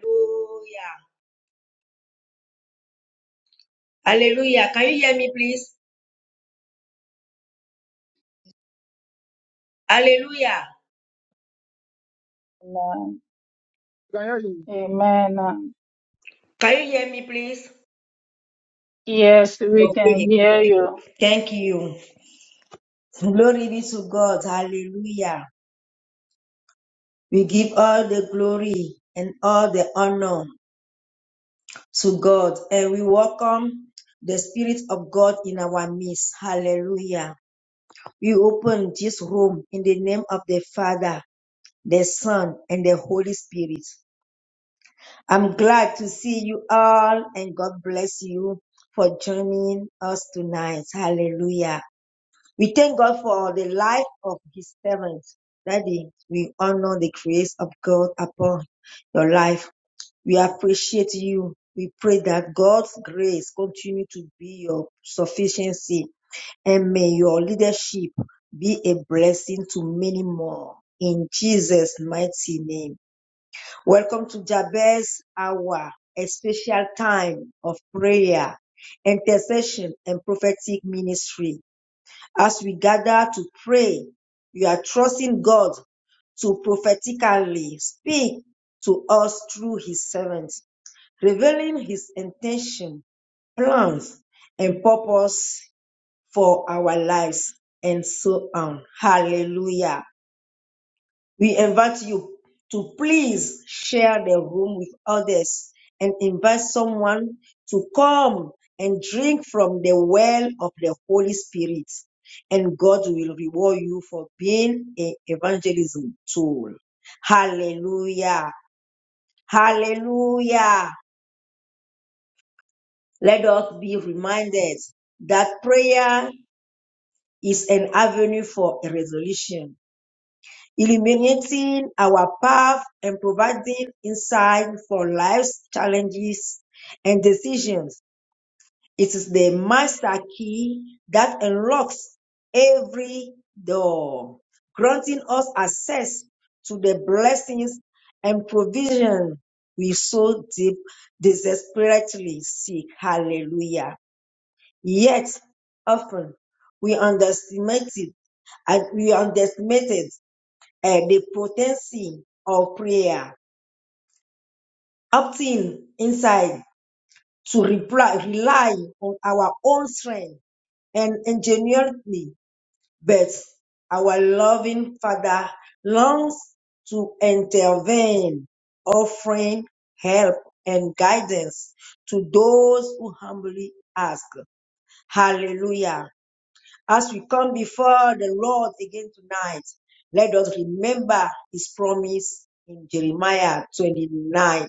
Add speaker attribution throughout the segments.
Speaker 1: Hallelujah. Hallelujah. Can you hear me, please? Hallelujah.
Speaker 2: Amen.
Speaker 3: Can hear you?
Speaker 2: Amen.
Speaker 1: Can you hear me, please?
Speaker 2: Yes, we
Speaker 1: Okay.
Speaker 2: can hear
Speaker 1: okay.
Speaker 2: you.
Speaker 1: Thank you. Glory be to God. Hallelujah. We give all the glory and all the honor to God. And we welcome the Spirit of God in our midst. Hallelujah. We open this room in the name of the Father, the Son, and the Holy Spirit. I'm glad to see you all and God bless you for joining us tonight. Hallelujah. We thank God for the life of his servants. Daddy, we honor the grace of God upon your life. We appreciate you. We pray that God's grace continue to be your sufficiency and may your leadership be a blessing to many more. In Jesus' mighty name. Welcome to Jabez Hour, a special time of prayer, intercession, and prophetic ministry. As we gather to pray, we are trusting God to prophetically speak to us through his servants, revealing his intention, plans, and purpose for our lives, and so on. Hallelujah. We invite you to please share the room with others and invite someone to come and drink from the well of the Holy Spirit. And God will reward you for being an evangelism tool. Hallelujah. Hallelujah. Let us be reminded that prayer is an avenue for a resolution illuminating our path and providing insight for life's challenges and decisions. It is the master key that unlocks every door, granting us access to the blessings and provision we so deep desperately seek. Hallelujah. Yet often we underestimate it and we underestimate it uh, the potency of prayer, opting inside to reply, rely on our own strength and ingenuity, but our loving Father longs to intervene, offering help and guidance to those who humbly ask. Hallelujah. As we come before the Lord again tonight, let us remember his promise in Jeremiah 29,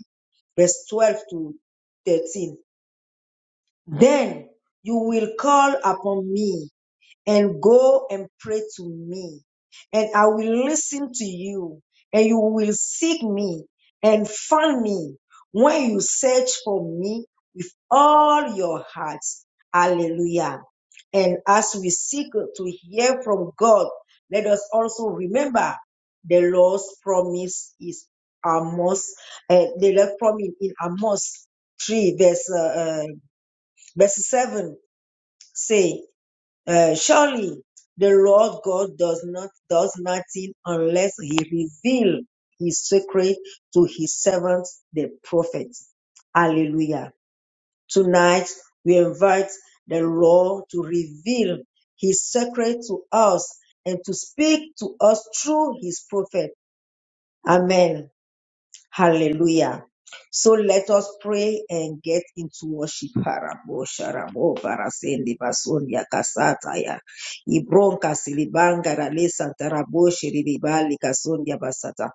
Speaker 1: verse 12 to 13. Then you will call upon me and go and pray to me, and I will listen to you, and you will seek me and find me when you search for me with all your hearts. Hallelujah. And as we seek to hear from God, let us also remember the Lord's promise is Amos, uh, the Lord's promise in Amos 3, verse, uh, uh, verse 7 say. Uh, surely the Lord God does not does nothing unless he reveal his secret to his servants the prophets. Hallelujah. Tonight we invite the Lord to reveal his secret to us and to speak to us through his prophet. Amen. Hallelujah. So let us pray and get into worship. Harabo, sharabo, barasende, basondia, kasataya. Ibronka, silibanga, rale, santarabo, shiriribali, kasondia, basata.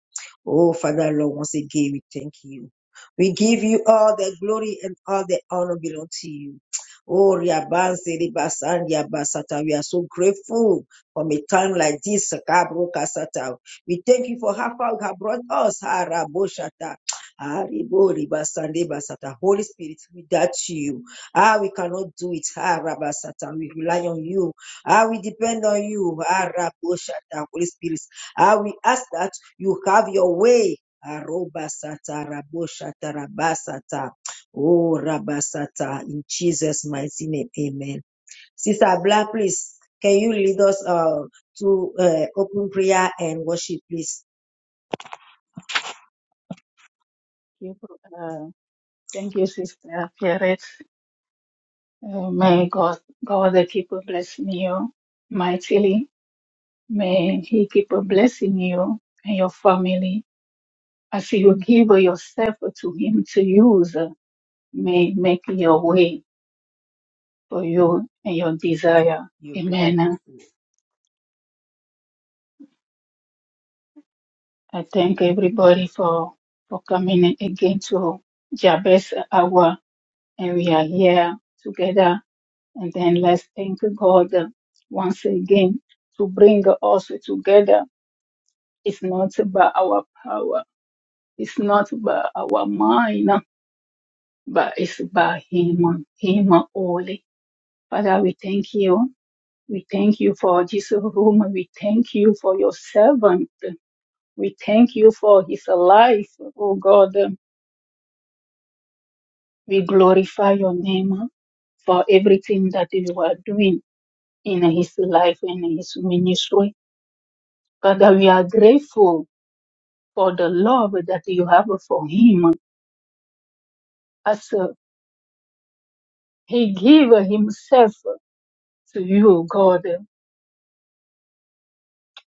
Speaker 1: Oh, Father, Lord, once again, we thank you. We give you all the glory and all the honor belong to you. Oh, riabanse, ribasandia, basata. We are so grateful from a time like this. Kabro, kasata. We thank you for how far you have brought us. Haraboshata. Hariboribasanebasata. Holy Spirit, without you, ah, we cannot do it. Harabasata. We rely on you. Ah, we depend on you. Haraboshata. Holy Spirit, ah, we ask that you have your way. Arobasata, raboshata, rabasata. Oh, rabasata. In Jesus' mighty name, amen. Sister Black, please, can you lead us uh, to uh, open prayer and worship, please?
Speaker 2: People, uh, thank you, Sister Pierre. Uh, may God, God keep blessing you mightily. May He keep blessing you and your family as you give yourself to Him to use. May make your way for you and your desire.
Speaker 1: You prepared this.
Speaker 2: Amen. I thank everybody for for coming again to Jabez hour and we are here together. And then let's thank God uh, once again to bring us together. It's not by our power, it's not by our mind, but it's by Him, Him only. Father, we thank you. We thank you for this room. We thank you for your servant. We thank you for his life. Oh God, we glorify your name for everything that you are doing. in his life and his ministry. Father, we are grateful for the love that you have for him as uh, he gave himself to you, God.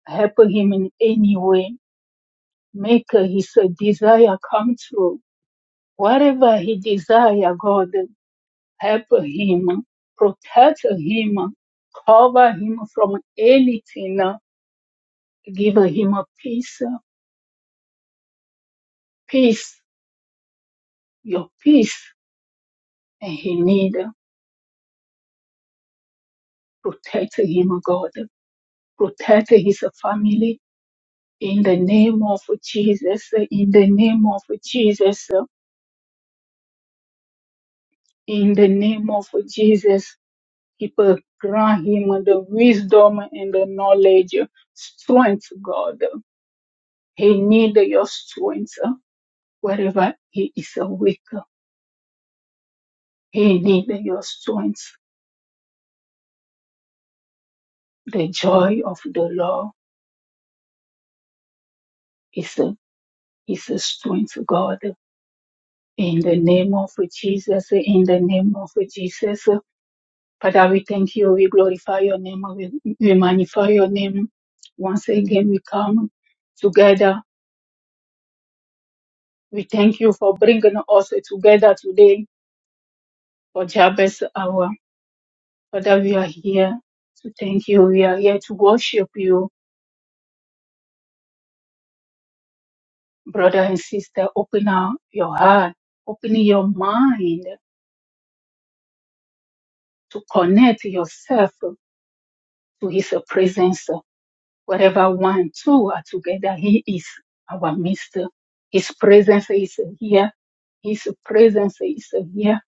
Speaker 2: Help him in any way. Make his desire come true. Whatever he desire, God, help him. Protect him. Cover him from anything. Give him peace. Peace. Your peace. And he need. protect him, oh God. Protect his family in the name of Jesus, in the name of Jesus, in the name of Jesus. People, grant him the wisdom and the knowledge, strength, God. He need your strength wherever he is weak. He need your strength. The joy of the Lord is his strength, God. In the name of Jesus, in the name of Jesus, Father, we thank you. We glorify your name. We, we magnify your name. Once again, we come together. We thank you for bringing us together today for Jabez hour. Father, we are here to thank you. We are here to worship you, brother and sister. Open up your heart, open your mind to connect yourself to his presence. Wherever one, two are together, he is our midst. His presence is here His presence is here.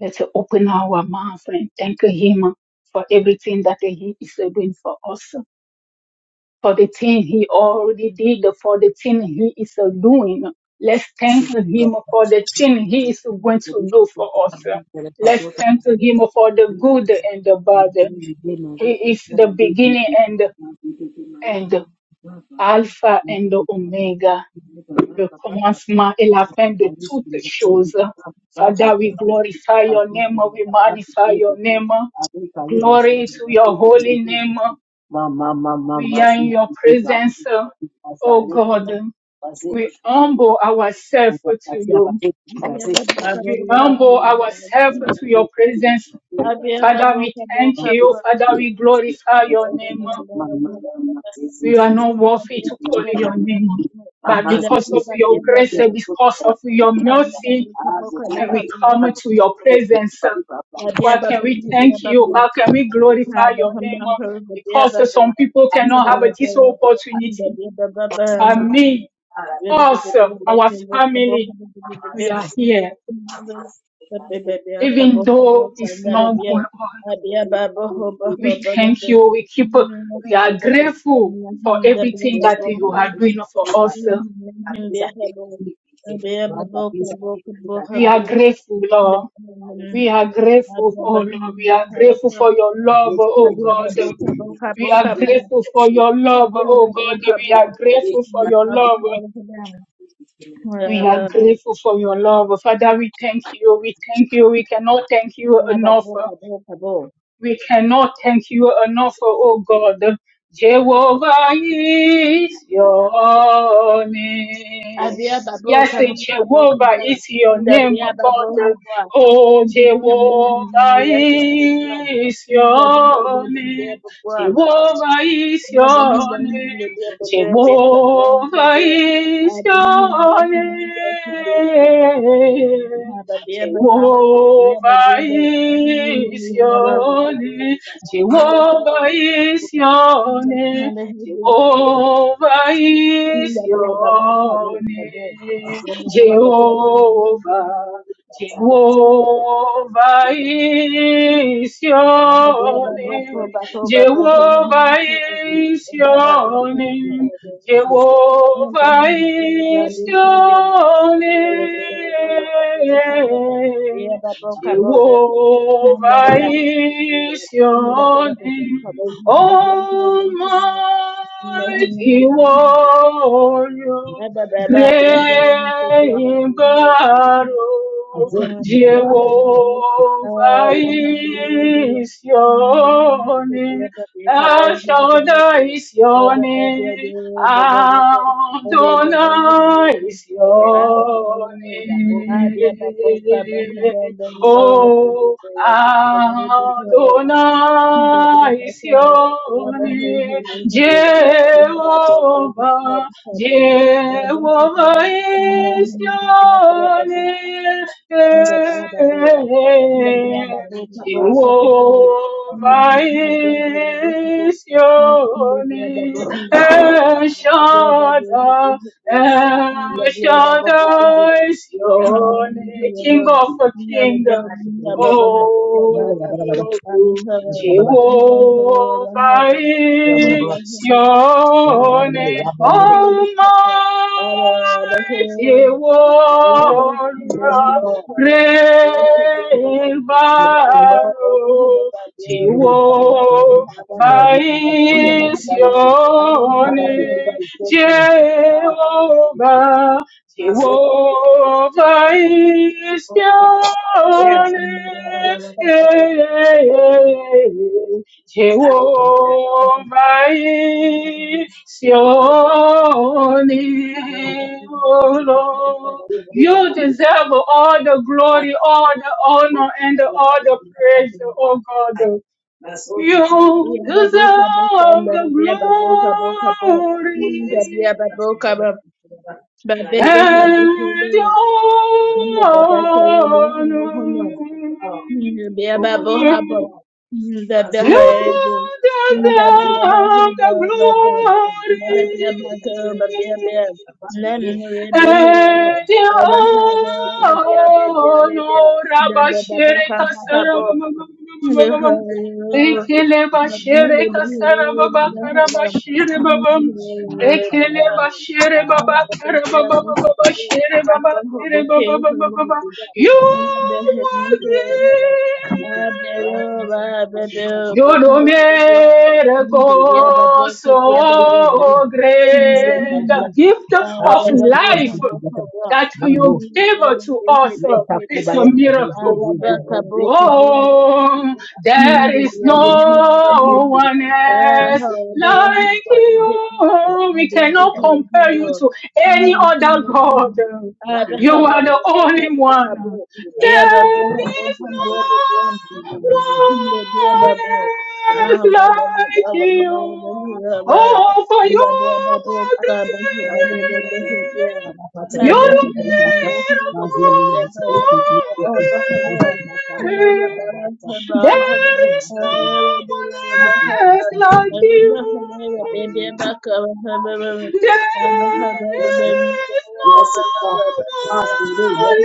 Speaker 2: Let's open our mouth and thank Him for everything that He is doing for us, for the thing He already did, for the thing He is doing. Let's thank Him for the thing He is going to do for us. Let's thank Him for the good and the bad. He is the beginning and and Alpha and Omega. le commencement et la
Speaker 1: to
Speaker 2: fin de toutes choses. Father, we glorify your name, we magnify
Speaker 1: me.
Speaker 2: your name.
Speaker 1: Arika leva
Speaker 2: Glory
Speaker 1: suti
Speaker 2: to your holy name.
Speaker 1: mama, mama, Ma ma ma ma
Speaker 2: We
Speaker 1: ma
Speaker 2: are in your
Speaker 1: suti suta mama,
Speaker 2: presence, oh God. We
Speaker 1: mama, masete mama,
Speaker 2: humble ourselves
Speaker 1: muda
Speaker 2: to
Speaker 1: katia
Speaker 2: you.
Speaker 1: basete masete suti
Speaker 2: We humble ourselves to
Speaker 1: masete
Speaker 2: your
Speaker 1: suti
Speaker 2: presence. Father, we thank
Speaker 1: masete
Speaker 2: you.
Speaker 1: suti
Speaker 2: Father,
Speaker 1: masete
Speaker 2: we
Speaker 1: suti
Speaker 2: glorify your
Speaker 1: masete
Speaker 2: name.
Speaker 1: ma ma ma ma sese
Speaker 2: We are not
Speaker 1: sese ma
Speaker 2: worthy to call your name but
Speaker 1: ma
Speaker 2: because
Speaker 1: sese sese
Speaker 2: of your grace,
Speaker 1: masete suta
Speaker 2: because of
Speaker 1: masete
Speaker 2: your
Speaker 1: suta
Speaker 2: mercy,
Speaker 1: ah suti
Speaker 2: and we
Speaker 1: masete
Speaker 4: Abiya
Speaker 2: come to your
Speaker 1: suti
Speaker 2: presence.
Speaker 1: masete
Speaker 2: Why can we thank you? How can we
Speaker 1: suti
Speaker 2: glorify your name?
Speaker 1: I'm
Speaker 2: Because some people cannot have this opportunity. But me, us, our family, we are here.
Speaker 4: Abiya
Speaker 2: Even though it's not going on, we thank you. We keep, we are grateful for everything that you are doing for us. We are grateful, Lord. We are grateful, oh Lord. We are grateful for your love, oh God. We are grateful for your love, oh God. We are grateful for your love. We are grateful for your love. Father, we thank you. We thank you. We cannot thank you enough. We cannot thank you enough, oh God. Jehovah is
Speaker 1: not
Speaker 2: your name.
Speaker 4: Abia babo
Speaker 2: Yes,
Speaker 4: kabo kabo
Speaker 2: Jehovah
Speaker 4: kabo.
Speaker 2: is your name,
Speaker 4: Ndabia babo
Speaker 2: God.
Speaker 4: habo.
Speaker 2: Oh,
Speaker 4: Ndi hamu hamu
Speaker 2: Jehovah
Speaker 4: ya kabo.
Speaker 2: is
Speaker 4: Ndabi kabo
Speaker 2: your
Speaker 4: ndabia
Speaker 2: name.
Speaker 4: babo.
Speaker 2: Jehovah is
Speaker 4: Ndabi
Speaker 2: your
Speaker 4: hamu
Speaker 2: name.
Speaker 4: ndabia babo ndabia babo
Speaker 2: Jehovah
Speaker 4: ndabia.
Speaker 2: is
Speaker 4: Abia hamu ya hamu ya
Speaker 2: your
Speaker 4: kabo.
Speaker 2: name.
Speaker 4: Abia babo ha. Ya
Speaker 2: Jehovah
Speaker 4: abia babo.
Speaker 2: is
Speaker 4: Habo
Speaker 2: your
Speaker 4: kabo.
Speaker 2: name. Jehovah is your
Speaker 4: kabo.
Speaker 2: name.
Speaker 4: Ndabia babo kabo kabo.
Speaker 2: Jehovah is
Speaker 4: Ndabia babo
Speaker 2: your name.
Speaker 4: ndabia
Speaker 2: Jehovah.
Speaker 4: babo.
Speaker 1: a man.
Speaker 2: Jehovah is
Speaker 4: Thank
Speaker 2: your name. Jehovah is your name.
Speaker 1: Thank
Speaker 2: Jehovah is your name. Jehovah is your name. Almighty warrior, great in
Speaker 4: you.
Speaker 2: battle.
Speaker 4: Thank
Speaker 2: Jehovah is your name. Thou shalt is your name. Adonai is your name. Oh, Adonai is your name. Jehovah, Jehovah is your name.
Speaker 4: you. Thank
Speaker 2: Jehovah is your name. El
Speaker 1: you.
Speaker 2: Shaddai,
Speaker 1: Yes, Lord.
Speaker 2: El Shaddai is
Speaker 1: Yes,
Speaker 2: your name, King of the Kingdom, Oh,
Speaker 1: Lord.
Speaker 2: Jehovah is
Speaker 1: Yes,
Speaker 2: your name, Almighty
Speaker 4: you. Yeye
Speaker 2: Warrior,
Speaker 4: ndaniya yake gaba
Speaker 2: Great
Speaker 4: dogo dogo da
Speaker 2: Battle.
Speaker 4: babiya kada da hada
Speaker 2: Jehovah
Speaker 4: inna
Speaker 2: Vaincione,
Speaker 4: da aran kada da
Speaker 2: Jehovah, Jehovah
Speaker 4: ya
Speaker 2: Isione,
Speaker 4: san mara baba baba ko ko ko ko ya baba ko ko
Speaker 2: Jehovah Isione, oh Lord. You deserve all the glory, all the honor, and all the praise, oh God. You
Speaker 4: ya baba ko ko
Speaker 2: deserve
Speaker 4: andar biya
Speaker 2: the
Speaker 4: baba ko ko ko
Speaker 2: glory
Speaker 4: inda biya baba ko baba bebe hada
Speaker 2: and
Speaker 4: ko
Speaker 2: the
Speaker 4: amma baba ke
Speaker 2: honor.
Speaker 4: yo Baba
Speaker 2: You deserve the glory and you oh no rabashere kasara babam dekele bashere kasara baba karabashere babam
Speaker 4: Hinda
Speaker 2: dekele bashere baba karababa baba shere baba shere baba baba baba you are great you do miracles so great. The gift of life that you
Speaker 1: Mango,
Speaker 2: gave to us
Speaker 1: yes,
Speaker 2: is a
Speaker 1: Akubaya,
Speaker 2: miracle.
Speaker 1: Mango,
Speaker 2: Oh, there is no one else
Speaker 4: humble,
Speaker 2: like you. We cannot compare you to any other God. You are the only one. There is
Speaker 4: humble, humble,
Speaker 2: no
Speaker 4: Baby,
Speaker 2: one else like you. Oh, for you are great. You're
Speaker 1: Thank
Speaker 2: a beautiful soul. There is
Speaker 1: you. Yes, Lord. Yes, Lord. Yes,
Speaker 2: no one else like you. There is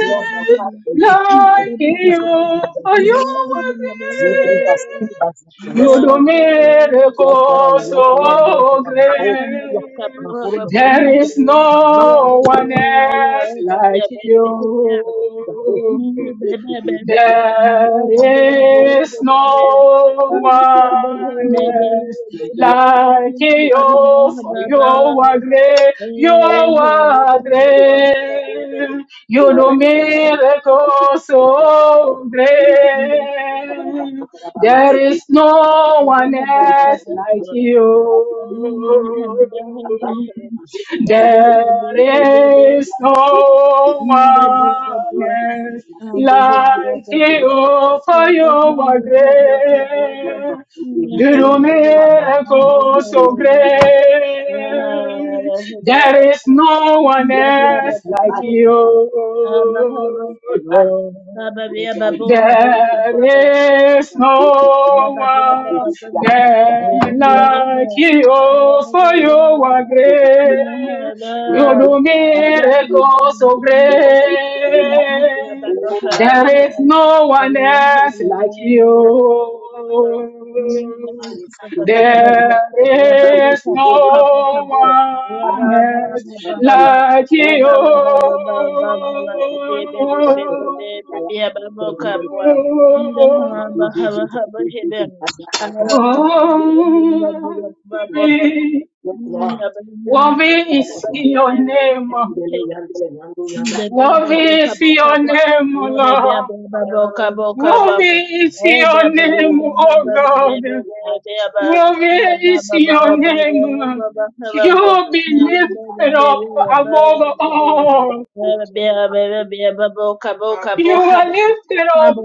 Speaker 1: Lord. My Father,
Speaker 2: no one else
Speaker 4: Baba
Speaker 1: I
Speaker 2: like
Speaker 1: give you
Speaker 2: you,
Speaker 1: the
Speaker 2: for you
Speaker 1: physical
Speaker 2: are
Speaker 1: Yes, Lord.
Speaker 2: great.
Speaker 1: Yes,
Speaker 2: You do
Speaker 1: Lord. Yes,
Speaker 2: miracles so
Speaker 1: Lord. Yes, Lord. My hope, yeah.
Speaker 2: great.
Speaker 1: My poor man,
Speaker 2: There
Speaker 1: yeah.
Speaker 2: is
Speaker 1: My mama,
Speaker 2: no one else like
Speaker 1: yeah.
Speaker 2: you. There is no one else like you,
Speaker 1: Oh,
Speaker 2: for you are great, you are great. You do miracles so great. There
Speaker 1: Thank
Speaker 2: is no one
Speaker 4: Baba,
Speaker 2: else like you. There is no one else like you, for you are great. You do miracles so great. There is no one else like you, Lord.
Speaker 1: you.
Speaker 2: There is no one there like
Speaker 4: Hallelujah.
Speaker 2: you. Oh, for you are
Speaker 4: Hallelujah.
Speaker 2: great. You do
Speaker 4: Hallelujah.
Speaker 2: miracles so great.
Speaker 4: Yabba
Speaker 2: There is no one else like you. There is no one else like you. Worthy,
Speaker 1: Yes, Lord.
Speaker 2: worthy is your name.
Speaker 1: Yandele, yandele, yandu, yanda.
Speaker 4: Baba,
Speaker 2: Worthy is your name, Lord. Worthy is your name, oh God. Praise your name. You will be lifted up above all. You are lifted up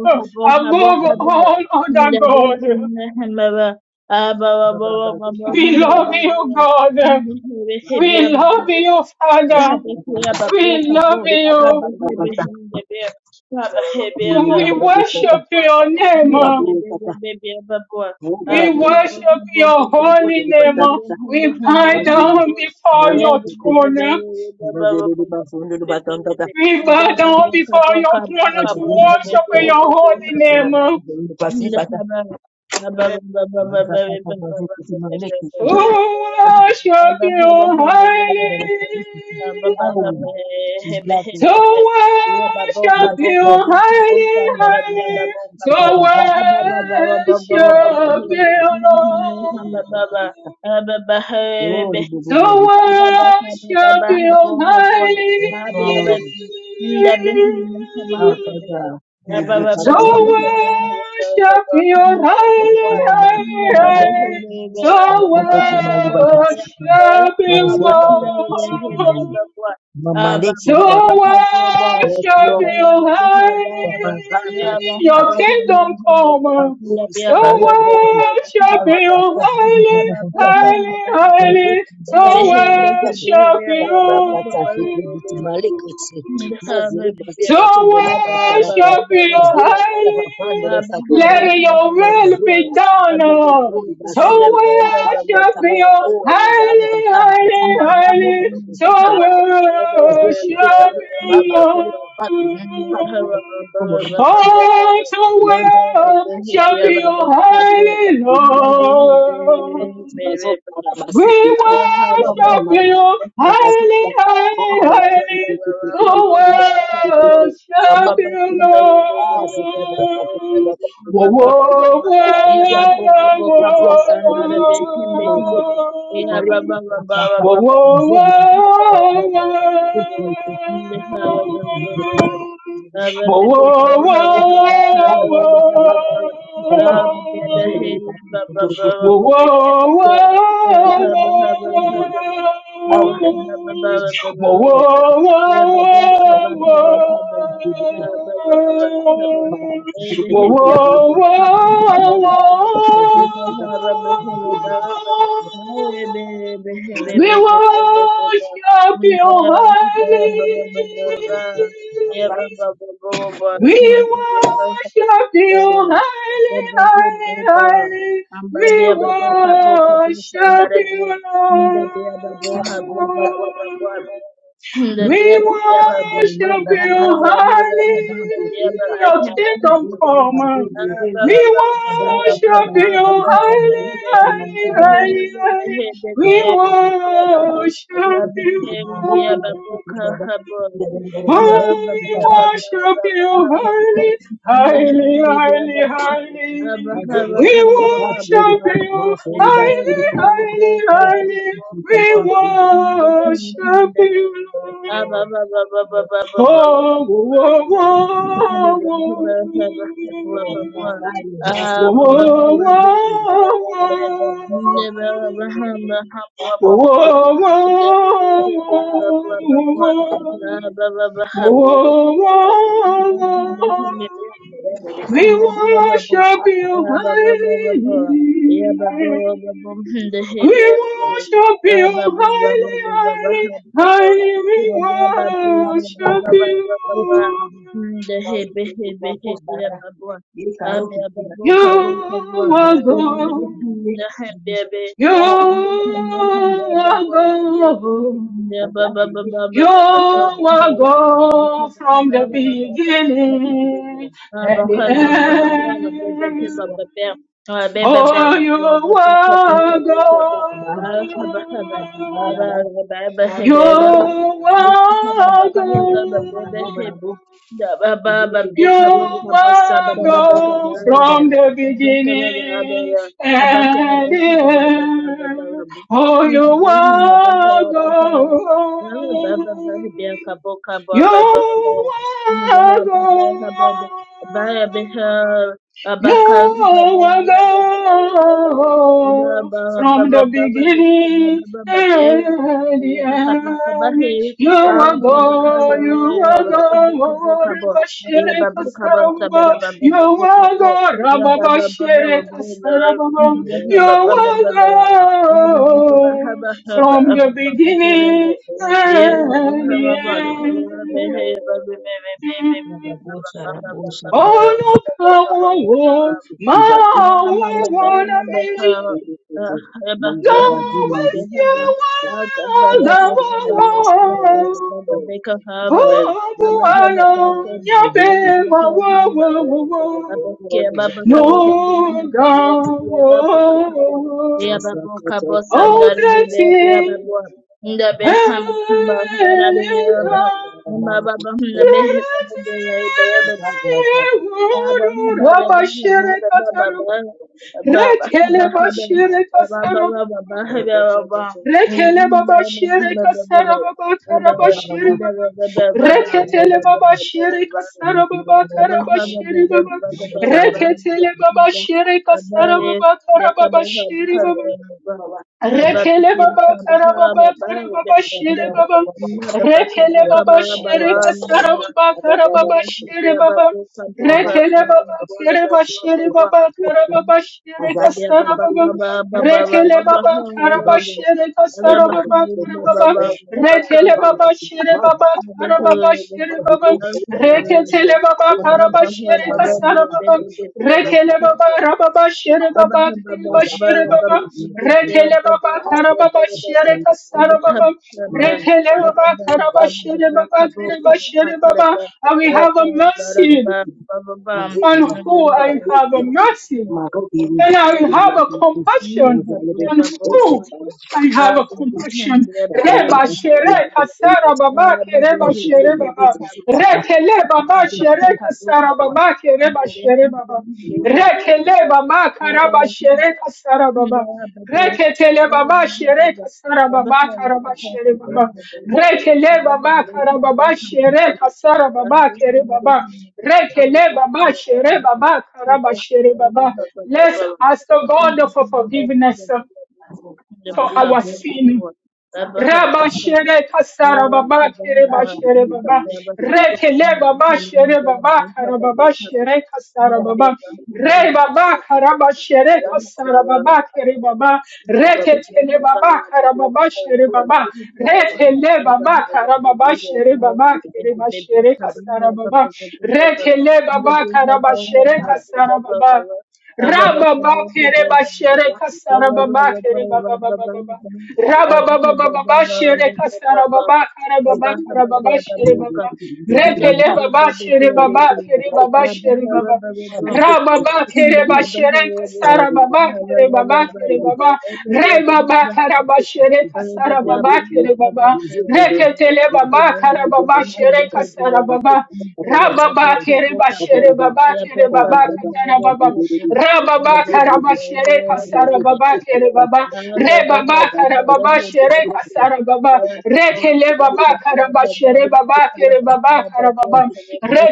Speaker 2: above all other God. We love you, God. We love you, Father.
Speaker 4: Habihia babu
Speaker 2: We
Speaker 4: kabu
Speaker 2: love you.
Speaker 4: habihe behinde be habahe be
Speaker 2: So
Speaker 4: be
Speaker 2: we worship
Speaker 4: habwa
Speaker 2: your name.
Speaker 4: inde baby, be baby, be be babwa ab
Speaker 2: We
Speaker 4: habu
Speaker 2: worship
Speaker 4: habu
Speaker 2: your
Speaker 4: babu
Speaker 2: holy name.
Speaker 4: hinde hinde
Speaker 2: We
Speaker 4: habu
Speaker 2: bow
Speaker 4: hinde be
Speaker 2: down before your
Speaker 4: be baby, be be
Speaker 2: throne.
Speaker 4: be be babu
Speaker 1: Mazele, mazele,
Speaker 4: babu
Speaker 1: mazele, mazele,
Speaker 4: baby, be
Speaker 1: mazele,
Speaker 4: be
Speaker 2: We
Speaker 4: be be
Speaker 2: bow down
Speaker 4: babu
Speaker 2: before
Speaker 4: kabu
Speaker 2: your
Speaker 4: baby,
Speaker 2: throne
Speaker 1: Yes,
Speaker 2: to
Speaker 4: kabu be
Speaker 2: worship
Speaker 4: be
Speaker 2: your holy
Speaker 4: babu
Speaker 2: name, to worship you highly, to worship you
Speaker 1: Lord.
Speaker 2: highly, highly, to
Speaker 1: Oh,
Speaker 2: worship you, Lord, to worship you highly.
Speaker 4: Baba Baba,
Speaker 2: So worship your
Speaker 1: Yes,
Speaker 2: holy
Speaker 1: Lord.
Speaker 2: name. So
Speaker 1: mapopote mali baba siki
Speaker 2: worship you,
Speaker 1: mazoka tatu siki
Speaker 2: Lord.
Speaker 1: mamaleki
Speaker 2: So
Speaker 1: libaba yes
Speaker 2: worship
Speaker 1: lord
Speaker 2: your holy,
Speaker 1: Oh, mazaza
Speaker 2: your
Speaker 1: zizabu
Speaker 2: kingdom come. So
Speaker 1: si mahali kipofu
Speaker 2: worship
Speaker 1: au
Speaker 2: you,
Speaker 1: katika mahali
Speaker 2: holy,
Speaker 1: kukupatia
Speaker 2: holy,
Speaker 1: kaka mageti
Speaker 2: holy. So
Speaker 1: matanga na majabu
Speaker 2: worship you
Speaker 1: rakata fiti biti malikitsi
Speaker 4: and have a
Speaker 1: maziri
Speaker 4: beer.
Speaker 2: to
Speaker 1: mazika tungele
Speaker 4: Baba,
Speaker 1: paparapa
Speaker 4: baba,
Speaker 2: worship
Speaker 4: baba,
Speaker 2: you
Speaker 1: izuri
Speaker 4: baba, baby.
Speaker 1: bakia papandele
Speaker 2: highly.
Speaker 4: Baba, have a
Speaker 1: satuya
Speaker 4: baba,
Speaker 1: ya
Speaker 2: Let your
Speaker 4: baba,
Speaker 2: will
Speaker 4: baba.
Speaker 2: be
Speaker 1: mazikata
Speaker 2: done.
Speaker 4: Baba,
Speaker 2: oh.
Speaker 4: baby,
Speaker 1: maguri
Speaker 4: baby,
Speaker 2: To
Speaker 4: baby,
Speaker 1: basiki
Speaker 4: baba, baba, baba,
Speaker 2: worship
Speaker 1: kapayata
Speaker 4: baba,
Speaker 2: you
Speaker 1: o katari
Speaker 4: baba,
Speaker 2: highly,
Speaker 4: baba.
Speaker 1: katari
Speaker 2: highly,
Speaker 1: katari
Speaker 4: Baba,
Speaker 1: katambe
Speaker 2: highly. To
Speaker 4: have
Speaker 1: boroboshika
Speaker 4: a- Baba,
Speaker 1: mazizi
Speaker 2: worship
Speaker 1: zizali
Speaker 4: baba, baba,
Speaker 2: you,
Speaker 1: baba
Speaker 4: baba,
Speaker 1: kule
Speaker 4: baba.
Speaker 1: kabantu
Speaker 2: Lord.
Speaker 1: nilikapanda o rakata
Speaker 2: Oh, to
Speaker 1: Mzee
Speaker 2: worship you highly, Lord. We worship you highly, highly, highly to worship you, Lord. Whoa, whoa, whoa, whoa, whoa, whoa, whoa, whoa, whoa.
Speaker 4: Baba Ah,
Speaker 2: Whoa, whoa, whoa,
Speaker 1: Awe kanisa
Speaker 2: whoa.
Speaker 1: lako katika tu Mzee
Speaker 2: whoa.
Speaker 1: aliyeleta tu kutorobosu
Speaker 2: Whoa, whoa, whoa,
Speaker 1: katika
Speaker 2: whoa.
Speaker 1: au
Speaker 2: Whoa, whoa, whoa, whoa. Whoa, whoa, whoa, whoa. We worship you, holy. We worship you, highly, highly, highly. We
Speaker 4: Ambabia baboka boka bisa
Speaker 2: worship
Speaker 4: ndare bia
Speaker 2: you, Lord.
Speaker 4: the beer, the
Speaker 1: kuruka
Speaker 4: boha, boha, boha, boha. boha. The beer,
Speaker 2: We
Speaker 4: the beer, the
Speaker 1: Thank
Speaker 2: worship you,
Speaker 4: Abraham,
Speaker 2: highly. Your kingdom come. We worship you, highly, highly, highly, highly. We worship you, Lord. Oh, We worship you, highly, highly, highly, highly. We worship you, highly, highly, highly. We
Speaker 1: you.
Speaker 2: worship you,
Speaker 1: Yes,
Speaker 2: Lord.
Speaker 4: Baba
Speaker 1: Lord. Yes, Lord.
Speaker 2: Oh, oh,
Speaker 1: Yes, Lord.
Speaker 2: oh, oh,
Speaker 1: Yes, Lord. My
Speaker 2: oh.
Speaker 1: family, my
Speaker 2: Whoa,
Speaker 1: siblings, my
Speaker 2: whoa,
Speaker 1: relatives.
Speaker 2: whoa,
Speaker 1: Yes, Lord.
Speaker 2: whoa.
Speaker 1: Yes, Lord. My siblings. My
Speaker 2: Whoa,
Speaker 1: family.
Speaker 2: whoa, whoa,
Speaker 1: I have to
Speaker 2: whoa,
Speaker 1: come to the truth. I have to
Speaker 2: whoa.
Speaker 1: come to the truth. I have to
Speaker 2: Whoa,
Speaker 1: come to the truth.
Speaker 2: whoa, whoa.
Speaker 1: Whatever it is,
Speaker 2: We
Speaker 1: I will do.
Speaker 2: worship
Speaker 1: I am the
Speaker 2: you, highly. We worship you,
Speaker 1: one
Speaker 2: highly,
Speaker 1: who
Speaker 2: highly,
Speaker 1: is
Speaker 2: highly.
Speaker 1: the one.
Speaker 2: We worship you.
Speaker 1: Thank
Speaker 2: You are God. You are
Speaker 4: Amen.
Speaker 2: God. You
Speaker 4: Baba,
Speaker 2: are God from the beginning and the end. Oh, you are God. You are God. You will go
Speaker 1: you.
Speaker 2: from the beginning and the end. Oh, you will go. Your are God. You are God from the beginning and the end.
Speaker 4: Baba
Speaker 2: You
Speaker 4: yeah,
Speaker 2: are God, you are God,
Speaker 1: Yes, Lord,
Speaker 2: Rabashire Kasarababa,
Speaker 1: yes,
Speaker 2: you are God, Rababashire Kasarababa, you were God from the beginning and the end. Oh, no, come on, walk my
Speaker 4: Baba,
Speaker 2: way, wanna be. Go with your world, the
Speaker 1: Lord,
Speaker 2: world.
Speaker 1: yes, Lord. Oh,
Speaker 2: Oh, oh, I know, yeah,
Speaker 1: hallelujah.
Speaker 2: baby, whoa, whoa,
Speaker 1: yes,
Speaker 2: whoa,
Speaker 1: Lord,
Speaker 2: whoa.
Speaker 1: yes, Lord, yes, Lord.
Speaker 2: No, God.
Speaker 1: Yes, Lord, yes, Lord.
Speaker 2: Oh, blessing heaven,
Speaker 1: Thank you,
Speaker 2: blessing
Speaker 1: Lord.
Speaker 2: Rabashire Katarab, Rekele Bashire Kasarab, Rekele Babashire Kasarab, Karabashire Baba, Reketele Babashire
Speaker 4: Baba
Speaker 2: Kasarab,
Speaker 1: Thank you.
Speaker 4: Baba
Speaker 2: Karabashire Baba, Reketele
Speaker 1: Thank
Speaker 2: Babashire Kasarab, Karabashire Baba, Rekele baba kara baba kara baba şere baba. Rekele baba şere kasara baba kara baba şere baba. Rekele baba kere ba şere baba kara baba şere kasara baba. Rekele baba kara ba şere kasara baba kara baba. Rekele baba şere baba kara baba
Speaker 4: neighborhood,
Speaker 2: şere baba. Reketele
Speaker 4: neighborhood.
Speaker 2: baba kara Baba şere kasara baba.
Speaker 1: you.
Speaker 2: Rekele baba rababa şere baba kere ba şere baba. Retele baba karababa şere kasara baba. Retele baba karaba şere baba karaba şere baba. And we have a mercy on who I have a mercy and I have a compassion on who I
Speaker 4: Ah,
Speaker 2: have a
Speaker 4: baby, hand,
Speaker 2: compassion.
Speaker 4: baby,
Speaker 2: Reba
Speaker 4: hand,
Speaker 2: shere
Speaker 4: baby.
Speaker 2: kasara baba ke
Speaker 4: Thank
Speaker 2: reba shere baba. Rekele baba shere kasara baba ke reba shere baba. Rekele baba karaba shere kasara baba. Reketele baba shere kasara baba karaba shere baba. Rekele baba karaba baba shere kasara baba kere baba. Rekele baba shere baba karaba shere baba. Let's
Speaker 4: you.
Speaker 2: ask the God for
Speaker 4: Haba haba
Speaker 2: forgiveness uh, for our
Speaker 1: Thank you.
Speaker 2: sin. Raba shere kasara baba kere ba shere baba. Rekele baba shere baba kara baba shere kasara baba. Re baba kara ba shere kasara baba kere baba.
Speaker 4: Baby,
Speaker 2: Reketele baba kara baba shere baba. Rekele baba kara baba shere baba kere ba shere kasara baba. Rekele baba kara ba shere
Speaker 1: Thank
Speaker 2: kasara baba. Rabba ba kere ba shere kasara baba kere baba baba baba. Rabababa Shere Kasara Baba
Speaker 4: baby,
Speaker 2: Kara Baba Kara Baba Shere Baba Repele Baba
Speaker 4: baby,
Speaker 2: Shere Baba
Speaker 4: baby,
Speaker 2: Kere Baba Shere
Speaker 4: baby,
Speaker 2: Baba
Speaker 4: baby,
Speaker 2: Ra baba kere bashere kasara
Speaker 1: you.
Speaker 2: baba kere baba kere baba. Re baba kara bashere
Speaker 4: Thank
Speaker 2: kasara baba kere baba. Re ketele baba kara baba shere kasara baba. Ra baba kere bashere baba kere baba katara baba. Ra baba kara bashere kasara baba kere baba. Re baba kara baba shere kasara baba. Re kele baba kara bashere baba kere baba kara baba.
Speaker 1: Thank
Speaker 2: Re
Speaker 1: you.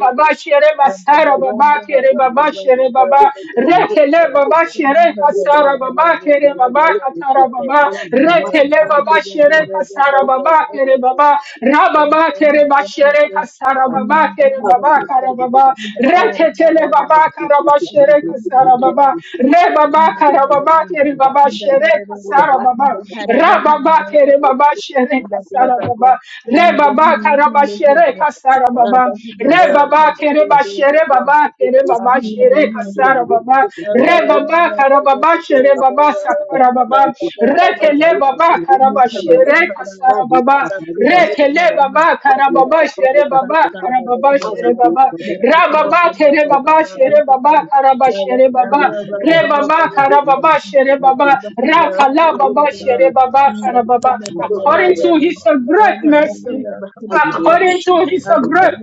Speaker 2: baba baba shere basara baba kere baba shere baba rekele baba shere kasara baba kere baba katara
Speaker 4: you.
Speaker 2: baba
Speaker 4: Thank
Speaker 2: rekele baba shere kasara baba kere baba rababa kere bashere kasara
Speaker 1: Thank
Speaker 2: baba kere baba kara baba reketele baba kara bashere kasara baba re baba kara baba kere baba shere kasara baba rababa kere baba shere kasara baba re
Speaker 1: you.
Speaker 2: baba kara bashere
Speaker 1: Thank
Speaker 2: kasara kasara baba re baba kere ba shere baba kere baba shere
Speaker 4: you.
Speaker 2: kasara baba
Speaker 4: Baby,
Speaker 2: re baba kara baba shere baba sakara baba re kele baba kara ba shere kasara baba re kele baba kara baba shere baba kara baba shere baba ra baba kere baba shere baba kara ba shere baba re baba kara baba shere baba ra kala baba
Speaker 5: We
Speaker 2: shere
Speaker 5: thank you,
Speaker 2: baba kara baba
Speaker 5: Spirit.
Speaker 2: according
Speaker 1: you.
Speaker 2: to his great mercy
Speaker 5: Hallelujah.
Speaker 1: I will
Speaker 5: Kapia
Speaker 1: be.
Speaker 2: according to
Speaker 1: We
Speaker 5: Bushagia
Speaker 2: his
Speaker 1: will be.
Speaker 5: Kapia
Speaker 2: great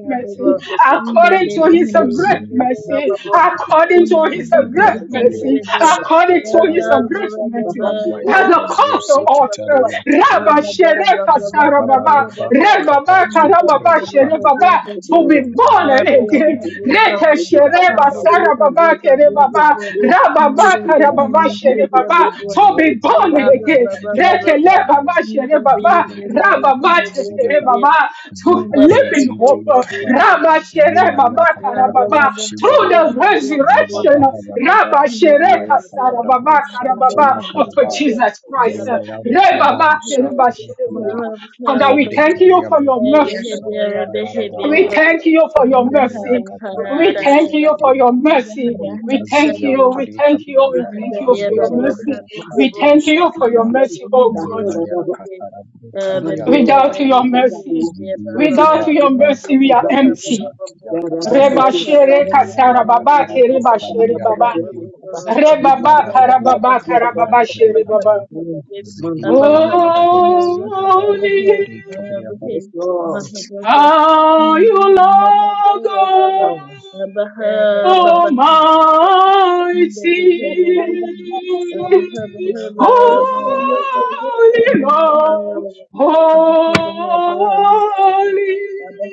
Speaker 1: We
Speaker 2: mercy,
Speaker 5: Bukata.
Speaker 1: bless you for it.
Speaker 2: according
Speaker 4: baby,
Speaker 2: to
Speaker 1: My
Speaker 2: his
Speaker 1: God, my
Speaker 2: great
Speaker 4: baby,
Speaker 5: Legazin
Speaker 1: God
Speaker 2: mercy,
Speaker 1: is
Speaker 4: baby,
Speaker 5: Papa.
Speaker 1: is my life.
Speaker 4: Hum,
Speaker 2: according
Speaker 1: I
Speaker 2: to his
Speaker 1: am
Speaker 5: Libre
Speaker 2: great
Speaker 1: here to do
Speaker 5: Kapia
Speaker 1: your
Speaker 2: mercy,
Speaker 1: will.
Speaker 5: Busha
Speaker 2: according
Speaker 1: I
Speaker 2: to
Speaker 1: am
Speaker 2: his
Speaker 1: ready to
Speaker 5: Katarapa.
Speaker 1: do
Speaker 2: great
Speaker 1: your will.
Speaker 2: mercy,
Speaker 1: Baba, we go. I
Speaker 5: Limaya
Speaker 2: has a
Speaker 5: Nazo
Speaker 1: am
Speaker 2: cause
Speaker 1: ready to do
Speaker 2: of us.
Speaker 1: your will.
Speaker 5: Sikitaria
Speaker 1: I am
Speaker 2: Rabba
Speaker 5: Kabudu.
Speaker 2: Shereka Sarababa,
Speaker 5: Zababado Baba
Speaker 2: Rebaba
Speaker 5: Kapa
Speaker 1: ready
Speaker 5: Zutire
Speaker 2: Karababa
Speaker 5: Kapa.
Speaker 2: Sherebaba, to be born
Speaker 5: Libre
Speaker 1: to
Speaker 2: again.
Speaker 5: Kapia Busha
Speaker 2: Reke
Speaker 1: do
Speaker 2: Shereba
Speaker 5: Katarapa.
Speaker 2: Sarababa
Speaker 5: Libre
Speaker 2: Kerebaba,
Speaker 5: Kapia Busha
Speaker 2: Rababa Akarababashere Baba.
Speaker 5: Katarapa.
Speaker 2: Shere Baba. So
Speaker 5: Lima
Speaker 2: be
Speaker 5: ya
Speaker 2: born
Speaker 1: your
Speaker 2: again. Rekelebabashere Baba. Shere, Baba. Rababa Shere Baba. To live in hope. Rabba Shere, Baba
Speaker 4: Thank
Speaker 2: Karababa. Through the resurrection.
Speaker 1: Thank you.
Speaker 2: Rabba Shere, Kasara
Speaker 5: katara
Speaker 2: Baba Karababa. Of Jesus Christ. Re, Rebaba Shere, Baba. Shere Baba. Father, we thank you for your mercy. We thank you for your mercy. We
Speaker 5: bro
Speaker 2: thank you for
Speaker 5: shigidi
Speaker 2: your mercy. We thank
Speaker 5: Likazian
Speaker 2: you. We
Speaker 5: Turika
Speaker 2: thank you. We thank you
Speaker 5: Baba
Speaker 2: for your mercy.
Speaker 5: Libarabu
Speaker 2: We
Speaker 4: you.
Speaker 2: thank
Speaker 5: Kadusa
Speaker 2: you for your
Speaker 5: Kadia
Speaker 2: mercy, oh God.
Speaker 5: Limaya Katarabu Kadian
Speaker 2: Without
Speaker 5: Tadari
Speaker 2: your mercy,
Speaker 5: Zibi
Speaker 2: without
Speaker 5: Kaba
Speaker 1: Mazekete,
Speaker 2: your
Speaker 5: Kaba
Speaker 2: mercy, we are
Speaker 5: Kaburabu
Speaker 1: mazakete,
Speaker 2: empty.
Speaker 5: Shakia Kabaria
Speaker 2: Reba
Speaker 1: yarabasete,
Speaker 2: shere
Speaker 1: rabasa,
Speaker 2: kasara
Speaker 5: Limaya
Speaker 1: Yes, Lord. Yes, Lord. Yes, Lord. Yes,
Speaker 2: baba kere
Speaker 5: Katarabu
Speaker 2: ba shere
Speaker 5: Kadian
Speaker 1: Lord.
Speaker 2: baba.
Speaker 5: Tadari
Speaker 2: Reba
Speaker 1: Yes,
Speaker 2: ba kara
Speaker 5: Limabadabu
Speaker 1: Lord.
Speaker 2: baba kara
Speaker 5: Kadian
Speaker 2: baba shere
Speaker 5: Tarikata
Speaker 2: baba.
Speaker 5: Zigidian Tadadi Zagaba
Speaker 2: Holy,
Speaker 5: Libre Kabria Babu
Speaker 2: how you love God. Almighty,
Speaker 4: Abang Thank
Speaker 1: Yes,
Speaker 2: Holy
Speaker 1: Lord.
Speaker 2: Lord, Holy.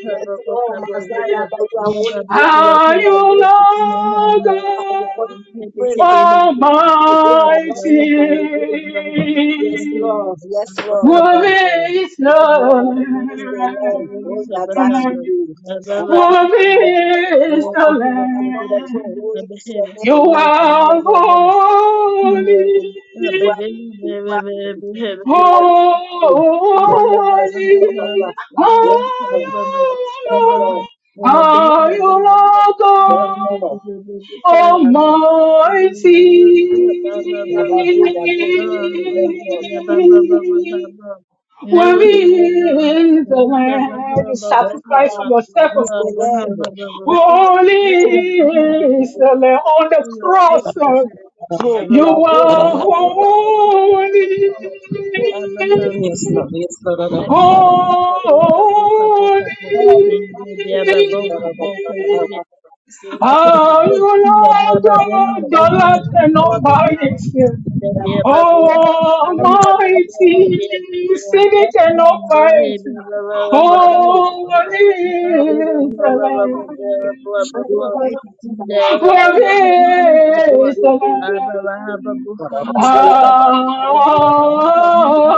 Speaker 1: Yes, Lord. Mazala, but you are holy. You are holy.
Speaker 2: Are
Speaker 1: You are
Speaker 2: you
Speaker 1: holy.
Speaker 2: Lord
Speaker 1: Ah, you
Speaker 2: God
Speaker 1: are holy. We praise Father. You go to Abraham,
Speaker 2: Almighty?
Speaker 1: Satan, you go to Yes, Lord. Yes, Lord.
Speaker 4: you.
Speaker 2: Worthy is the
Speaker 1: Yes, Lord.
Speaker 4: Thank
Speaker 1: Jesus, the name. Oh,
Speaker 2: Lamb.
Speaker 1: Yabasuku. Ah,
Speaker 2: Worthy
Speaker 1: the Lord.
Speaker 2: is the
Speaker 1: Ah, upon the throne,
Speaker 2: Lamb.
Speaker 1: who is your
Speaker 2: You
Speaker 1: name? Ah,
Speaker 2: are
Speaker 1: You
Speaker 2: holy,
Speaker 1: are holy. You are holy. You are
Speaker 2: holy.
Speaker 1: holy. Yabasuku. Papa. Yes,
Speaker 2: Are
Speaker 1: Lord.
Speaker 2: you
Speaker 1: Yes, Lord.
Speaker 2: Lord? Are you Lord God
Speaker 1: Yes, Lord.
Speaker 2: Almighty?
Speaker 4: you.
Speaker 1: Yababu, Yabu, Shiri,
Speaker 4: Abraham,
Speaker 1: Yes, Lord.
Speaker 2: Worry is the land you
Speaker 1: Yes,
Speaker 2: sacrifice for
Speaker 1: Lord.
Speaker 2: yourself,
Speaker 1: What
Speaker 2: of
Speaker 1: is the
Speaker 2: course.
Speaker 1: name? What is
Speaker 2: Holy
Speaker 1: the name? Yes,
Speaker 2: is the
Speaker 1: Lord.
Speaker 2: Lamb on
Speaker 1: What
Speaker 2: the
Speaker 1: is the
Speaker 6: Yes, Lord. Yes, Lord. Lord,
Speaker 1: name?
Speaker 2: cross.
Speaker 1: upon the throne. You are
Speaker 2: You
Speaker 1: holy.
Speaker 2: are
Speaker 1: you
Speaker 6: Lord,
Speaker 1: are holy.
Speaker 2: holy.
Speaker 6: Lord, Lord, Lord, Lord,
Speaker 2: Holy.
Speaker 1: Thank
Speaker 2: Are you
Speaker 4: Ndabya
Speaker 2: Lord
Speaker 4: Babu,
Speaker 2: God,
Speaker 4: hambo
Speaker 2: the
Speaker 4: hambo
Speaker 2: light and
Speaker 4: hambo
Speaker 2: not
Speaker 4: abya.
Speaker 2: by
Speaker 4: Ndabya babu,
Speaker 2: Almighty, sing it and almighty. Holy is the Lamb. Worthy the Lamb.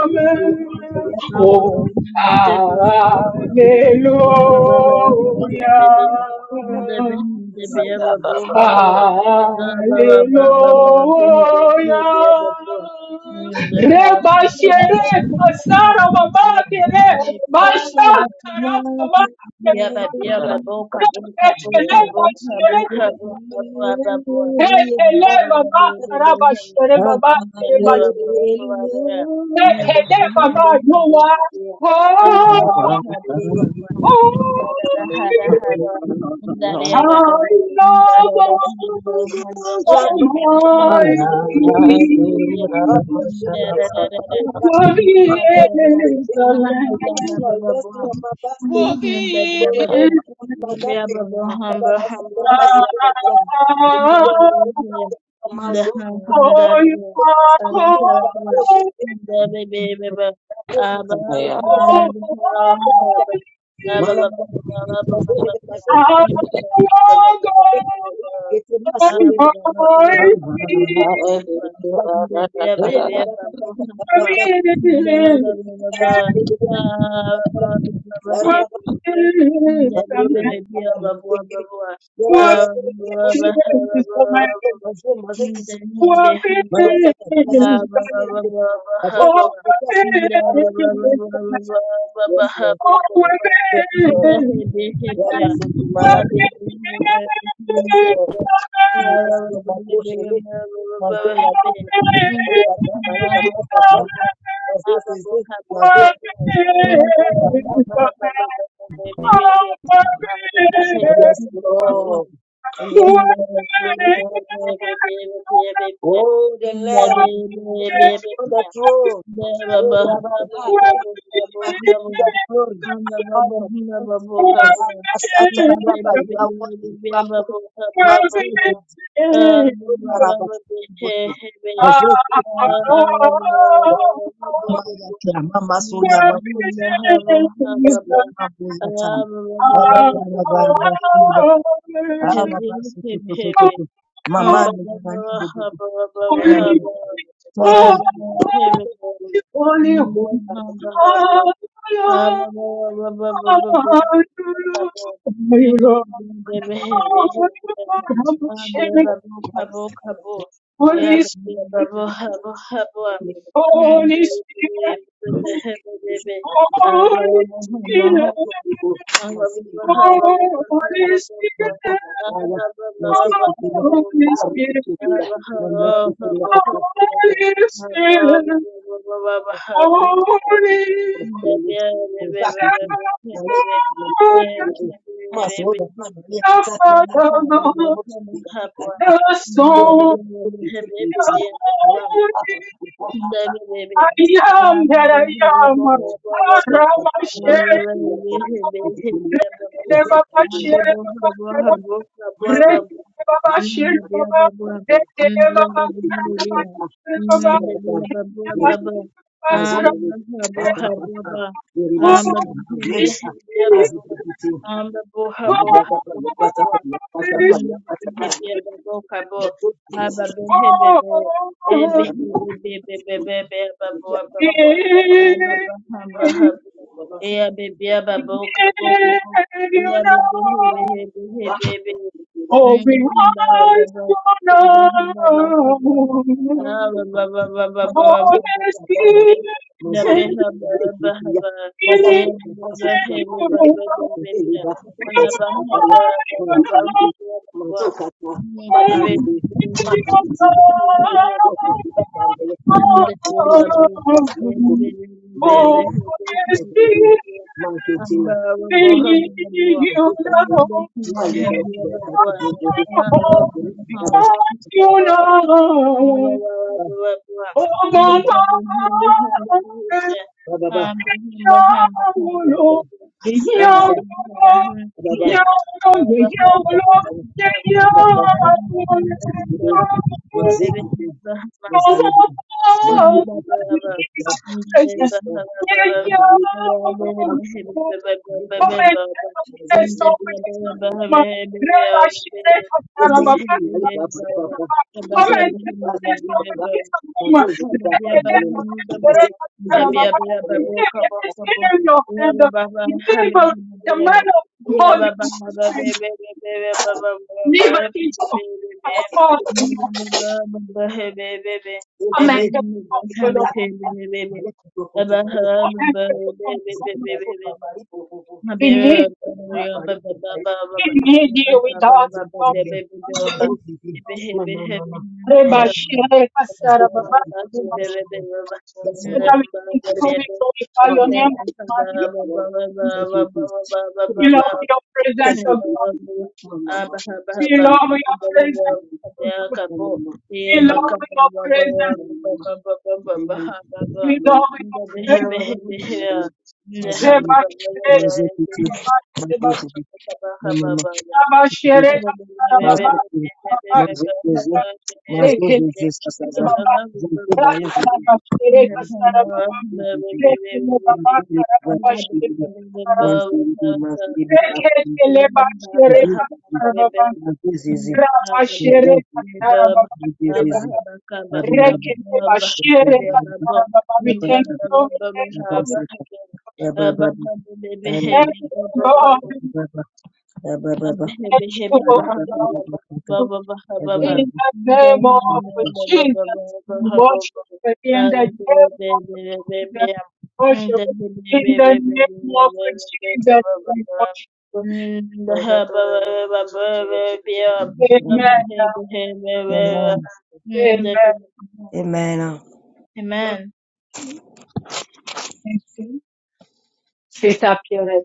Speaker 4: Abba,
Speaker 2: Oh,
Speaker 4: Thank
Speaker 6: Lord,
Speaker 2: hallelujah. Hallelujah.
Speaker 1: you. Hallelujah. Yes,
Speaker 2: Reba shere basara babake re basha karaba babake re kele bashere re kele baba karaba
Speaker 4: you.
Speaker 2: shere baba re bashere re kele baba noa oh oh
Speaker 6: Lord, Lord.
Speaker 2: I
Speaker 6: Lord.
Speaker 2: love
Speaker 4: Hallelujah.
Speaker 2: Almighty Worthy is the Lamb.
Speaker 1: Lord, my best
Speaker 2: Worthy is the Lamb. Oh, you are holy, Oh, holy. I belong on my feet. Worthy is the Lamb.
Speaker 4: Hamba Ah, blah, blah, blah, hey,
Speaker 2: Worthy
Speaker 4: blah, blah,
Speaker 2: is
Speaker 4: Yeah,
Speaker 2: the
Speaker 4: blah,
Speaker 2: Lamb.
Speaker 4: blah, hey, blah, blah, blah, blah, blah.
Speaker 2: Worthy
Speaker 4: Ah,
Speaker 2: is
Speaker 4: blah,
Speaker 2: the
Speaker 1: Thank
Speaker 4: blah,
Speaker 1: you.
Speaker 4: hey, blah, blah,
Speaker 2: Lamb.
Speaker 4: blah, blah,
Speaker 1: मजलूम
Speaker 4: blah, blah.
Speaker 1: मजलूम मजे
Speaker 4: Hmm,
Speaker 1: किसी
Speaker 4: then him be
Speaker 2: Worthy
Speaker 4: him
Speaker 2: is
Speaker 4: boy.
Speaker 1: मजा सकता मजा
Speaker 4: Ah,
Speaker 1: सकता
Speaker 2: the
Speaker 4: blah,
Speaker 2: Lamb.
Speaker 4: blah,
Speaker 1: किसी
Speaker 4: blah,
Speaker 1: मेरे
Speaker 4: blah, blah, ha,
Speaker 1: अब्रा
Speaker 4: blah, blah.
Speaker 1: किसी का सिर
Speaker 4: Hmm,
Speaker 1: के
Speaker 4: then
Speaker 1: पास
Speaker 4: blah,
Speaker 1: रोते
Speaker 4: blah,
Speaker 1: थे
Speaker 4: blah, blah, blah, blah, blah, blah,
Speaker 1: yes
Speaker 4: ha,
Speaker 1: no
Speaker 4: blah, blah, blah.
Speaker 1: Yes
Speaker 4: Hmm,
Speaker 1: no
Speaker 4: then
Speaker 2: Thank
Speaker 4: he be him,
Speaker 1: या
Speaker 4: yeah.
Speaker 1: बस कि माला
Speaker 4: hey,
Speaker 1: पे
Speaker 4: blah,
Speaker 1: yes
Speaker 4: hey,
Speaker 1: no
Speaker 4: blah.
Speaker 1: Yes
Speaker 4: Ah,
Speaker 1: no
Speaker 4: be be him, be be him, be be. Ah, blah, blah, blah,
Speaker 1: मको
Speaker 4: blah,
Speaker 1: शेले
Speaker 4: blah, blah, blah, blah, blah,
Speaker 1: मजदूर
Speaker 4: hey, be.
Speaker 1: लगी
Speaker 4: Hmm,
Speaker 1: मेरे
Speaker 4: then
Speaker 1: बाबा
Speaker 4: him,
Speaker 1: हमारे
Speaker 4: yeah, ha, blah, blah,
Speaker 1: पापा
Speaker 4: blah.
Speaker 1: पापा
Speaker 4: blah, blah.
Speaker 1: मजे से से मजे से पापा पापा yes no yes no Oh, the Lamb, sitting upon the throne. Oh, Rabbi, oh,
Speaker 4: Thank
Speaker 1: Rabbi, receive
Speaker 4: you.
Speaker 1: that glory.
Speaker 2: you.
Speaker 4: Hebe
Speaker 1: Honor belongs to you, Rabbi, Sata,
Speaker 2: Holy,
Speaker 1: Rabbi, you are worthy, you are holy. Mazel Tov, Jehovah, Rabbi, Siboto. Mazel Tov, Jehovah, yes, yes. Mama Yaka, Mama Sonia, Baboti, yes, yes, Mama Yata. Rabbi, Rabbi, Rabbi, Siboto. Ah, Rabbi, Soto,
Speaker 4: hebe
Speaker 1: Toto, Toto. Mama, Nana, Nana, Bobo, Bobo. Thank you. Thank you. Thank
Speaker 2: holy, holy,
Speaker 4: hebe
Speaker 2: holy, Holy Spirit, Holy Spirit, Holy Spirit, Holy Spirit,
Speaker 4: Baba
Speaker 2: Holy Spirit, Holy Spirit,
Speaker 1: you.
Speaker 2: Holy
Speaker 4: baby,
Speaker 2: the Father, the Son, the Holy. I am that I am. Aramashere. Rekele baba shere baba.
Speaker 4: you.
Speaker 2: Rekele baba shere
Speaker 4: Mm, dia
Speaker 2: baba.
Speaker 4: babua. Mm,
Speaker 2: Rekele
Speaker 4: dia
Speaker 2: baba
Speaker 4: babia dia. Mm, dia dia babua Baba, Ah, baba baba baba. Ah, baba hembe dia babua. Ah, babua babua babua. Mm, dia babua kabo. Ah, baba hembe be. Eh, be
Speaker 2: Oh,
Speaker 4: be be be be be be babua babua.
Speaker 2: this
Speaker 4: Ah, baba hamba
Speaker 2: is
Speaker 4: habu. Eh, be be
Speaker 2: And
Speaker 4: babua kabo kabo.
Speaker 2: you know
Speaker 4: Eh, be be be be be be be.
Speaker 2: all we want to know.
Speaker 1: Mazoka,
Speaker 2: All that's here is in you. know. We want
Speaker 4: Amen.
Speaker 2: to
Speaker 4: Munda kwa babu, ebe
Speaker 2: know.
Speaker 4: ebe ebe
Speaker 2: Oh,
Speaker 4: ebe
Speaker 2: yes,
Speaker 4: hende ebe
Speaker 2: dear,
Speaker 4: ebe, amba babu habu babu,
Speaker 2: you
Speaker 4: munda
Speaker 2: know.
Speaker 4: hende babu, ha babu ha babu ha babu ha babu babu
Speaker 1: Yes,
Speaker 4: babu, munda hende hende ebe, amba Hamba hamba hende ebe ebe, ada hende hende ebe, baba hamba baba hamba munda hende hende hende
Speaker 2: Yeah,
Speaker 4: ebe, ebe hamba hamba. Baba,
Speaker 2: Precious.
Speaker 1: Lord.
Speaker 2: Yeah, yeah.
Speaker 1: Mazali,
Speaker 2: Oh
Speaker 1: Papa, Libasi,
Speaker 2: my God.
Speaker 1: Mazali,
Speaker 2: Yes, oh my God. Come and yes, oh Deliver
Speaker 1: Mazali, Mali, Papa, Papa, Mazali, Libasi, Papa, Mazali, Papa, Mbele, Mazali, Mali, Papa, Mbele, Papa, Papa,
Speaker 2: the man of God,
Speaker 1: Papa, Papa,
Speaker 2: deliver his of
Speaker 1: Papa,
Speaker 2: us, you know,
Speaker 1: Papa,
Speaker 2: command of God,
Speaker 4: Baba
Speaker 2: We need you. We need you without you. we can
Speaker 1: Mama, mama, mama, mama.
Speaker 2: Reba Shire
Speaker 4: Mm.
Speaker 2: Kasara Baba Reba
Speaker 1: Yes,
Speaker 4: Mm.
Speaker 2: Shire.
Speaker 1: Lord. Yes,
Speaker 2: Father,
Speaker 1: Lord.
Speaker 2: we thank you,
Speaker 1: Yes,
Speaker 2: we glorify your
Speaker 1: Lord.
Speaker 2: name, O God.
Speaker 1: Yes, Lord. Thank you, Jesus.
Speaker 2: We
Speaker 1: Thank you,
Speaker 2: love
Speaker 1: Father.
Speaker 2: your
Speaker 1: Thank
Speaker 2: presence, O
Speaker 1: you,
Speaker 2: God.
Speaker 1: Jesus. Mama, mama,
Speaker 2: We
Speaker 1: mama,
Speaker 2: love your presence,
Speaker 1: mama,
Speaker 2: O God.
Speaker 1: mama, mama,
Speaker 2: We love
Speaker 1: mama.
Speaker 2: your presence.
Speaker 1: mama,
Speaker 2: We love your presence. Reba
Speaker 4: Thank
Speaker 2: Shire Kasara
Speaker 4: you.
Speaker 2: Baba Reba
Speaker 4: Baba,
Speaker 2: Shire. Abashere baba baba
Speaker 1: Mazizi,
Speaker 2: dekhe baba rakana bashere kasara baba dekhe baba kara baba shere kasara dekhe chele bashere kasara baba rabashere kasara baba shere baba rekhe bashere kasara baba we thank you we thank you we thank
Speaker 1: Amen.
Speaker 2: you God we
Speaker 4: Amen.
Speaker 2: thank you Lord. In the name of Jesus, we worship. In the name of Jesus, we worship. In the name of Jesus, we worship. Amen. Amen.
Speaker 1: Amen.
Speaker 2: Lord,
Speaker 4: Amen.
Speaker 2: thank you. Sister Pierrette,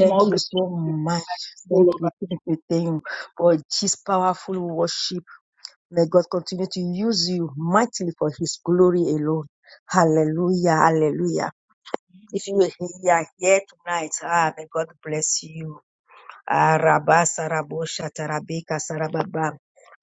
Speaker 2: more
Speaker 1: you
Speaker 2: grace
Speaker 1: so
Speaker 2: to
Speaker 1: much.
Speaker 2: all
Speaker 1: Thank
Speaker 2: of us.
Speaker 1: you, thank you, thank you for this powerful worship. May God continue to use you mightily for His glory alone. Hallelujah, hallelujah. If you are here tonight, ah, may God bless you. Ah, Rabba sarabosha, Shatarabika Sarababa.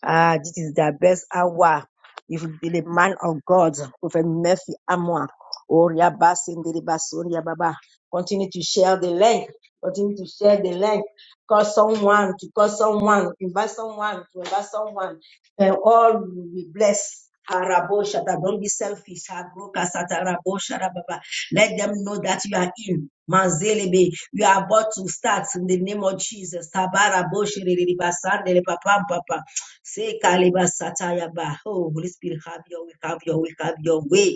Speaker 1: Ah, this is the best hour. If you be the man of God, Prophet Murphy Amwa, Oria Basindibasoria Baba. Continue to share the link. Continue to share the link. Call someone to call someone. Invite someone to invite someone. And all will be blessed. Ah, Rabo Shata. Don't be selfish. Ah, Broka Satarabo Sharababa. Let them know that you are in. Manzelebe, you are about to start in the name of Jesus. Tabara boshiriri basandele papam papa. Say kaleba satayaba. Oh, Holy Spirit, have your way, have your way, have your way.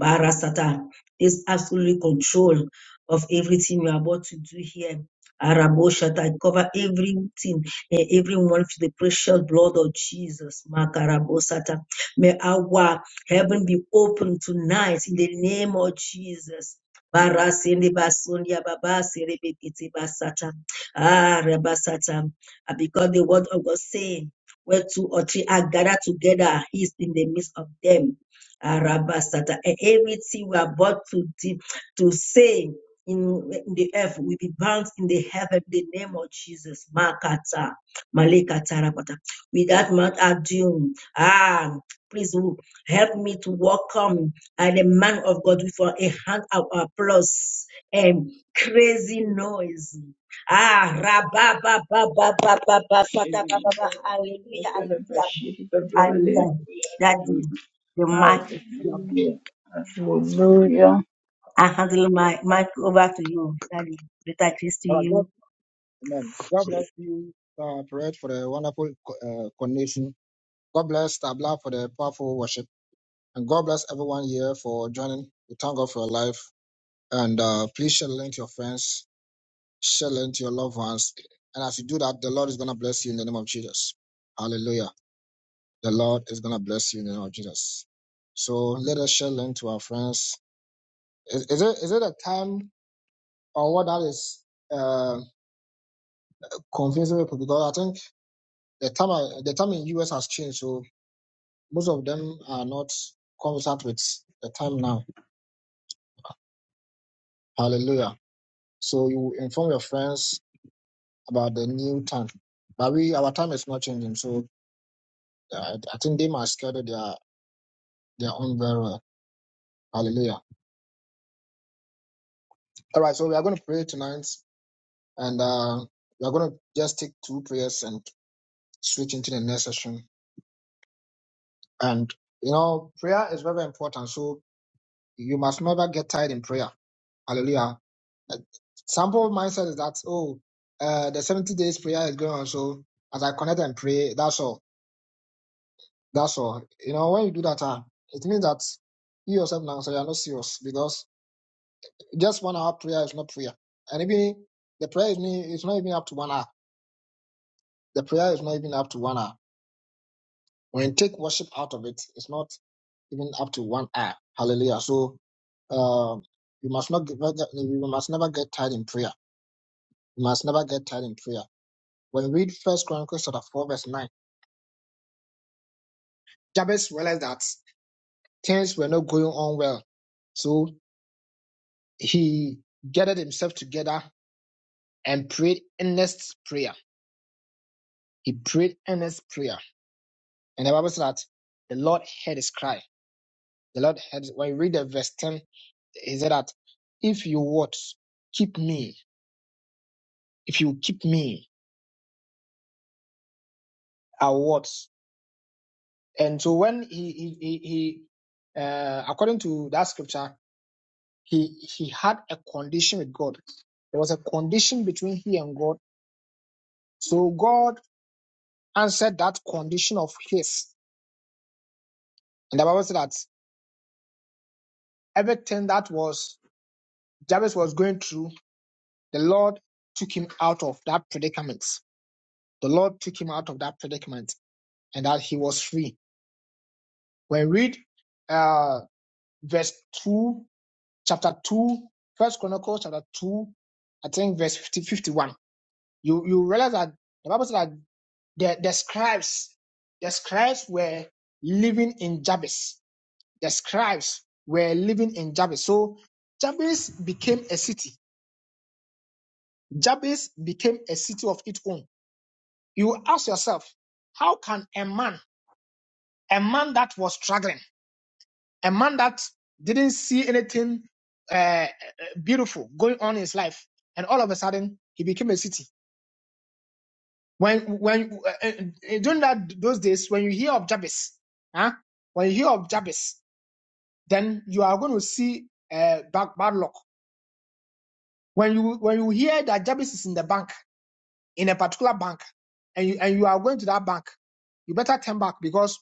Speaker 1: Barasata, this absolute control of everything we are about to do here. Araboshata, I cover everything, eh, everyone with the precious blood of Jesus. Makarabosata. May our heaven be open tonight in the name of Jesus. Barasende basonia babase rebekete basata. Ah, rabasata. Ah, Because the word of God saying, where two or three are gathered together, he is in the midst of them. Arabasata. And everything we are about to, de- to say in, in the earth will be bound in the heaven in the name of Jesus. Makata. Malekata Rabata. With that mouth, Adum. Ah, please who help me to welcome uh, the man of God with a hand of applause and crazy noise. Ah, rabba, ba, ba, ba, ba, ba, ba, fata, ba, ba, ba. ba, hallelujah, hallelujah. And yeah, Daddy, the mic is yours.
Speaker 2: Hallelujah. Hallelujah.
Speaker 1: I handle my mic over to you, Daddy. Better grace to
Speaker 3: All right, God,
Speaker 1: you.
Speaker 3: amen. God bless you, uh, Perez, for the wonderful uh, coordination. God bless Tabla for the powerful worship. And God bless everyone here for joining. We thank God for your life. And uh, please share the link to your friends, share the link to your loved ones. And as you do that, the Lord is going to bless you in the name of Jesus. Hallelujah. The Lord is going to bless you in the name of Jesus. So let us share the link to our friends. Is, is, it, is it a time or what that is uh, confusing people? Because I think The time the time in US has changed, so most of them are not conversant with the time now. Hallelujah. So you inform your friends about the new time. But we our time is not changing, so uh, I think they must schedule their their own very well. Hallelujah. All right, so we are going to pray tonight, and uh, we are going to just take two prayers and switch into the next session. And you know, prayer is very important, so you must never get tired in prayer. Hallelujah Some people's mindset is that, oh, uh, the 70 days prayer is going on, so as I connect and pray, that's all. That's all. You know, when you do that, uh, it means that you yourself now, so you're not serious because just one hour prayer is not prayer. And even the prayer is not, it's not even up to one hour. The prayer is not even up to one hour. When you take worship out of it, it's not even up to one hour. Hallelujah. So um, you must not give, you must never get tired in prayer. You must never get tired in prayer When we read First Chronicles chapter 4, verse 9, Jabez realized that things were not going on well. So he gathered himself together and prayed earnest prayer. He prayed earnest prayer. And the Bible said that the Lord heard his cry. The Lord heard when you read the verse 10, he said that if you what keep me, if you keep me, I what. And so when he he he, he uh, according to that scripture, He he had a condition with God. There was a condition between he and God. So God answered that condition of his. And the Bible said that everything that was Jabez was going through, the Lord took him out of that predicament. The Lord took him out of that predicament and that he was free. When we read uh verse 2, chapter 2, First Chronicles chapter 2, I think verse 50, 51. You you realize that the Bible said that The, the scribes, the scribes were living in Jabes. The scribes were living in Jabes. So Jabes became a city. Jabes became a city of its own. You ask yourself, how can a man, a man that was struggling, a man that didn't see anything uh, uh, beautiful going on in his life, and all of a sudden he became a city? when when uh, uh, during that those days when you hear of Jabes, huh? When you hear of Jabes. then you are going to see uh, bad, bad luck. When you when you hear that Jabez is in the bank, in a particular bank, and you and you are going to that bank, you better turn back because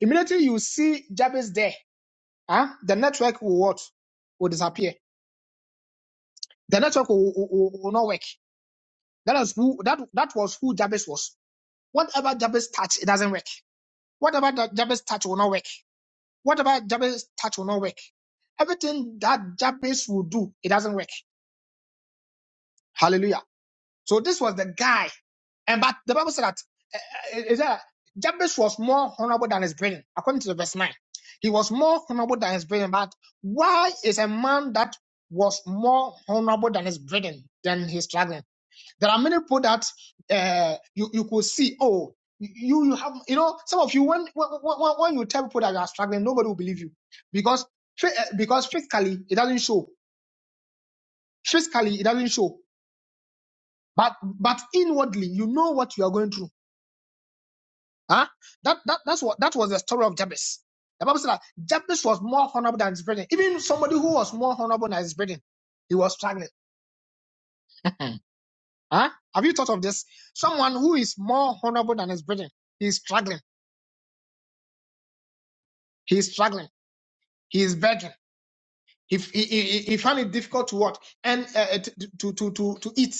Speaker 3: immediately you see Jabez there, huh? the network will what? Will disappear. The network will, will, will- not work. That is who that that was who Jabez was. Whatever Jabez touch, it doesn't work. Whatever that Jabez touch will not work. Whatever Jabez touch will not work. Everything that Jabez will do, it doesn't work. Hallelujah. So this was the guy. And but the Bible said that uh, is that Jabez was more honorable than his brethren, according to the verse 9. He was more honorable than his brethren. But why is a man that was more honorable than his brethren than his struggling? There are many people that uh, you, you could see, oh, you you have you know some of you when when, when when you tell people that you are struggling nobody will believe you because phy- eh, because physically it doesn't show physically it doesn't show but but inwardly you know what you are going through Huh? That, that that's what that was the story of Jabez. The Bible said that Jabez was more honorable than his brethren. Even somebody who was more honorable than his brethren, he was struggling. huh? Have you thought of this? Someone who is more honorable than his brethren, he is struggling. He is struggling. He is begging. He, he, he, he found it difficult to what and uh, uh, to, to to to eat.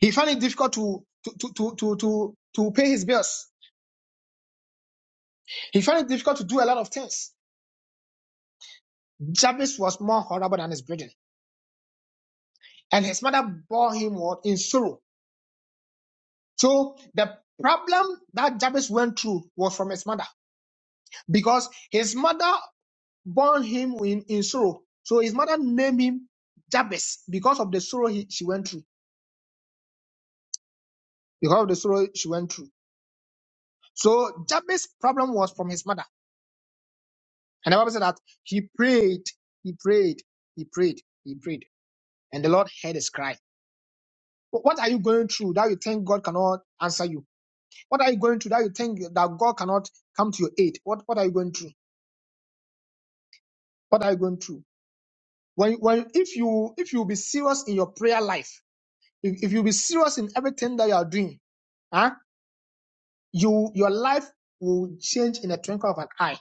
Speaker 3: He found it difficult to to to to to to to pay his bills. He found it difficult to do a lot of things. Jabez was more honorable than his brethren. and his mother bore him what in sorrow. So the problem that Jabez went through was from his mother because his mother bore him in, in sorrow. So his mother named him Jabez because of the sorrow he, she went through. Because of the sorrow she went through. So Jabez's problem was from his mother. And the Bible said that he prayed, he prayed, he prayed, he prayed. And the Lord heard his cry. what are you going through that you think God cannot answer you? What are you going through that you think that God cannot come to your aid? What what are you going through? What are you going through? When when if you if you be serious in your prayer life, if, if you be serious in everything that you are doing, huh, you your life will change in a twinkle of an eye.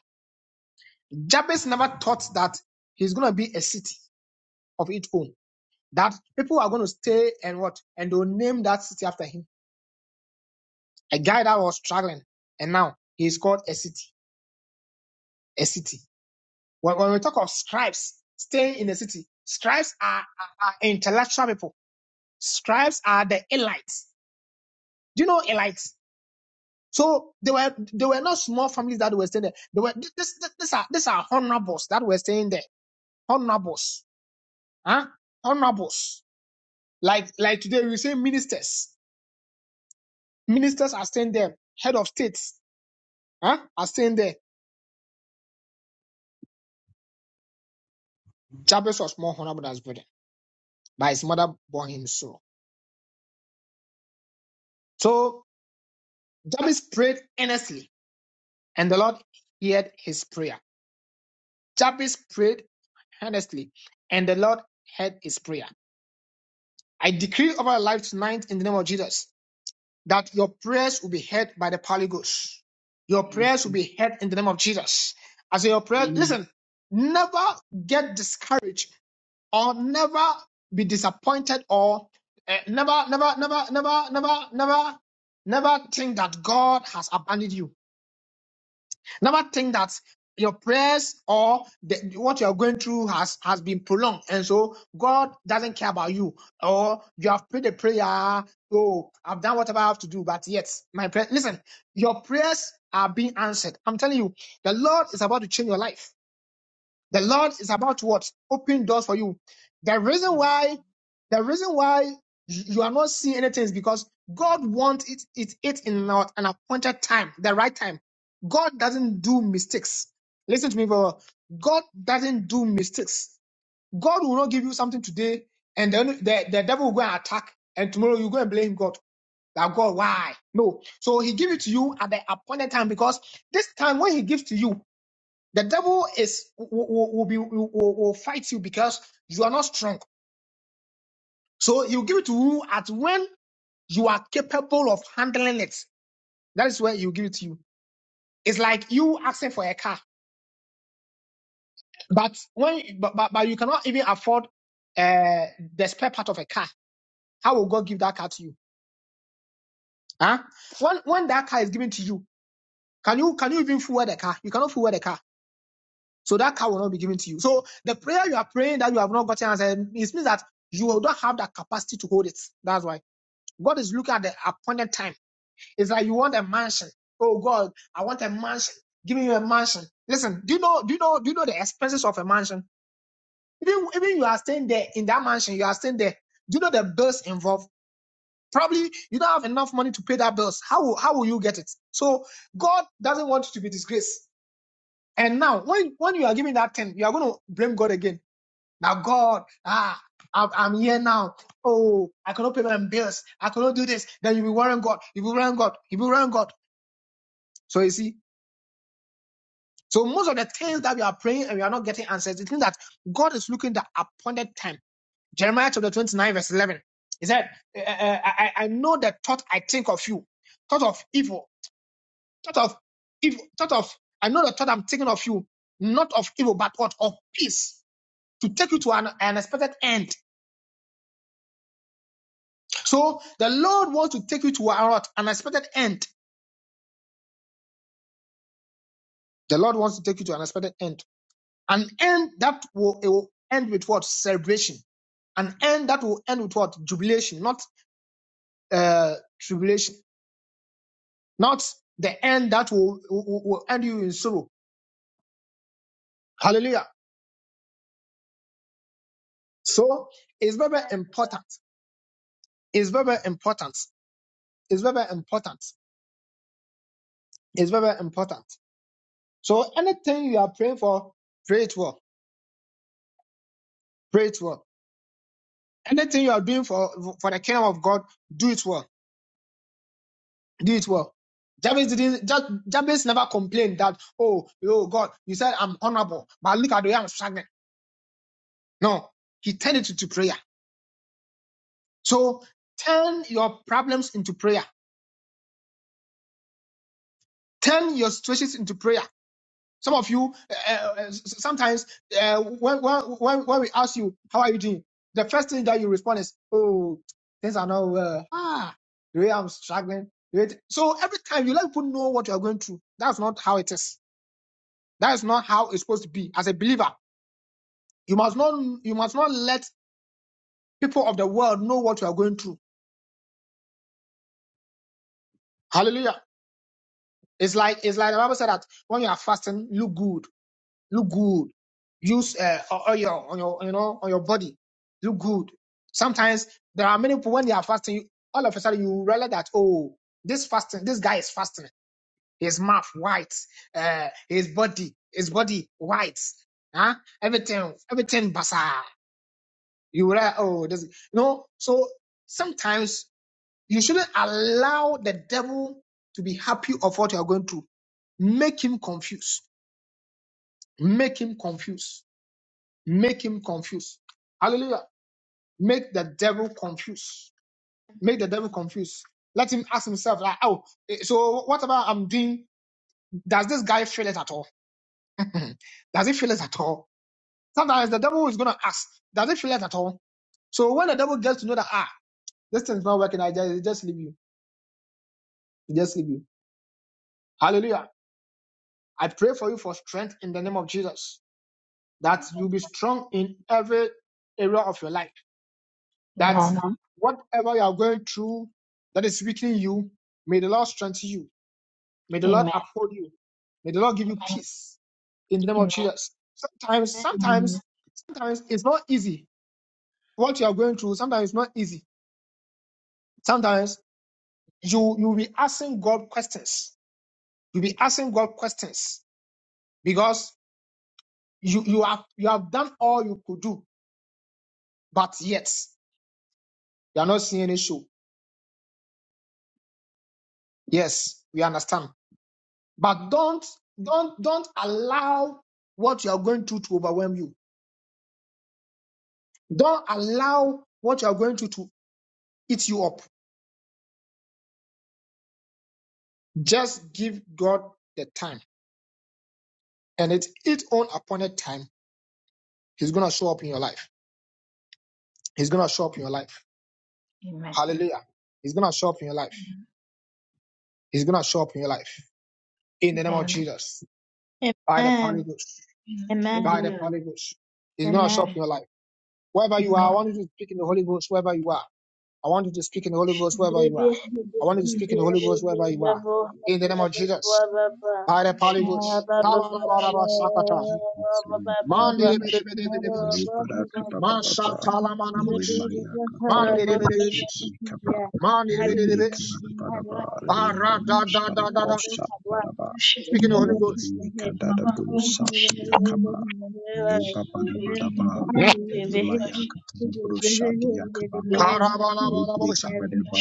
Speaker 3: Jabez never thought that he's gonna be a city of its own. That people are gonna stay and what and they'll name that city after him. A guy that was struggling and now he's called a city. A city. When, when we talk of scribes staying in the city, scribes are, are, are intellectual people. Scribes are the elites. Do you know elites? So they were they were not small families that were staying there. They were this, this, these are these are honorables that were staying there. Honorables, huh? Honorables. Like like today we say ministers. Ministers are staying there. Head of states, huh? Are staying there. Jabez was more honorable than his brother, but his mother bore him so. So Jabez prayed earnestly and the Lord heard his prayer. Jabez prayed earnestly, and the Lord heard his prayer. I decree over your life tonight in the name of Jesus that your prayers will be heard by the Holy Ghost. Your prayers will be heard in the name of Jesus. As your prayer, listen, never get discouraged or never be disappointed or eh, never, never, never, never, never, never, never think that God has abandoned you. Never think that your prayers or the, what you are going through has has been prolonged, and so God doesn't care about you, or you have prayed a prayer. Oh, I've done whatever I have to do, but yet my prayer. Listen, your prayers are being answered. I'm telling you, the Lord is about to change your life. The Lord is about to what? Open doors for you. The reason why, the reason why you are not seeing anything is because God wants it, it, it in an appointed time, the right time. God doesn't do mistakes. Listen to me, very well. God doesn't do mistakes. God will not give you something today and then the, the devil will go and attack and tomorrow you go and blame God. That God, why? No. So he give it to you at the appointed time because this time when he gives to you, the devil is will, will, will be will, will will fight you because you are not strong. So you give it to you at when you are capable of handling it. That is where you give it to you. It's like you asking for a car, but when but, but, but you cannot even afford uh, the spare part of a car. How will God give that car to you? Huh? When when that car is given to you, can you can you even fuel the car? You cannot fuel the car. So that car will not be given to you. So the prayer you are praying that you have not gotten answered, it means that you do not have that capacity to hold it. That's why God is looking at the appointed time. It's like you want a mansion. Oh God, I want a mansion. Give me a mansion. Listen, do you know? Do you know? Do you know the expenses of a mansion? Even even you are staying there in that mansion, you are staying there. Do you know the bills involved? Probably you don't have enough money to pay that bills. How will, how will you get it? So God doesn't want you to be disgraced. And now, when when you are giving that ten, you are going to blame God again. Now, God, ah, I'm, I'm here now. Oh, I cannot pay my bills. I cannot do this. Then you will warn God. You will warn God. You will warn God. So you see, so most of the things that we are praying and we are not getting answers, the thing that God is looking at the appointed time. Jeremiah chapter 29, verse 11. He said, eh, eh, eh, I, I know the thought I think of you, thought of evil, thought of evil, thought of, I know the thought I'm thinking of you, not of evil, but what? Of peace, to take you to an an expected end So the Lord wants to take you to an unexpected end. The Lord wants to take you to an unexpected end. An end that will, it will end with what? Celebration. An end that will end with what? Jubilation, not uh, tribulation. Not the end that will, will, will end you in sorrow. Hallelujah. So it's very, very important. It's very, very important. It's very, very important. It's very, very important. So anything you are praying for, pray it well. Pray it well Anything you are doing for for the kingdom of God, do it well. Do it well. Jabez didn't. Ja- Jabez never complained that oh oh God, you said I'm honorable, but look at the way I'm struggling. No, he turned it into prayer. So turn your problems into prayer. Turn your situations into prayer. Some of you, uh, uh, sometimes uh, when, when, when we ask you, how are you doing? The first thing that you respond is, oh, things are not well. Ah, the way I'm struggling. the way th- So every time you let people know what you are going through, that's not how it is. That is not how it's supposed to be. As a believer, you must not, you must not let people of the world know what you are going through. Hallelujah. It's like, it's like the Bible said that when you are fasting, look good. look good. Use uh, o- oil on your, you know, on your body. Look good. Sometimes there are many people when they are fasting, you, all of a sudden you realize that oh, this fasting, this guy is fasting. His mouth white, uh, his body, his body white, huh? Everything, everything basa. You realize oh, this, you know. So sometimes you shouldn't allow the devil to be happy of what you are going through. Make him confused. Make him confused Make him confused. Hallelujah. Make the devil confused. Make the devil confused. Let him ask himself, like, oh, eh, so what about I'm doing? Does this guy feel it at all? does he feel it at all? Sometimes the devil is gonna ask, does he feel it at all? So when the devil gets to know that ah, this thing's not working, I just, just leave you. Just leave you. Hallelujah. I pray for you for strength in the name of Jesus. That you be strong in every area of your life That
Speaker 2: Amen.
Speaker 3: whatever you are going through that is weakening you, may the Lord strengthen you. May the
Speaker 2: Amen.
Speaker 3: Lord uphold you. May the Lord give you peace in the name of Jesus. Sometimes,
Speaker 2: Amen.
Speaker 3: sometimes, sometimes it's not easy. What you are going through, sometimes it's not easy. Sometimes you you'll be asking God questions. You'll be asking God questions because you you have you have done all you could do, but yet you are not seeing any show. Yes, we understand. But don't don't don't allow what you are going through to overwhelm you. Don't allow what you are going through to eat you up. Just give God the time. And at its own appointed time, He's gonna show up in your life. He's gonna show up in your life. Hallelujah. He's gonna show up in your life. He's gonna show up in your life. In the name of Jesus. By the Holy
Speaker 4: Amen.
Speaker 3: Ghost. By the
Speaker 4: Amen.
Speaker 3: Holy Ghost. He's gonna show up in your life. Wherever you are, I want you to speak in the Holy Ghost, wherever you are. I want you to speak in the Holy Ghost wherever you are. I want you to speak in the Holy Ghost wherever you are. In the name of Jesus. By the Holy Ghost. Kabalabalabasakata. Mandiribidibidibidibish.
Speaker 5: Libaraka Baba Baba
Speaker 3: Masatalamanamush.
Speaker 5: Limaya Katara Brushi
Speaker 3: Mandiribidibidibish.
Speaker 5: Kaba Libri
Speaker 3: Mandiribidibidibish.
Speaker 5: Kabara Baraba
Speaker 4: Ada
Speaker 5: Limaya Katara
Speaker 3: Baradadadadada.
Speaker 5: Brusha Baraba
Speaker 3: Speak in the Holy Ghost.
Speaker 5: Libri Kadara
Speaker 4: Thank
Speaker 5: Brusha Tia Kaba Liba Bada Badaba
Speaker 7: Yeah.
Speaker 5: Limaya Katara Brusha Dia Kababa Libri
Speaker 3: Karabalabalabosa.
Speaker 5: Kabareba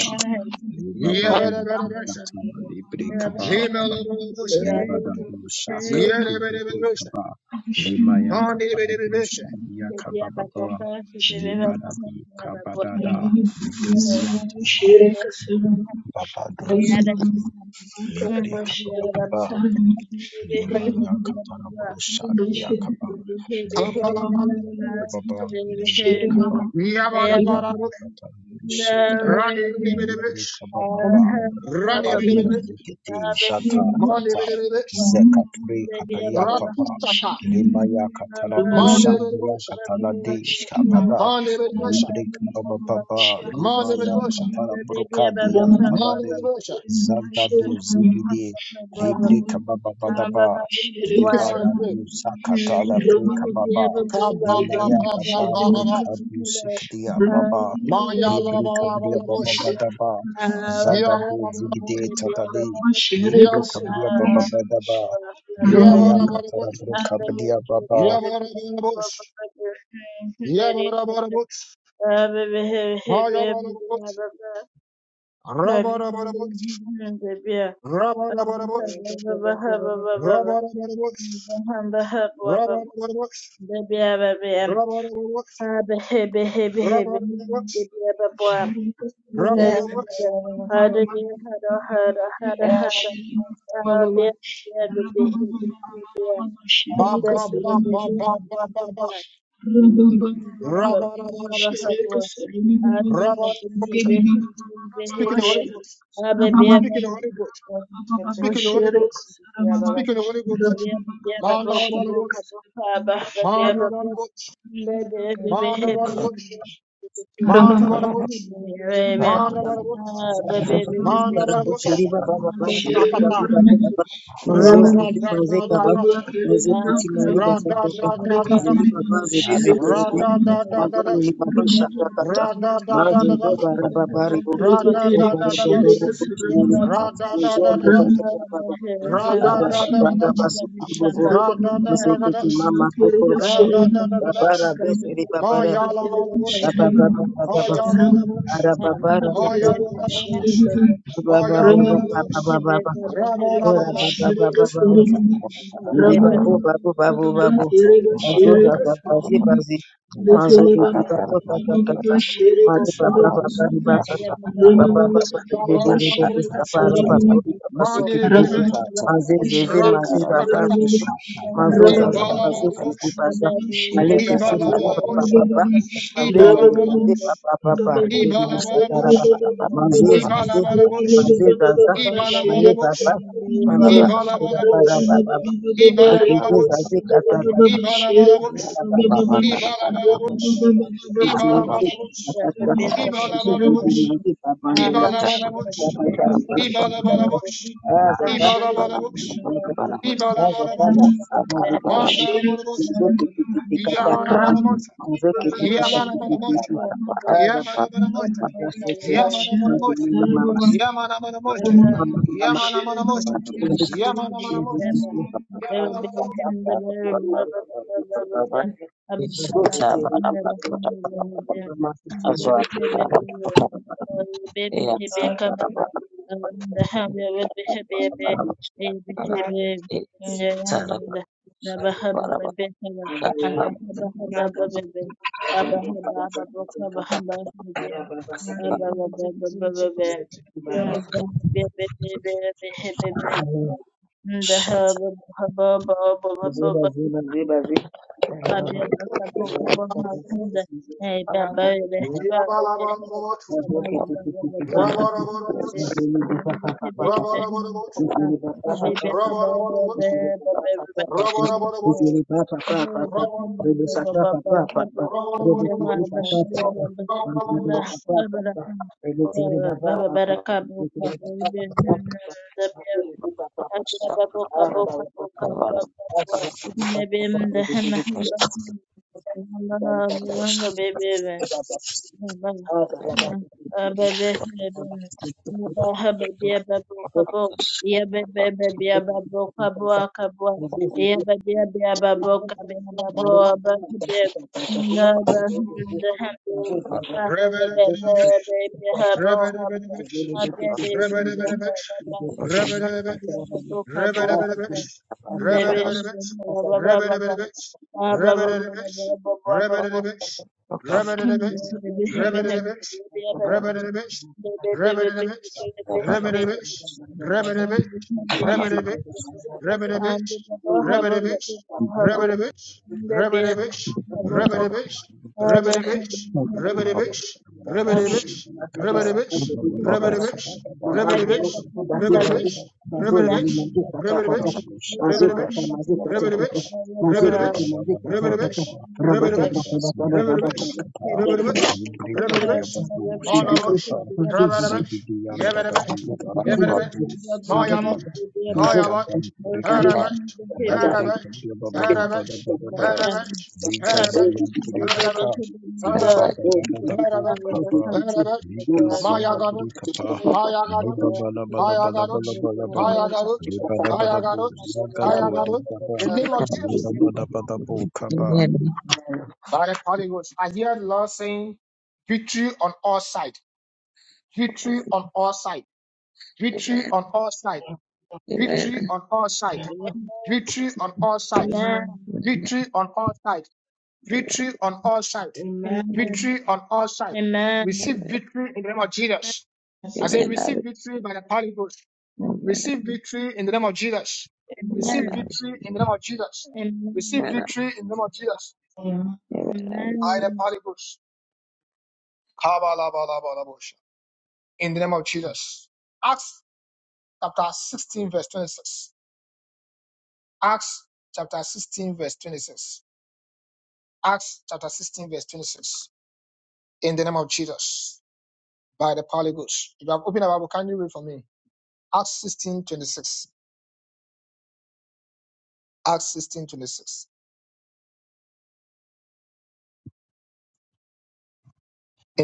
Speaker 5: Liba Badu
Speaker 3: Yebedebedebesha.
Speaker 5: Katara Libri Kaba
Speaker 3: Limelebelebesha.
Speaker 5: Lebadadushaka to
Speaker 3: Yedebedebedebesha.
Speaker 5: Bikaba, Lemaya
Speaker 3: Mandiribidibidibish.
Speaker 5: Katabusha Yakababa, Lebadabu Kabadada, Gazianta
Speaker 4: you.
Speaker 5: Babadus,
Speaker 4: Yada
Speaker 5: Libre
Speaker 4: Yada
Speaker 5: Kababa, Lemaya Katarabusha Yakaba, Legre
Speaker 3: Kabalabalabalabosha.
Speaker 5: Baba, lebri Kaba,
Speaker 3: Yabalabalabosha.
Speaker 5: Lemaya Katarabusha
Speaker 3: Randibidibidibis,
Speaker 5: Yubrika baba rababado
Speaker 3: randibidibidibis,
Speaker 5: zekete zata tata
Speaker 3: mandibidibidibis,
Speaker 5: zekatbre kapeya papa
Speaker 3: ratusata,
Speaker 4: Ah,
Speaker 5: lemaya katala brushandia
Speaker 3: mandibidibidibis,
Speaker 5: katala deish kabada
Speaker 3: mandibidibidibis,
Speaker 5: Librik baba, bababa lemaya
Speaker 3: mandibidibidibis,
Speaker 5: katala bruka dian tadade
Speaker 3: mandibidibidibis.
Speaker 5: zagado zigide yubrika baba,
Speaker 3: If you are
Speaker 5: lebada
Speaker 3: great,
Speaker 5: usa katala preka baba
Speaker 3: ka ba ba
Speaker 5: lemaya
Speaker 3: ba
Speaker 5: kata
Speaker 3: ba ba ba ba,
Speaker 5: bruka busikdia baba
Speaker 3: ma ya la
Speaker 5: Libre
Speaker 3: ba la ba
Speaker 5: Cabria
Speaker 3: la
Speaker 5: Baba
Speaker 3: bush,
Speaker 5: Badaba,
Speaker 3: ya ba
Speaker 5: Zagado
Speaker 3: la ba la bush,
Speaker 5: Zigde Tatali,
Speaker 3: ya
Speaker 5: Libre
Speaker 3: ba la ba
Speaker 5: Cabria
Speaker 3: la
Speaker 5: Baba
Speaker 3: bush,
Speaker 5: Badaba,
Speaker 3: ya ba
Speaker 5: Limaya
Speaker 3: la ba la bush,
Speaker 5: Catarabre
Speaker 4: baby
Speaker 5: Cabria
Speaker 3: ya
Speaker 5: Baba,
Speaker 3: ba la ba la bush, ya ba la ba la bush, ma ya ba la ba la bush, ra ba la ba la bush, ra ba la ba la bush, ra ba la ba la bush. Speaking the Holy Ghost,
Speaker 4: Baba Baba Baba Adına bakın be be
Speaker 3: speaking the
Speaker 4: be
Speaker 3: Holy Ghost,
Speaker 4: Abi be
Speaker 3: speaking
Speaker 4: baba
Speaker 3: the Holy Ghost, speaking the Holy
Speaker 4: be
Speaker 3: Ghost,
Speaker 4: be baba
Speaker 3: Manda
Speaker 4: boka boka
Speaker 3: Barabush,
Speaker 4: baba be
Speaker 3: Manda
Speaker 4: baba
Speaker 3: Barabush,
Speaker 4: be be be be
Speaker 3: Manda
Speaker 4: be be
Speaker 3: Barabush, Manda Barabush, Manda Barabush,
Speaker 4: Abi be be be be
Speaker 3: Manda Barabush,
Speaker 1: Baraboshiri
Speaker 4: be
Speaker 1: baba baba
Speaker 4: be be
Speaker 1: siri baba
Speaker 3: Takata,
Speaker 1: baba
Speaker 4: be
Speaker 1: baba
Speaker 4: ya
Speaker 1: mazo
Speaker 4: baba
Speaker 3: Rada
Speaker 1: zizi
Speaker 3: da
Speaker 1: maze
Speaker 3: da da
Speaker 4: boka
Speaker 1: kaba
Speaker 3: da,
Speaker 4: boka
Speaker 1: mazo kiti
Speaker 4: Abi
Speaker 1: mali baba
Speaker 3: Rada
Speaker 4: boka
Speaker 1: baba
Speaker 3: da da da
Speaker 4: boka
Speaker 1: ziba
Speaker 3: da,
Speaker 1: zibi zibi zibi
Speaker 3: Rada
Speaker 6: Thank you.
Speaker 3: da da da
Speaker 1: mazo
Speaker 3: da,
Speaker 4: Thank
Speaker 1: shaka kata
Speaker 3: Ra da da da
Speaker 1: mazo
Speaker 3: da da.
Speaker 1: araba bari boko
Speaker 3: Ra
Speaker 6: Yes,
Speaker 3: da da
Speaker 1: bara
Speaker 3: da da da.
Speaker 1: baba rabo chilili
Speaker 3: Ra da da
Speaker 1: mazo
Speaker 3: da da da.
Speaker 1: araba baba
Speaker 3: Ra da da
Speaker 1: araba
Speaker 3: da da da.
Speaker 1: bara basu
Speaker 3: Ra da da da da da.
Speaker 1: Msikiti mama
Speaker 3: Ra
Speaker 1: kukurukutu.
Speaker 3: da da da da da.
Speaker 1: Babara besiri
Speaker 3: Ma
Speaker 1: babara
Speaker 3: ya la
Speaker 1: babu.
Speaker 3: la la la.
Speaker 1: Baba baba baba
Speaker 3: Ma
Speaker 1: baba.
Speaker 3: ya la la la.
Speaker 1: Ara babara
Speaker 3: Ma ya
Speaker 1: babara
Speaker 3: la la la.
Speaker 1: babara
Speaker 3: Ma ya la la
Speaker 1: babara
Speaker 3: la.
Speaker 1: baba.
Speaker 3: Ra ba la la
Speaker 1: Ora
Speaker 3: la.
Speaker 1: baba baba baba. Iri babo babo babo babo. Bazo zaza bazi
Speaker 4: you.
Speaker 1: bazi.
Speaker 4: Thank you.
Speaker 1: Mazo bebe bato tata tata. Mare baba baba riba tata. Baba baba
Speaker 3: Da ba
Speaker 1: bebe
Speaker 3: la
Speaker 1: rebe
Speaker 3: la
Speaker 1: bebe.
Speaker 3: la.
Speaker 1: Baba raba tori baba
Speaker 3: Ma ni ri
Speaker 1: sekiri
Speaker 3: bi ri bi.
Speaker 1: bebe. Maze zeze
Speaker 3: Ra ti
Speaker 1: maze
Speaker 3: ta
Speaker 1: zaza
Speaker 3: ka ta.
Speaker 1: zeze. Mazo
Speaker 3: I ba
Speaker 1: zaza
Speaker 3: la la
Speaker 1: baze
Speaker 3: la. la.
Speaker 1: zeze baza. Male
Speaker 3: I
Speaker 1: kete
Speaker 3: ba la la
Speaker 1: male
Speaker 3: la.
Speaker 1: baba baba.
Speaker 3: I
Speaker 1: Maze
Speaker 3: ba la
Speaker 1: lele
Speaker 3: la la.
Speaker 1: maze baba baba.
Speaker 3: I
Speaker 1: Rebe
Speaker 3: ba la
Speaker 1: rebe
Speaker 3: la
Speaker 1: sata
Speaker 3: la.
Speaker 1: raba. Maze
Speaker 3: Ibala
Speaker 1: zeze.
Speaker 3: Balabush,
Speaker 1: Maze zaza.
Speaker 3: ibala
Speaker 1: Male
Speaker 3: Balabush,
Speaker 1: baba. Mazo
Speaker 3: ibala
Speaker 1: zeze raba
Speaker 3: Balabush,
Speaker 1: raba Mama,
Speaker 3: ibala Balabush, ibala Balabush, ibala Balabush, ibala
Speaker 4: Thank
Speaker 3: Ibalabalabos, Ibalabalabos, Ibalabalabos, Ibalabalabos, Ibalabalabos, ibala Ibalabalabos, Ibalabalabos, Ibalabalabos, Ibalabalabos, Ibalabalabos, Manda Bolabos, Yamana Manamosa, Yamana Manamosa, Yamana Manamosa, Yamana Manamosa,
Speaker 4: you.
Speaker 3: Yamana Manamosa,
Speaker 4: Abahaba ababa
Speaker 1: mama, mama,
Speaker 3: Yamana Manamosa, Yamana
Speaker 1: Ziba,
Speaker 3: Rabba
Speaker 4: ababa ababa ababa ababa Thank you.
Speaker 1: ziba, ziba,
Speaker 4: Abracabocabocabocabra.
Speaker 1: ziba. papa
Speaker 4: Remember her, remember baby.
Speaker 1: you.
Speaker 4: Baba baba,
Speaker 1: Thank
Speaker 4: baba, baby, babu, kabo, ya baby, baby, babu, kabo, kabo, ya baby, baby, babu, kabe, babu, baby, na, baby, na, baby, na, baby, baby, habo, habo, na, baby, na, baba, ya babu,
Speaker 3: Rev
Speaker 4: kabo,
Speaker 3: it a little
Speaker 4: babu,
Speaker 3: bit. Rev it
Speaker 4: baby,
Speaker 3: a little
Speaker 4: baby,
Speaker 3: bit.
Speaker 4: baba,
Speaker 3: Rev it
Speaker 4: baba,
Speaker 3: a little bit.
Speaker 4: baba,
Speaker 3: Rev it
Speaker 4: baba,
Speaker 3: a little
Speaker 4: baba, baba,
Speaker 3: bit. Rev it a little
Speaker 4: Adia
Speaker 3: bit. Rev it a little bit.
Speaker 6: Shut
Speaker 3: Rev it a little bit. Rev it a little bit. Rev it a little bit.
Speaker 6: Amen.
Speaker 3: Rev it a
Speaker 6: Amen.
Speaker 3: little bit. Rev it a little bit. Rev it a little bit.
Speaker 1: you.
Speaker 5: Baba Baba, Limaya
Speaker 1: Rabata
Speaker 5: Rabroshi Kababa, Libra Kababa, Libre Baba Baba, Limaya Catarabusha, Dia Cabria Baba Lebadabadabadaba, Legasiantolika,
Speaker 4: Amen.
Speaker 5: Librikabriababu, Shakata, Zigidian Dadadi, Gadababu,
Speaker 1: mazizi marefu
Speaker 5: Zigidi,
Speaker 1: mazuri
Speaker 5: Legadan Purikapa,
Speaker 1: marefu
Speaker 3: Arabash,
Speaker 1: tapatapa
Speaker 3: Arabash,
Speaker 1: marefu
Speaker 3: Arabash,
Speaker 5: Librikabriababababababa,
Speaker 1: tapatapa
Speaker 3: Arabash, Arabash,
Speaker 1: obibizi
Speaker 5: Legaziantolipaka,
Speaker 3: Arabash,
Speaker 1: mabibiti
Speaker 3: Arabash,
Speaker 1: obibizi
Speaker 5: Lebabadabadabu
Speaker 3: Arabash,
Speaker 5: Kaba,
Speaker 1: mabibiti
Speaker 3: Arabash,
Speaker 1: mama mama
Speaker 3: Mayagaruch,
Speaker 5: Legaziantolika,
Speaker 1: mazizi mama
Speaker 3: Mayagaruch,
Speaker 1: mama
Speaker 3: Mayagaruch,
Speaker 5: Lebabadabadabadabalaba,
Speaker 3: Mayagaruch,
Speaker 5: Lebadabadabu
Speaker 3: Mayagaruch,
Speaker 5: Zagado,
Speaker 3: Mayagaruch, the name of Jesus.
Speaker 5: Libabadabadabukaba.
Speaker 3: By the Holy Ghost, I hear the Lord saying, victory on all sides, victory on all sides, victory on all sides,
Speaker 6: Amen.
Speaker 3: victory on all sides,
Speaker 4: Amen.
Speaker 3: victory on all sides,
Speaker 4: Amen.
Speaker 3: victory on all sides. Victory on all sides. Victory on all sides.
Speaker 6: Amen.
Speaker 3: Receive
Speaker 6: Amen.
Speaker 3: victory in the name of Jesus. I say,
Speaker 6: Amen. I
Speaker 3: receive victory
Speaker 6: receive.
Speaker 3: by the power of the Ghost. Receive
Speaker 6: Amen.
Speaker 3: victory in the name of Jesus.
Speaker 6: Amen.
Speaker 3: Receive
Speaker 6: I
Speaker 4: Amen.
Speaker 3: victory
Speaker 6: receive.
Speaker 3: in the name of Jesus. Receive
Speaker 4: Amen.
Speaker 6: Amen. I
Speaker 3: victory in the name of Jesus.
Speaker 6: receive. Amen. I
Speaker 3: By the
Speaker 6: receive.
Speaker 4: Amen.
Speaker 3: power of the Ghost. Kabalabalabalabosha. In the name of Jesus. Acts chapter 16, verse 26. Acts chapter 16, verse 26. Acts chapter 16, verse 26. In the name of Jesus. By the power of the Ghost. If you have opened a Bible, can you read for me? Acts 16 26 Acts 16 26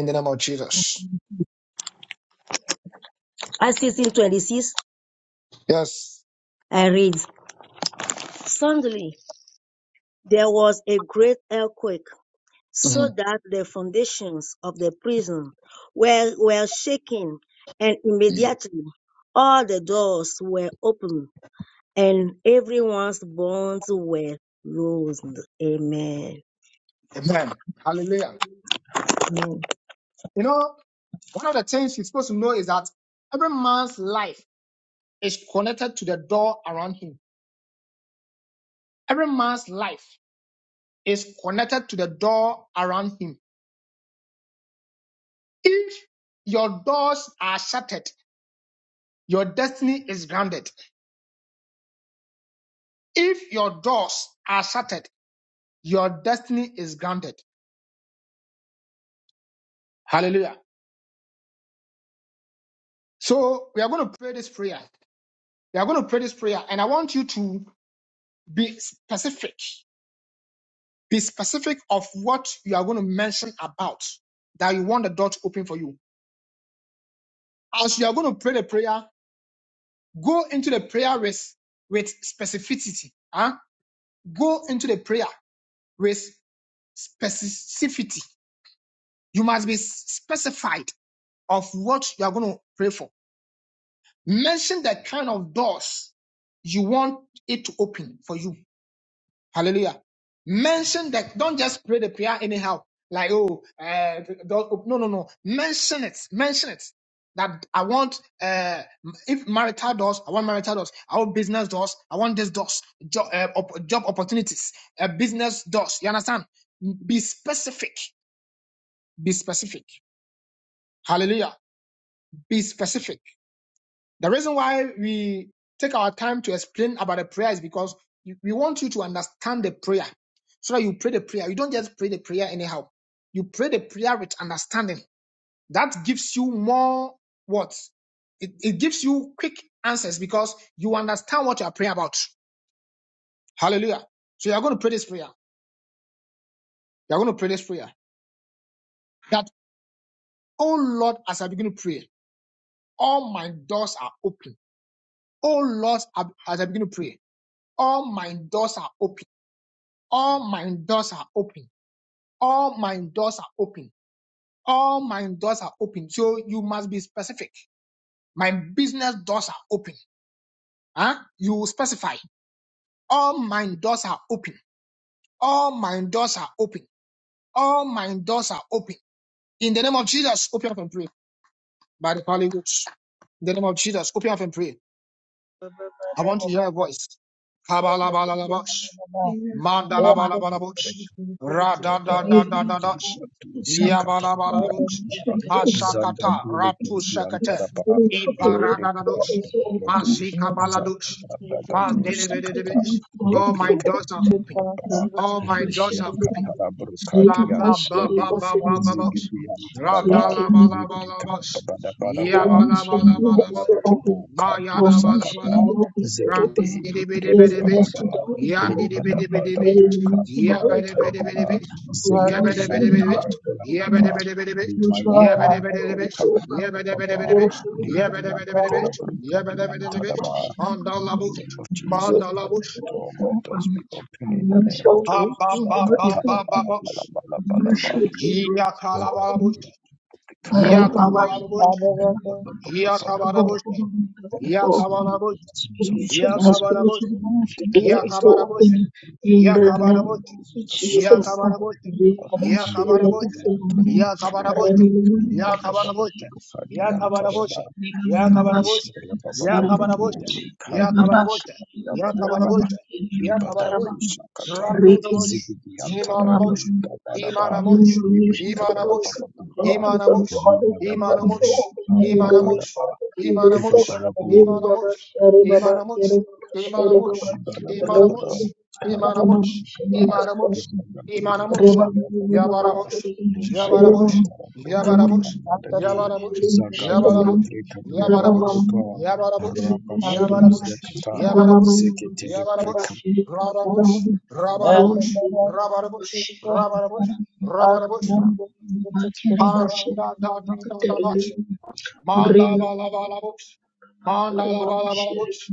Speaker 3: In the name of Jesus.
Speaker 1: As 26,
Speaker 3: Yes.
Speaker 1: I read, Suddenly there was a great earthquake, so
Speaker 3: Mhm.
Speaker 1: that the foundations of the prison were, were shaken, and immediately all the doors were opened and everyone's bonds were loosed. Amen.
Speaker 3: Amen. Hallelujah.
Speaker 1: Amen.
Speaker 3: You know, one of the things you're supposed to know is that every man's life is connected to the door around him. Every man's life is connected to the door around him. If your doors are shuttered, your destiny is grounded. If your doors are shuttered, your destiny is grounded. Hallelujah. So we are going to pray this prayer. You are going to pray this prayer, and I want you to be specific. Be specific of what you are going to mention about that you want the door to open for you. As you are going to pray the prayer, go into the prayer with, with specificity. Huh? Go into the prayer with specificity. You must be specified of what you are going to pray for. Mention the kind of doors you want it to open for you. Hallelujah. Mention that. Don't just pray the prayer anyhow. Like, oh, uh, don't- no, no, no. Mention it. Mention it. That I want, uh, if marital doors, I want marital doors. I want business doors. I want this doors. Job, uh, op- job opportunities. Uh, business doors. You understand? Be specific. Be specific. Hallelujah. Be specific. The reason why we take our time to explain about the prayer is because we want you to understand the prayer so that you pray the prayer. You don't just pray the prayer anyhow. You pray the prayer with understanding. That gives you more what? It, it gives you quick answers because you understand what you are praying about. Hallelujah. So you're going to pray this prayer. You're going to pray this prayer that, oh Lord, as I begin to pray, all my doors are open. Oh Lord, as I begin to pray, all my doors are open all my doors are open. All my doors are open. All my doors are open. So you must be specific. My business doors are open. Huh? You specify. All my doors are open. All my doors are open. All my doors are open. In the name of Jesus, open up and pray. By the Holy Ghost. In the name of Jesus, open up and pray. I want to hear your voice. Kabalabalabash. Mandalabalabalabos.
Speaker 5: Baba,
Speaker 3: Radadadadadadas.
Speaker 5: Liga do Shakata,
Speaker 3: Yabalabalabos.
Speaker 5: Yakata, Zanda
Speaker 3: Mashakata. Ratu
Speaker 5: Delicacy and
Speaker 3: shakate.
Speaker 5: Taraba, Libre
Speaker 3: Ibaradadados.
Speaker 5: Dodo,
Speaker 3: Masika balados.
Speaker 5: Zakata, Dadado, Sakata,
Speaker 3: Mandelebedebes. All
Speaker 5: Libre
Speaker 3: my doors are open.
Speaker 5: Baba,
Speaker 3: All my doors are open.
Speaker 5: Yakatara
Speaker 3: Ba
Speaker 5: Brocadi and
Speaker 3: ba ba
Speaker 5: Tarade,
Speaker 3: ba ba ba ba ba.
Speaker 5: Zigidi and Taraba, Libre
Speaker 3: Radalabalabalabos.
Speaker 5: Babadabadaba, Libadabadabo,
Speaker 3: Ma
Speaker 5: Kadu
Speaker 3: Mayana bala bala
Speaker 5: Sakata,
Speaker 3: bo. Randi
Speaker 5: Zigidi,
Speaker 3: di
Speaker 5: Libre
Speaker 3: bidi bidi bit.
Speaker 5: Bababa,
Speaker 3: Yandi di bidi bidi bit.
Speaker 5: Libadabadabo, Kadi and
Speaker 3: Yabede bidi bidi
Speaker 5: Taraba,
Speaker 3: bit. ya bidi
Speaker 5: Zegedean
Speaker 3: bidi bit.
Speaker 5: Tanatia
Speaker 3: Yabede
Speaker 5: Papa,
Speaker 3: bidi bidi bit.
Speaker 5: Lima
Speaker 3: Yabede bidi
Speaker 5: Yakatana
Speaker 3: bidi bit.
Speaker 5: Bruka
Speaker 3: ya bidi bidi
Speaker 5: Baba,
Speaker 3: bit.
Speaker 5: Lima
Speaker 3: Yabede bidi bidi
Speaker 5: Yakatana
Speaker 3: bit.
Speaker 5: Bruka
Speaker 3: Yabede
Speaker 5: Bian
Speaker 3: bidi bidi bit.
Speaker 5: Tadaba. In
Speaker 3: Mandala
Speaker 5: the
Speaker 3: bush.
Speaker 5: name of Jesus,
Speaker 3: Mandala
Speaker 5: Father,
Speaker 3: bush.
Speaker 5: let all my doors be open in the name of
Speaker 3: Abba
Speaker 5: Jesus.
Speaker 3: ba ba
Speaker 5: Sakatana
Speaker 3: ba ba
Speaker 5: Bala Bala
Speaker 3: bush.
Speaker 5: Bala Bala Bala
Speaker 3: Hiya
Speaker 5: terms
Speaker 3: kala bala bush. Hiya kabala bush.
Speaker 4: Thank
Speaker 3: Hiya kabala bush. Hiya kabala bush.
Speaker 5: of the
Speaker 3: Hiya
Speaker 5: business,
Speaker 3: kabala bush.
Speaker 5: in terms
Speaker 3: Hiya
Speaker 5: of the
Speaker 3: kabala bush.
Speaker 5: communication, in the
Speaker 3: Yakabarabo
Speaker 5: language, the shelter of
Speaker 3: Yakabarabote,
Speaker 5: the Nipa
Speaker 3: Yakabarabote,
Speaker 5: Diantareba Kaha,
Speaker 3: Yakabarabote,
Speaker 5: Nipa Dabada
Speaker 3: Yakabarabote,
Speaker 5: Buka Diantarada,
Speaker 3: Yakabaraboshe,
Speaker 5: Nipa
Speaker 3: Yakabaraboshe,
Speaker 5: Baba Babu,
Speaker 3: Yakabaraboshe,
Speaker 5: Kadurem
Speaker 3: Yakabarabote,
Speaker 5: Kadaba
Speaker 3: Yakabarabote,
Speaker 5: Libadadu
Speaker 3: Yakabarabote,
Speaker 5: Shakata,
Speaker 3: Randudabosh,
Speaker 5: Zigidi
Speaker 3: imanamush,
Speaker 5: Antaragi, Babadaba,
Speaker 3: imanamush,
Speaker 5: Libri Kabela
Speaker 3: imanamush,
Speaker 5: Babadaba,
Speaker 3: imanamush,
Speaker 5: Libadabadamba,
Speaker 3: imanamush, imanamush,
Speaker 5: Babadaba,
Speaker 3: imanamush,
Speaker 5: Ibabadabu,
Speaker 3: imanamush, imanamush,
Speaker 4: No, that's just
Speaker 3: imanamush,
Speaker 4: a different
Speaker 5: Libadabadabada,
Speaker 3: imanamush,
Speaker 5: Kantude
Speaker 3: imanamush.
Speaker 5: Kaba,
Speaker 3: Imanamush.
Speaker 5: Zagantude
Speaker 3: Imanamush,
Speaker 5: Kabela Bababa,
Speaker 3: Yabaramush,
Speaker 5: Limaya
Speaker 3: Jabarabush,
Speaker 5: Katara Brokadi
Speaker 3: Yabaramush,
Speaker 4: That's a
Speaker 5: Anadadi,
Speaker 4: different thing.
Speaker 3: Yabaramush,
Speaker 5: Zagandule
Speaker 3: Yabaramush,
Speaker 5: Prekabria
Speaker 3: Yabaramush,
Speaker 5: Babababa,
Speaker 3: Yabaramush,
Speaker 4: Ah,
Speaker 5: Rababadu
Speaker 3: Yabaramush,
Speaker 5: Zekata,
Speaker 3: Yabaramush,
Speaker 5: Zeketeri Prekab.
Speaker 3: Yabaramush, Rabaramush,
Speaker 4: Ah,
Speaker 3: Rabaramush, Rabaramush, Rabaramush,
Speaker 4: Ah,
Speaker 3: Rabaramush, Paradadadadadamush, Mandalabalabalamush, Mandalabalabalamush,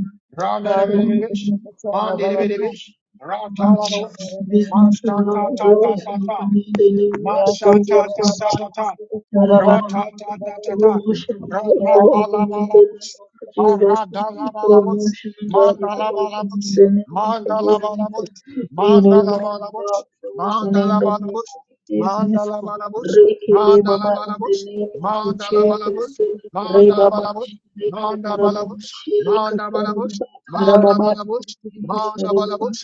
Speaker 4: Ah,
Speaker 3: Randarabaramush, Mandiribidibish, Ratalamush, Mastatatatatata. Ma
Speaker 4: Yeah,
Speaker 3: sha
Speaker 4: that's a
Speaker 3: ta ta ta ta ta. Ra-ta-ta-ta-ta-ta.
Speaker 4: Yeah,
Speaker 3: Ra-ta-ba-la-ba-la-boosh.
Speaker 4: Ah,
Speaker 3: Ba-ra-da-la-ba-la-boosh. Manda-la-ba-la-boosh. Manda-la-ba-la-boosh. Manda-la-ba-la-boosh. Manda-la-ba-la-boosh. Manda-la-ba-la-boosh. Manda-la-ba-la-boosh. Manda-la-ba-la-boosh.
Speaker 4: Yeah,
Speaker 3: Manda-la-ba-la-boosh. Manda-la-ba-la-boosh. Manda-la-ba-la-boosh. Manda-la-ba-la-boosh. Manda-la-ba-la-boosh.
Speaker 4: Welcome
Speaker 3: Manda-la-ba-la-boosh.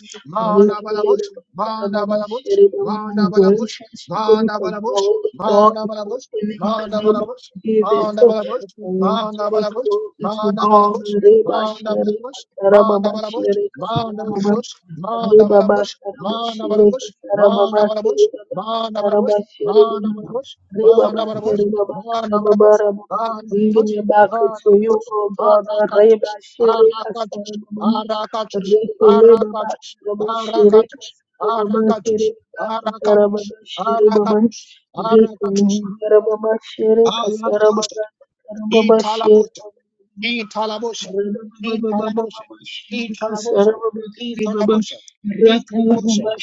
Speaker 3: Manda-la-ba-la-boosh. Manda-la-ba-la-boosh. Manda-la-ba-la-boosh. Manda-la-ba-la-boosh. Manda Balabush, Manda Balabush, Manda Balabush, Manda Balabush, Manda Balabush, Manda Balabush, Manda Balabush, Manda Mandabalabush, Mandabalabush, Mandabalabush, Mandabalabush, Mandabalabush, Mandabalabush, Mandabalabush, Mandabalabush, Mandabalabush, Mandabalabush, Mandabalabush, Mandabalabush, Mandabalabush, Mandabalabush, Mandabalabush, Mandabalabush, Arakatush, Arakatush, Arakatush, Arakatush, Arakatush, Arakatush, Arakatush, Arakatush, Arakatush, Aladosha, Italabosha, Italabosha, Italabosha, Italabosha, Italabosha, Italabosha, Italabosha,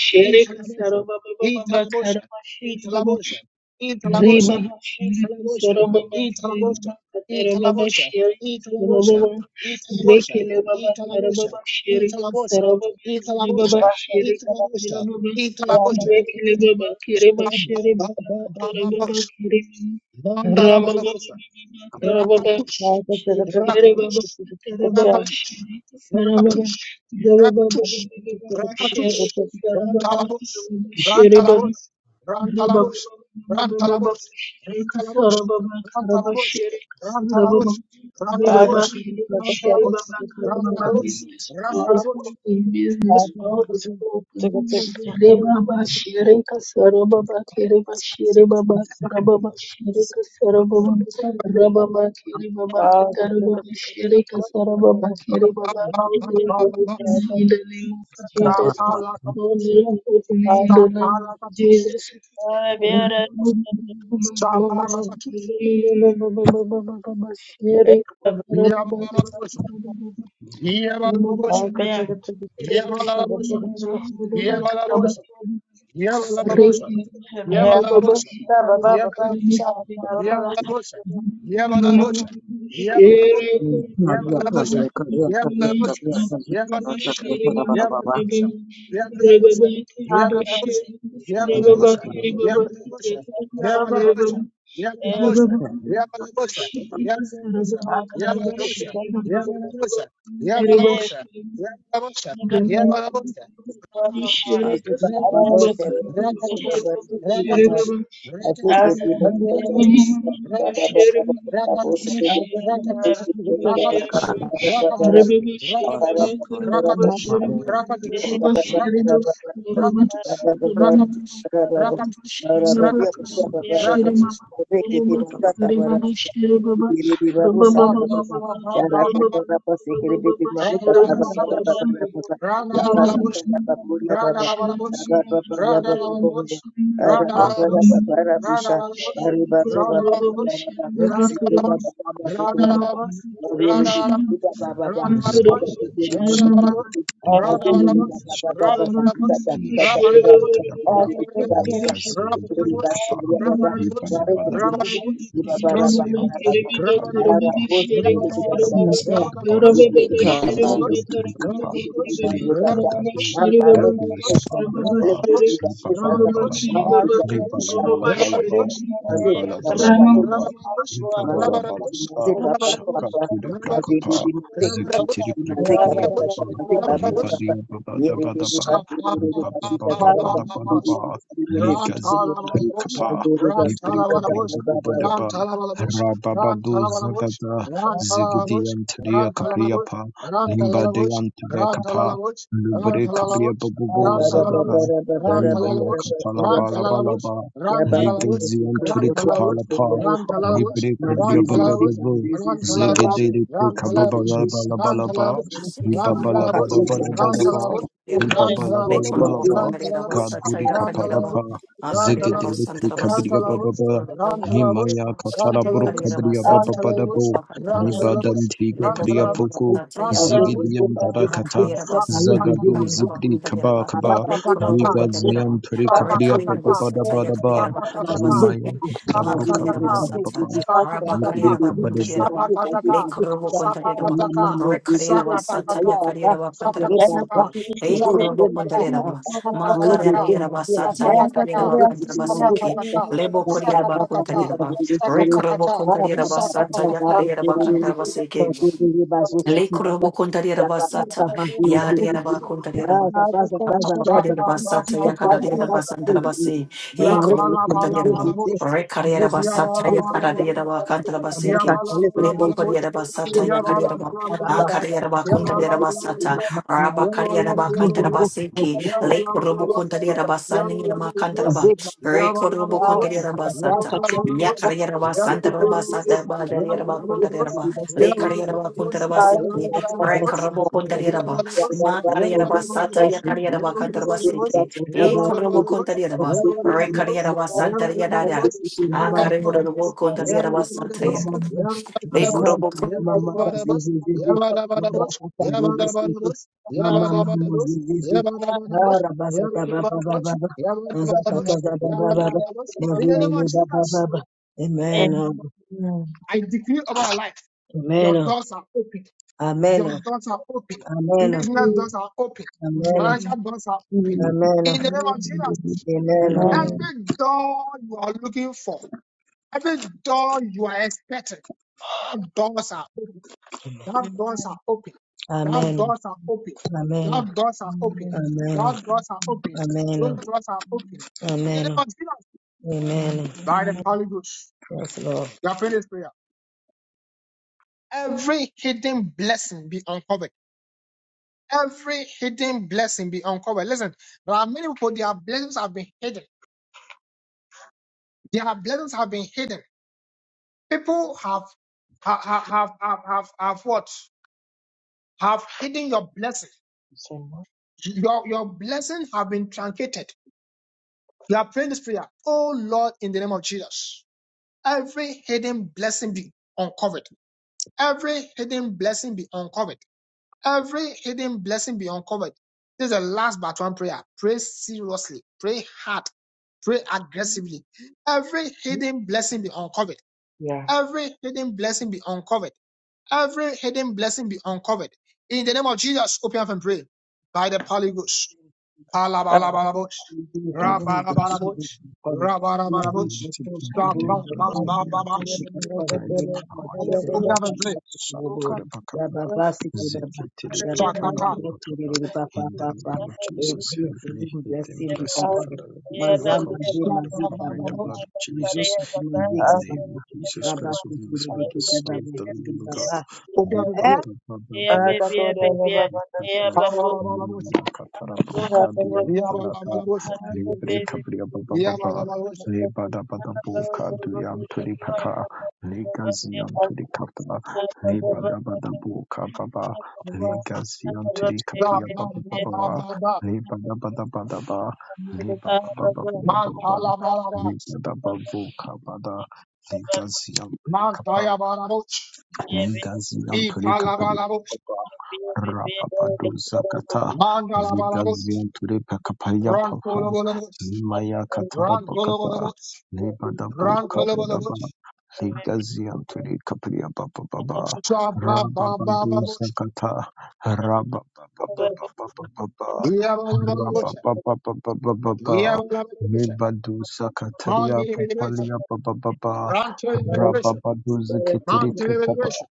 Speaker 3: Italabosha, Italabosha, Italabosha, Italabosha, Italabosha, Italabosha, Italabosha, Italabosha, Italabosha, Italabosha, Italabosha, Italabosha, Italabosha, Italabosha, Italabosha, Rakatush,
Speaker 4: to
Speaker 3: Rakatush,
Speaker 4: the
Speaker 3: Rakatush, Rakatush, Rakatush, Rakatush, Rantalabos, Rantalabos, Rantalabos, Rantalabos, Rantalabos, Rantalabos, Rantalabos, Rantalabos, Rantalabos, Rantalabos, Rantalabos, Stop, Stop, Stop,
Speaker 4: Every
Speaker 3: Stop, Yebalabosha.
Speaker 4: band
Speaker 3: Yebalabosha. Yebalabosha.
Speaker 4: heaven
Speaker 1: Mazuka
Speaker 3: Ratatouche,
Speaker 1: babosha ateketi
Speaker 3: ratatouche,
Speaker 1: babosha
Speaker 4: band
Speaker 3: ratatouche,
Speaker 1: Baba, atike
Speaker 3: ratatouche,
Speaker 1: baba
Speaker 3: ratatouche,
Speaker 1: baba
Speaker 3: ratatouche,
Speaker 1: baba babo
Speaker 3: ratatouche,
Speaker 1: shike
Speaker 3: ratatouche,
Speaker 1: masuka baba baba
Speaker 3: ratatouche,
Speaker 1: baba para
Speaker 3: ratatouche, ratatouche, ratatouche, ratatouche, ratatouche, ratatouche, ratatouche,
Speaker 1: para
Speaker 3: ratatouche, ratatouche, ratatouche, ba ba ba ba ba ba ba, randa la la la, randa la la la,
Speaker 1: para
Speaker 5: Shapa, Deepa, Shapa, Filiga yam tadababa. Ligas yam trikapa. Ribadabadaba. Ligas yam trikapaliaba. Ribadabadabadaba. Ligas yam trikapa. Ligadabi.
Speaker 1: Baba
Speaker 5: Gadu
Speaker 3: Rabarabash,
Speaker 1: Mazere
Speaker 5: sabarababa.
Speaker 3: Rabarabash, Rabarabash,
Speaker 5: Ribabalabalaba.
Speaker 3: Rabarabash,
Speaker 5: Ribalabalabalaba.
Speaker 3: Rabarabash, Rabarabash,
Speaker 5: Ribalabalabalaba.
Speaker 3: Rabarabash, Rabarabash,
Speaker 5: Ribabalabalaba. Shaka
Speaker 3: Rabarabash,
Speaker 5: to the
Speaker 3: Rabarabash,
Speaker 5: brakapa.
Speaker 3: Rabarabash,
Speaker 5: Zikitiri prekapriya
Speaker 3: Rabarabash,
Speaker 5: baba.
Speaker 3: Rabarabash,
Speaker 5: Libadia baba Dabadaba.
Speaker 3: Sa-
Speaker 5: Ba-ba-ba-ba-ba-ba-ba-ba. Likaziyantayikapa. Librikabiribababadaba. bala bala bala, Lubrikabriyababubuzagada. Limayakapalabalabalaba.
Speaker 1: Yabba
Speaker 5: Ligaziyanturikapalapa. bala bala
Speaker 8: Thank
Speaker 4: Oh.
Speaker 5: Libabalabalabalaba. Ibabalabalaba, Kaduri Kapalapa,
Speaker 3: Rantalabus,
Speaker 5: Zigidilitri Kabriya
Speaker 3: Rantalabus,
Speaker 5: Bababa,
Speaker 3: Rantalabus,
Speaker 5: Nimaya Kataraburu
Speaker 3: Rantalabus,
Speaker 5: Kabriya Bababadabo,
Speaker 3: Rantalabus, Rantalabus,
Speaker 5: Nibadantiga
Speaker 3: Rantalabus,
Speaker 5: Priyapuku,
Speaker 8: you.
Speaker 3: Rantalabus,
Speaker 5: Zigidian
Speaker 8: Recorabo
Speaker 5: Darakata,
Speaker 8: contareba
Speaker 3: Sapatata,
Speaker 5: Zagadu Zibri Kaba Kaba,
Speaker 3: Sapatata,
Speaker 5: Ligazian Turi
Speaker 3: Stop,
Speaker 5: Kapriya Bababadabadaba,
Speaker 1: Baza baza baza baza
Speaker 5: Nimaya Kataraburu
Speaker 1: baza
Speaker 5: Kabriya Bababa, Libri Kabadaba.
Speaker 8: sata ya carriera bacantarabaseke, Le korobo konta dia raba sata. Ya dia raba konta dia raba. Papa Padilla Basata
Speaker 1: baza
Speaker 8: Yakadadia
Speaker 1: baza
Speaker 8: Basanta
Speaker 1: baza
Speaker 8: Basi,
Speaker 3: yeah,
Speaker 1: Marek,
Speaker 8: Econo
Speaker 1: you
Speaker 3: bala,
Speaker 1: know
Speaker 3: bala,
Speaker 1: you're
Speaker 3: bala,
Speaker 8: Pondayanaba,
Speaker 3: bala.
Speaker 1: busy. I'm not
Speaker 8: Recaria
Speaker 3: Yeah,
Speaker 1: busy.
Speaker 8: Basata
Speaker 3: bala, bala,
Speaker 1: I'm just
Speaker 8: Yakadadia
Speaker 3: bala.
Speaker 8: Bacanta
Speaker 1: a
Speaker 3: Ya ba
Speaker 8: Basiki,
Speaker 1: matter of
Speaker 3: la ba
Speaker 1: daily
Speaker 3: la ba
Speaker 8: Lebo
Speaker 1: duties.
Speaker 3: la bosh.
Speaker 8: Padilla
Speaker 1: I'm
Speaker 8: Basata
Speaker 1: not
Speaker 3: Ya
Speaker 1: in
Speaker 3: ba
Speaker 1: the
Speaker 3: la ba
Speaker 8: Yakadiaba,
Speaker 3: la la
Speaker 1: Sahara.
Speaker 3: bosh.
Speaker 4: Amen.
Speaker 8: Acaria
Speaker 3: Ya
Speaker 1: I'm
Speaker 8: Bacunta
Speaker 3: ba la
Speaker 8: de
Speaker 1: not
Speaker 3: ba
Speaker 1: in
Speaker 3: la la
Speaker 8: Basata,
Speaker 1: the
Speaker 3: bosh.
Speaker 8: Rabba
Speaker 1: Amazon.
Speaker 3: Ya ba la
Speaker 8: Caria
Speaker 3: ba la
Speaker 1: I'm just a busy
Speaker 8: Bacanta
Speaker 3: la
Speaker 1: man.
Speaker 3: bosh.
Speaker 8: Basiki,
Speaker 3: Ya ba
Speaker 8: Lake
Speaker 3: la ba la
Speaker 8: Robo
Speaker 3: bosh.
Speaker 8: Conta de
Speaker 3: Yabba
Speaker 8: Basani in Macantaba,
Speaker 3: yeah,
Speaker 8: Reco
Speaker 3: but about
Speaker 8: Robo
Speaker 3: the
Speaker 8: Conta de
Speaker 4: Amen.
Speaker 3: bush, yeah, but about
Speaker 8: Basata,
Speaker 3: the bush,
Speaker 8: Yakaria Basanta Basata Badaria Bacunta de Lake Rekarabakuntarabasiki, Ma kariyaraba sata ya kariyaraba kantaraba seke. E korobo ba Re carriera ba santaria
Speaker 1: I'm
Speaker 8: da
Speaker 1: just
Speaker 8: santariyadadara.
Speaker 1: a busy
Speaker 8: A
Speaker 1: man.
Speaker 8: kariyarabo
Speaker 1: Amen. Amen. Amen. Amen. Amen. Amen. Amen. Amen. Amen.
Speaker 8: kontariyaraba sata ya. E
Speaker 3: yeah, but about the bush, in the name of Jesus, I decree over your life. Your doors are open. Your doors are open. Business doors are open. Financial doors are open. In the name of Jesus,
Speaker 4: Amen.
Speaker 3: every door you are looking for, every door you are expecting, that doors are open. That doors are open. That
Speaker 1: Amen.
Speaker 3: doors are open. That doors are open.
Speaker 4: Amen.
Speaker 3: That doors are open. Those
Speaker 1: Amen.
Speaker 3: doors are open. In the name
Speaker 1: Amen.
Speaker 3: of Jesus,
Speaker 1: Amen.
Speaker 3: by the Holy Ghost,
Speaker 1: Yes, Lord.
Speaker 3: you are praying this prayer. Every hidden blessing be uncovered. Every hidden blessing be uncovered. Listen, there are many people, their blessings have been hidden. Their blessings have been hidden. People have have have have have, have, what? Have hidden your blessing. Your your blessing have been truncated. You are praying this prayer. Oh Lord, in the name of Jesus, every hidden blessing be uncovered. Every hidden blessing be uncovered. Every hidden blessing be uncovered. This is the last but one prayer. Pray seriously. Pray hard. Pray aggressively.
Speaker 4: Amen.
Speaker 3: Every hidden blessing be uncovered.
Speaker 4: Yeah.
Speaker 3: Every hidden blessing be uncovered. Every hidden blessing be uncovered. In the name of Jesus, open up and pray. By the Holy Ghost.
Speaker 4: and
Speaker 1: Father.
Speaker 3: Palabalabalabu,
Speaker 1: We do again with the
Speaker 3: rabalabalabu,
Speaker 1: people, Father. We
Speaker 5: Father,
Speaker 3: rabalabalabu,
Speaker 1: do
Speaker 5: we
Speaker 1: the
Speaker 5: take
Speaker 1: truth,
Speaker 5: your
Speaker 1: we
Speaker 5: head
Speaker 1: do
Speaker 5: and
Speaker 1: the truth,
Speaker 4: Um,
Speaker 5: be
Speaker 3: sabababababa.
Speaker 5: uncovered
Speaker 1: because Father,
Speaker 5: by
Speaker 1: in
Speaker 5: the
Speaker 1: the name of
Speaker 5: power in the
Speaker 1: Jesus,
Speaker 5: blood
Speaker 3: Open
Speaker 5: of
Speaker 3: up and
Speaker 1: Baba,
Speaker 5: Jesus.
Speaker 3: pray.
Speaker 1: Baba,
Speaker 5: Shout
Speaker 1: Baba,
Speaker 5: to the
Speaker 1: Baba,
Speaker 5: Bakaba,
Speaker 1: Baba, Baba,
Speaker 5: Zikitili
Speaker 1: Baba,
Speaker 5: Prikaba
Speaker 3: Sakata.
Speaker 1: Baba,
Speaker 5: Bakaba.
Speaker 1: Baba, Papa,
Speaker 5: In the
Speaker 1: Papa,
Speaker 5: name of Jesus,
Speaker 1: every
Speaker 5: heavenly
Speaker 1: hidden
Speaker 5: head and
Speaker 1: blessing be
Speaker 5: blessing,
Speaker 1: uncovered.
Speaker 5: Father, let it be
Speaker 1: Maza,
Speaker 5: uncovered
Speaker 1: Mazi,
Speaker 5: by the
Speaker 1: Mazi,
Speaker 5: power in the
Speaker 1: Baba,
Speaker 3: Sakabababa.
Speaker 5: blood of
Speaker 1: Mazi,
Speaker 5: Jesus. In
Speaker 1: Mazi,
Speaker 5: the
Speaker 1: Baba,
Speaker 5: name of Jesus
Speaker 1: Rabba,
Speaker 5: Christ of Nazareth, the
Speaker 1: Kiki,
Speaker 5: Son
Speaker 1: Baba,
Speaker 5: of the
Speaker 1: Kiki,
Speaker 5: Living God.
Speaker 1: Baba,
Speaker 3: Open up and pray.
Speaker 5: Ribata Bababo. Ribata
Speaker 3: Palabalabalabos.
Speaker 5: Katara Prokadian Parata,
Speaker 3: Yabalabalabosa.
Speaker 4: Thank
Speaker 5: Libre Cabria Baba Baba
Speaker 3: Yabalabalabosa.
Speaker 5: Le Le paka. le gaziam Lebadabadabuka duyam tulipaka, legaziam tulikata, lebadabadabuka baba, baba, Le legaziam
Speaker 3: Ba,
Speaker 5: tulikapia
Speaker 3: ba,
Speaker 5: baba
Speaker 3: ba, ba,
Speaker 5: baba,
Speaker 3: ba, ba.
Speaker 5: lebadabadabadaba, lebabababababa,
Speaker 3: Mantalabalabots.
Speaker 5: lebadababuka bada, gaziam tulikapa,
Speaker 3: Mantayabalabots.
Speaker 5: legaziam tulikapalia
Speaker 3: Ipalabalabots.
Speaker 5: baba Rapapadu Zakata
Speaker 3: Mandalabalabots.
Speaker 5: Vigazian Ture Pakapaya Papa
Speaker 3: Rantolabalabots.
Speaker 5: Maya Katara Pakapa
Speaker 3: Rantolabalabots.
Speaker 5: Lebadabu Kapadaba
Speaker 3: Rantolabalabots.
Speaker 5: Vigazian Ture Kapria Papa Baba
Speaker 3: Sa, ba, ba, ba, ba,
Speaker 5: Rababadu
Speaker 3: bots.
Speaker 5: Zakata Rabababa
Speaker 4: you.
Speaker 3: Yabalabalabosa.
Speaker 5: Rabababa
Speaker 3: Yabalabalabosa.
Speaker 5: Mebadu Sakataria
Speaker 3: Mandilibidibisa.
Speaker 5: Papalia Papa Baba
Speaker 4: Thank
Speaker 3: Rantelibidibisa.
Speaker 5: Rababadu Zakitiri
Speaker 3: Mantelibidibisa.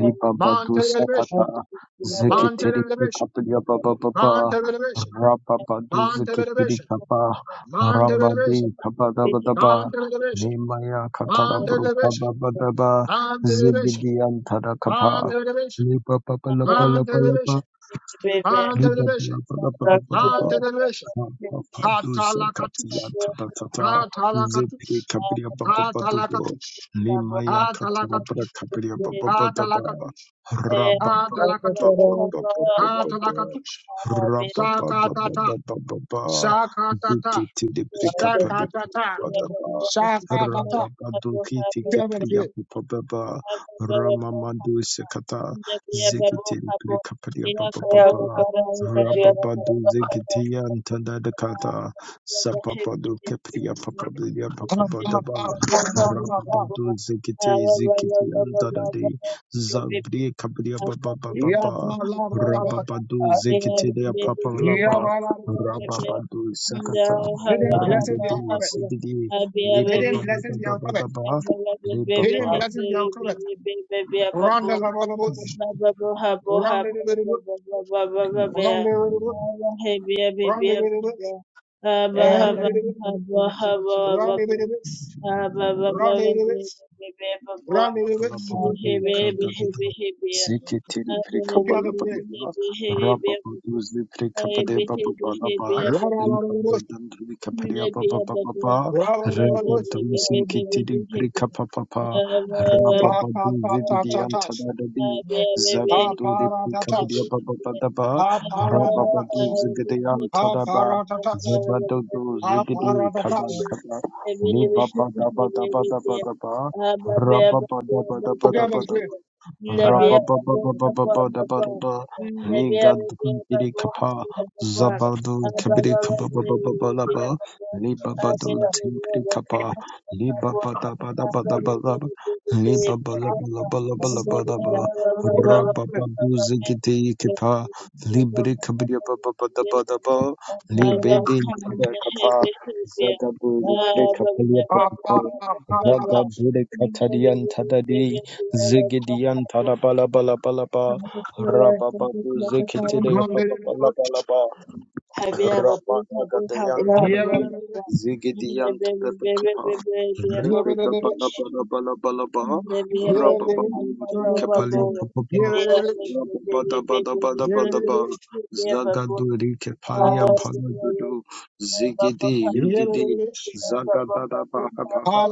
Speaker 5: Ribabadu
Speaker 3: Mantelibidibisa.
Speaker 5: Sakata Zekitiri
Speaker 3: Mantelibidibisa.
Speaker 5: Kapya Baba Baba
Speaker 3: Mantelibidibisa.
Speaker 5: Rababadu
Speaker 3: Mantelibidibisa.
Speaker 5: Zekitiri Kapa
Speaker 3: non-derivation,
Speaker 5: Rabadi Kabadabadaba
Speaker 3: non-derivation,
Speaker 5: Limaya Katara Bruka
Speaker 3: non-derivation,
Speaker 5: Babadaba
Speaker 3: non-derivation,
Speaker 5: Zigidian Tarakapa
Speaker 3: non-derivation,
Speaker 5: Liba Baba daba zigidi antara kapa libaba Lapa
Speaker 3: non-derivation,
Speaker 5: Lapa Lapa Liba
Speaker 3: non-derivation, non-derivation.
Speaker 5: Kapapaduza
Speaker 3: Katalakatush,
Speaker 5: katiyanta batata zepi
Speaker 3: katalakatush,
Speaker 5: kabriya bababadubo
Speaker 3: katalakatush,
Speaker 5: limaya katarabra
Speaker 3: katalakatush,
Speaker 5: kabriya bababadaba
Speaker 3: katalakatush, katalakatush,
Speaker 5: rababababababababa
Speaker 3: katalakatush.
Speaker 5: Rabba
Speaker 3: Sakatata, sakatata,
Speaker 5: Dikiti de Prikapadi
Speaker 3: sakatata,
Speaker 5: Badaba
Speaker 3: sakatata.
Speaker 5: Rababa Dukiti
Speaker 3: We haven't
Speaker 5: Kepriya
Speaker 3: read.
Speaker 5: Papa
Speaker 4: you.
Speaker 5: Ramamadu Sekata
Speaker 4: Ndabya babo
Speaker 5: Zikiti
Speaker 4: kabo
Speaker 5: Prikapadia
Speaker 4: ya ya kabo
Speaker 5: Papa
Speaker 4: kabo bakara sandara ikajiya babo
Speaker 5: Rababadu
Speaker 4: bakara babo
Speaker 5: Zikiti and Tandadakata Sapapadu
Speaker 4: hebi
Speaker 5: Kepriya Papa Bidia
Speaker 3: Um,
Speaker 4: hebi
Speaker 3: um, um,
Speaker 4: kabo
Speaker 3: um,
Speaker 4: kabo
Speaker 3: um,
Speaker 5: Rababadu Zikiti
Speaker 4: awa wa wa
Speaker 5: Zikiti
Speaker 4: wa
Speaker 5: and
Speaker 4: wa wa
Speaker 5: Dadadi
Speaker 4: wa hebi
Speaker 5: Zabri Kapriya
Speaker 4: awa
Speaker 5: Baba
Speaker 4: kabo kabo
Speaker 3: um,
Speaker 4: bla bla
Speaker 3: um.
Speaker 4: bla
Speaker 5: Rababadu
Speaker 4: ya
Speaker 5: Zekitilia
Speaker 4: bebe
Speaker 5: Papa
Speaker 3: Yeah,
Speaker 4: bebe
Speaker 5: Labar
Speaker 3: blah, blah, blah,
Speaker 4: bla
Speaker 3: blah.
Speaker 4: bla bla
Speaker 5: Rababadu
Speaker 4: nda
Speaker 5: Sakata
Speaker 4: ha ha
Speaker 3: Hidden
Speaker 4: ha
Speaker 3: blessings be
Speaker 5: Ragadi
Speaker 4: ha
Speaker 3: uncovered.
Speaker 5: Sigidi
Speaker 4: ha abi abi
Speaker 3: Hidden blessings be uncovered.
Speaker 5: Libabadabadabadaba
Speaker 4: Baby,
Speaker 5: Libaba
Speaker 3: Hidden blessings be uncovered. Run the level of books. Run the little book. Run the little book. Run the little book. Run the little book. Run the little books. Run the little books. Run the little
Speaker 5: Rabba
Speaker 3: books.
Speaker 5: Babu Kadabita Zikitiri
Speaker 3: Okay, I'm pray.
Speaker 5: prikabadabadaba, rababaduzli prikabadebabababa, libadadandri kapariyababababa,
Speaker 3: Ta
Speaker 5: rebadumsinkitiri prikapapapa,
Speaker 3: ta
Speaker 5: rababaduzli
Speaker 3: ta ta ta ta.
Speaker 5: vidiyantadadadi,
Speaker 3: Ta
Speaker 5: zagaduli
Speaker 3: para ta ta.
Speaker 5: prikabadiyababababa,
Speaker 3: Ta
Speaker 4: Thank
Speaker 3: para ta ta.
Speaker 5: rababaduzli
Speaker 3: Ta
Speaker 4: you.
Speaker 5: vidiyantadaba,
Speaker 3: para ta ta.
Speaker 5: zabadudu
Speaker 3: Ta
Speaker 5: zigidi
Speaker 3: para ta ta.
Speaker 5: kada kada, libabadabadabadabadaba, Rabba Libre
Speaker 3: Okay, I'm pray. Okay, I'm pray.
Speaker 4: Thank you. Baba! mna hebe hebe, Baba! mna
Speaker 3: Stand,
Speaker 4: Baba! mna Baba!
Speaker 5: Vagabude
Speaker 4: mna hebe
Speaker 5: Katadian
Speaker 4: hebe
Speaker 5: Tadadi
Speaker 4: hebe Baba!
Speaker 5: Zigidian Tadabala Bala bala Balaba
Speaker 4: Hebe Baba!
Speaker 5: Rabababu
Speaker 4: Baba! Baba! Baba! Baba!
Speaker 5: Zikitide
Speaker 4: mna
Speaker 5: Papa Bala bala ba.
Speaker 4: hebe hebe hebe hebe Baba! Mna hebe
Speaker 5: Ramalagadayantanadi Zigidiyantadapakapa Rebidabalabalabalabalaba
Speaker 4: Baba! Baba! Baba!
Speaker 5: Rababadurikepali
Speaker 4: Baba!
Speaker 5: Papapa
Speaker 4: ya hebe hebe hebe hebe hebe
Speaker 5: Rababadabadabadabadaba
Speaker 4: hebe Baba! Baba!
Speaker 5: Zagadurikepaliampanadudu
Speaker 4: behavior Baba!
Speaker 5: Zigidi Ligidi
Speaker 4: Thank
Speaker 5: Zagadadabahabaha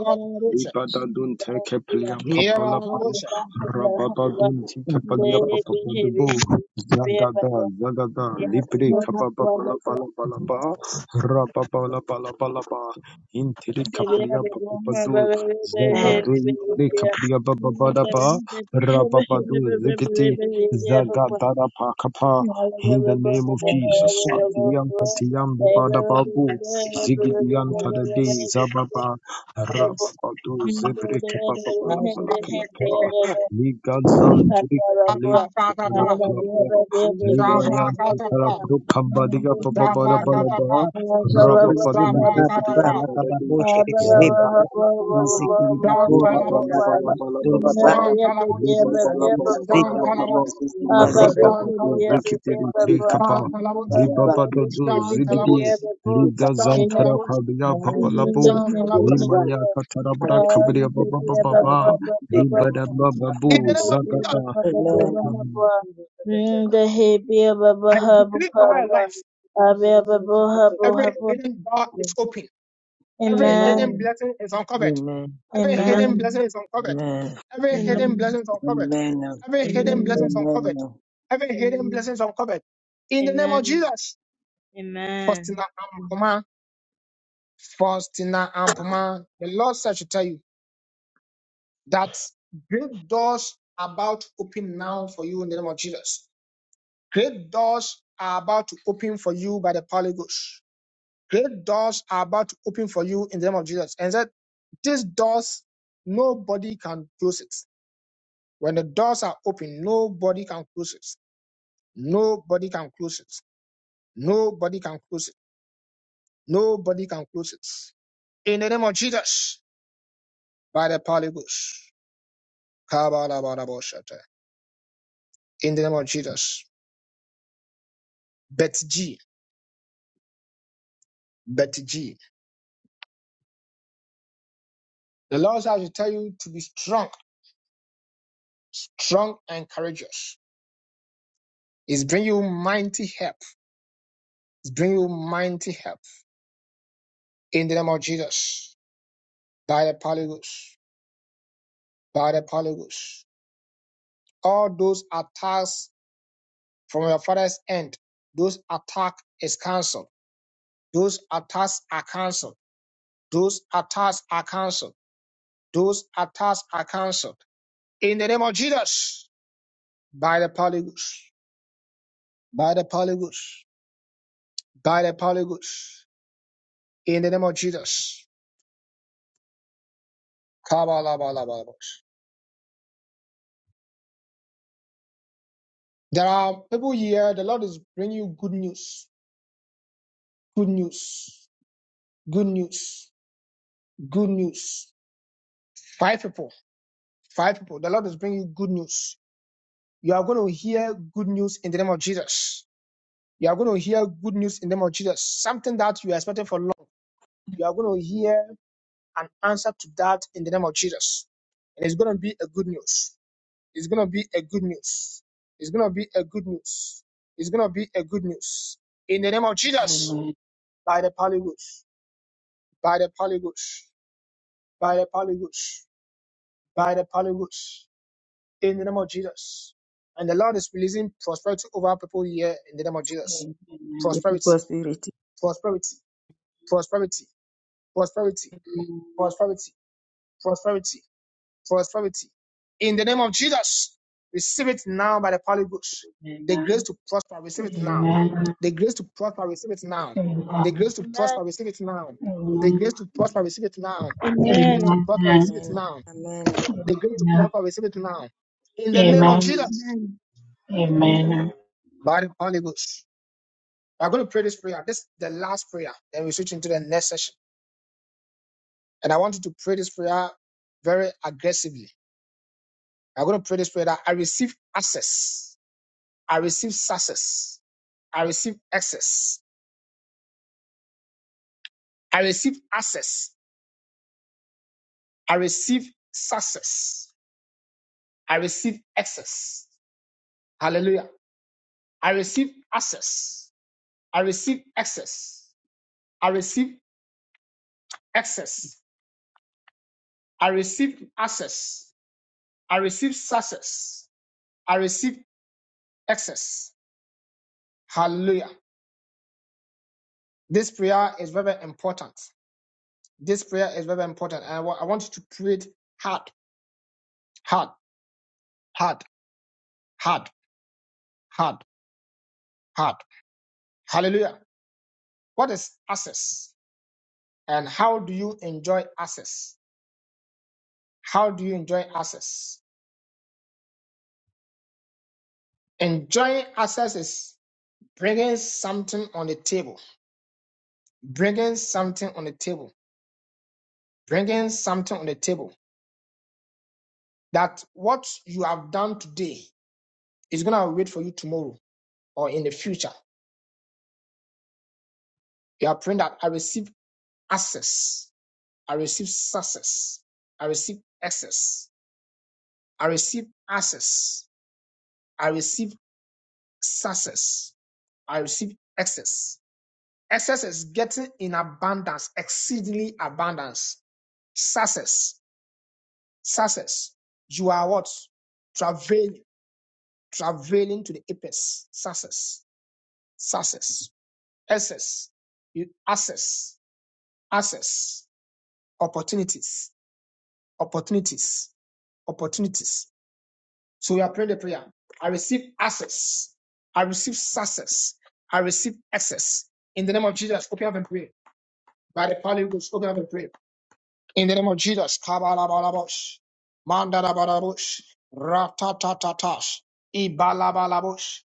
Speaker 5: Libadaduntekepaliampapalapa Rababaduntikepaliapapapadubu Zagada, Zagada, lipri Libri, Kapapapalapalapalapa, Rapapalapalapalapa, Intiri Kapriya Papapadu, Zagadu, Intiri Kapriya Papapadapa, Rapapadu, Zikiti, Zagadada, pa Pakapa, in the name of Jesus, Satiyam Katiyam Babadababu, Zigidiyan Tadadi, Zababa, Rapapadu, Zibri Kapapapalapalapalapa,
Speaker 4: you.
Speaker 5: Ligazan
Speaker 4: that we are poor, and that
Speaker 5: Rabba
Speaker 4: we have a baby, we have a baby, poor.
Speaker 5: Baba
Speaker 1: Amen.
Speaker 4: And we have a baby, poor, and we have a baby, poor. And we have a baby, poor, and we have a baby, poor. Abba baby, baby, baby, poor. Abba baby, baby, baby,
Speaker 3: Stand, Stand,
Speaker 4: Thank you. Hindi, hindi, hindi. Ah, hindi, baba, baba,
Speaker 3: In the
Speaker 5: Babu
Speaker 3: name
Speaker 4: Baba
Speaker 3: of Jesus,
Speaker 5: Zagata
Speaker 4: baba baba habwa nda hebia baba
Speaker 3: I
Speaker 4: habu
Speaker 3: decree over your
Speaker 4: habwa
Speaker 3: life.
Speaker 4: abia baba habu
Speaker 3: Every
Speaker 4: habwa.
Speaker 3: hidden door is open. Every hidden
Speaker 4: Amen.
Speaker 3: blessing is uncovered.
Speaker 1: Amen.
Speaker 3: Every hidden
Speaker 4: Amen.
Speaker 3: blessing is uncovered.
Speaker 1: Amen.
Speaker 3: Every hidden
Speaker 4: Amen.
Speaker 3: blessing is uncovered.
Speaker 1: Amen.
Speaker 4: Amen.
Speaker 3: Every hidden blessing is
Speaker 4: Amen.
Speaker 3: uncovered.
Speaker 1: Amen.
Speaker 3: Every hidden blessing
Speaker 4: Amen.
Speaker 3: is uncovered. In the name of
Speaker 4: Amen.
Speaker 3: Jesus,
Speaker 4: Amen.
Speaker 3: Faustina
Speaker 4: Amen.
Speaker 3: Ampoma, Faustina Ampoma, the Lord said to tell you that great doors are about to open now for you in the name of Jesus. Great doors are about to open for you by the Holy Ghost. Great doors are about to open for you in the name of Jesus. And said, these doors, nobody can close it. When the doors are open, nobody can close it. Nobody can close it. Nobody can close it. Nobody can close it. In the name of Jesus, by the Paligus. In the name of Jesus. Bet G. Bet G. The Lord has to tell you to be strong, strong and courageous. He's bringing you mighty help. He's bringing you mighty help. In the name of Jesus, by the polygons, by the polygons. All those attacks from your father's end, those attack is cancelled. Those attacks are cancelled. Those attacks are cancelled. Those attacks are cancelled. In the name of Jesus, by the polygons, by the polygons, by the polygons. In the name of Jesus. Kabalabalabala. There are people here, the Lord is bringing you good news, good news, good news. good news. Five people, five people. The Lord is bringing you good news. You are going to hear good news in the name of Jesus. You are going to hear good news in the name of Jesus. Something that you are expecting for long. You are going to hear an answer to that in the name of Jesus. And it's going to be a good news. It's going to be a good news. It's going to be a good news. It's going to be a good news. In the name of Jesus, by the Holy Ghost, by the Holy Ghost, by the Holy Ghost, by the Holy Ghost. in the name of Jesus. And the Lord is releasing prosperity over people here in the name of Jesus. Prosperity, prosperity, prosperity, prosperity, prosperity, prosperity, prosperity. In the name of Jesus, receive it now by the Holy Ghost. The grace to prosper, receive it now. The grace to prosper, receive it now. The grace to
Speaker 4: Amen.
Speaker 3: prosper, receive it now. The grace to prosper, receive it now.
Speaker 4: Amen.
Speaker 3: The grace to
Speaker 4: Amen.
Speaker 3: prosper, receive it
Speaker 1: Amen.
Speaker 3: now.
Speaker 1: Amen.
Speaker 3: The grace to prosper, receive it now. In the name of Jesus,
Speaker 4: Amen. Amen. Amen. Amen.
Speaker 3: by the Holy Ghost. We're going to pray this prayer. This is the last prayer. Then we switch into the next session. And I want you to pray this prayer very aggressively. I'm going to pray this prayer that I receive access. I receive success. I receive access. I receive access. I receive success. I receive access. Hallelujah. I receive access. I receive access. I receive access. I receive access. I receive success. I receive access. Hallelujah. This prayer is very important. This prayer is very important. And I wa- I want you to pray it hard, hard, hard, hard, hard, hard. Hallelujah. What is access? And how do you enjoy access? How do you enjoy access? Enjoying access is bringing something on the table, bringing something on the table, bringing something on the table that what you have done today is going to wait for you tomorrow or in the future. You are praying that I receive access. I receive success. I receive access. I receive access. I receive success. I receive access. Access is getting in abundance, exceedingly abundance. Success. Success. You are what? Travailing. Travailing to the apex. Success. Success. Access. You access. Access. Opportunities. Opportunities. Opportunities So we are praying the prayer. I receive access. I receive success. I receive access. In the name of Jesus, open up and pray. By the power of God, open up and pray. In the name of Jesus, kabalabalabosh, mandalabalabosh, ratatatash, ibalabalabosh,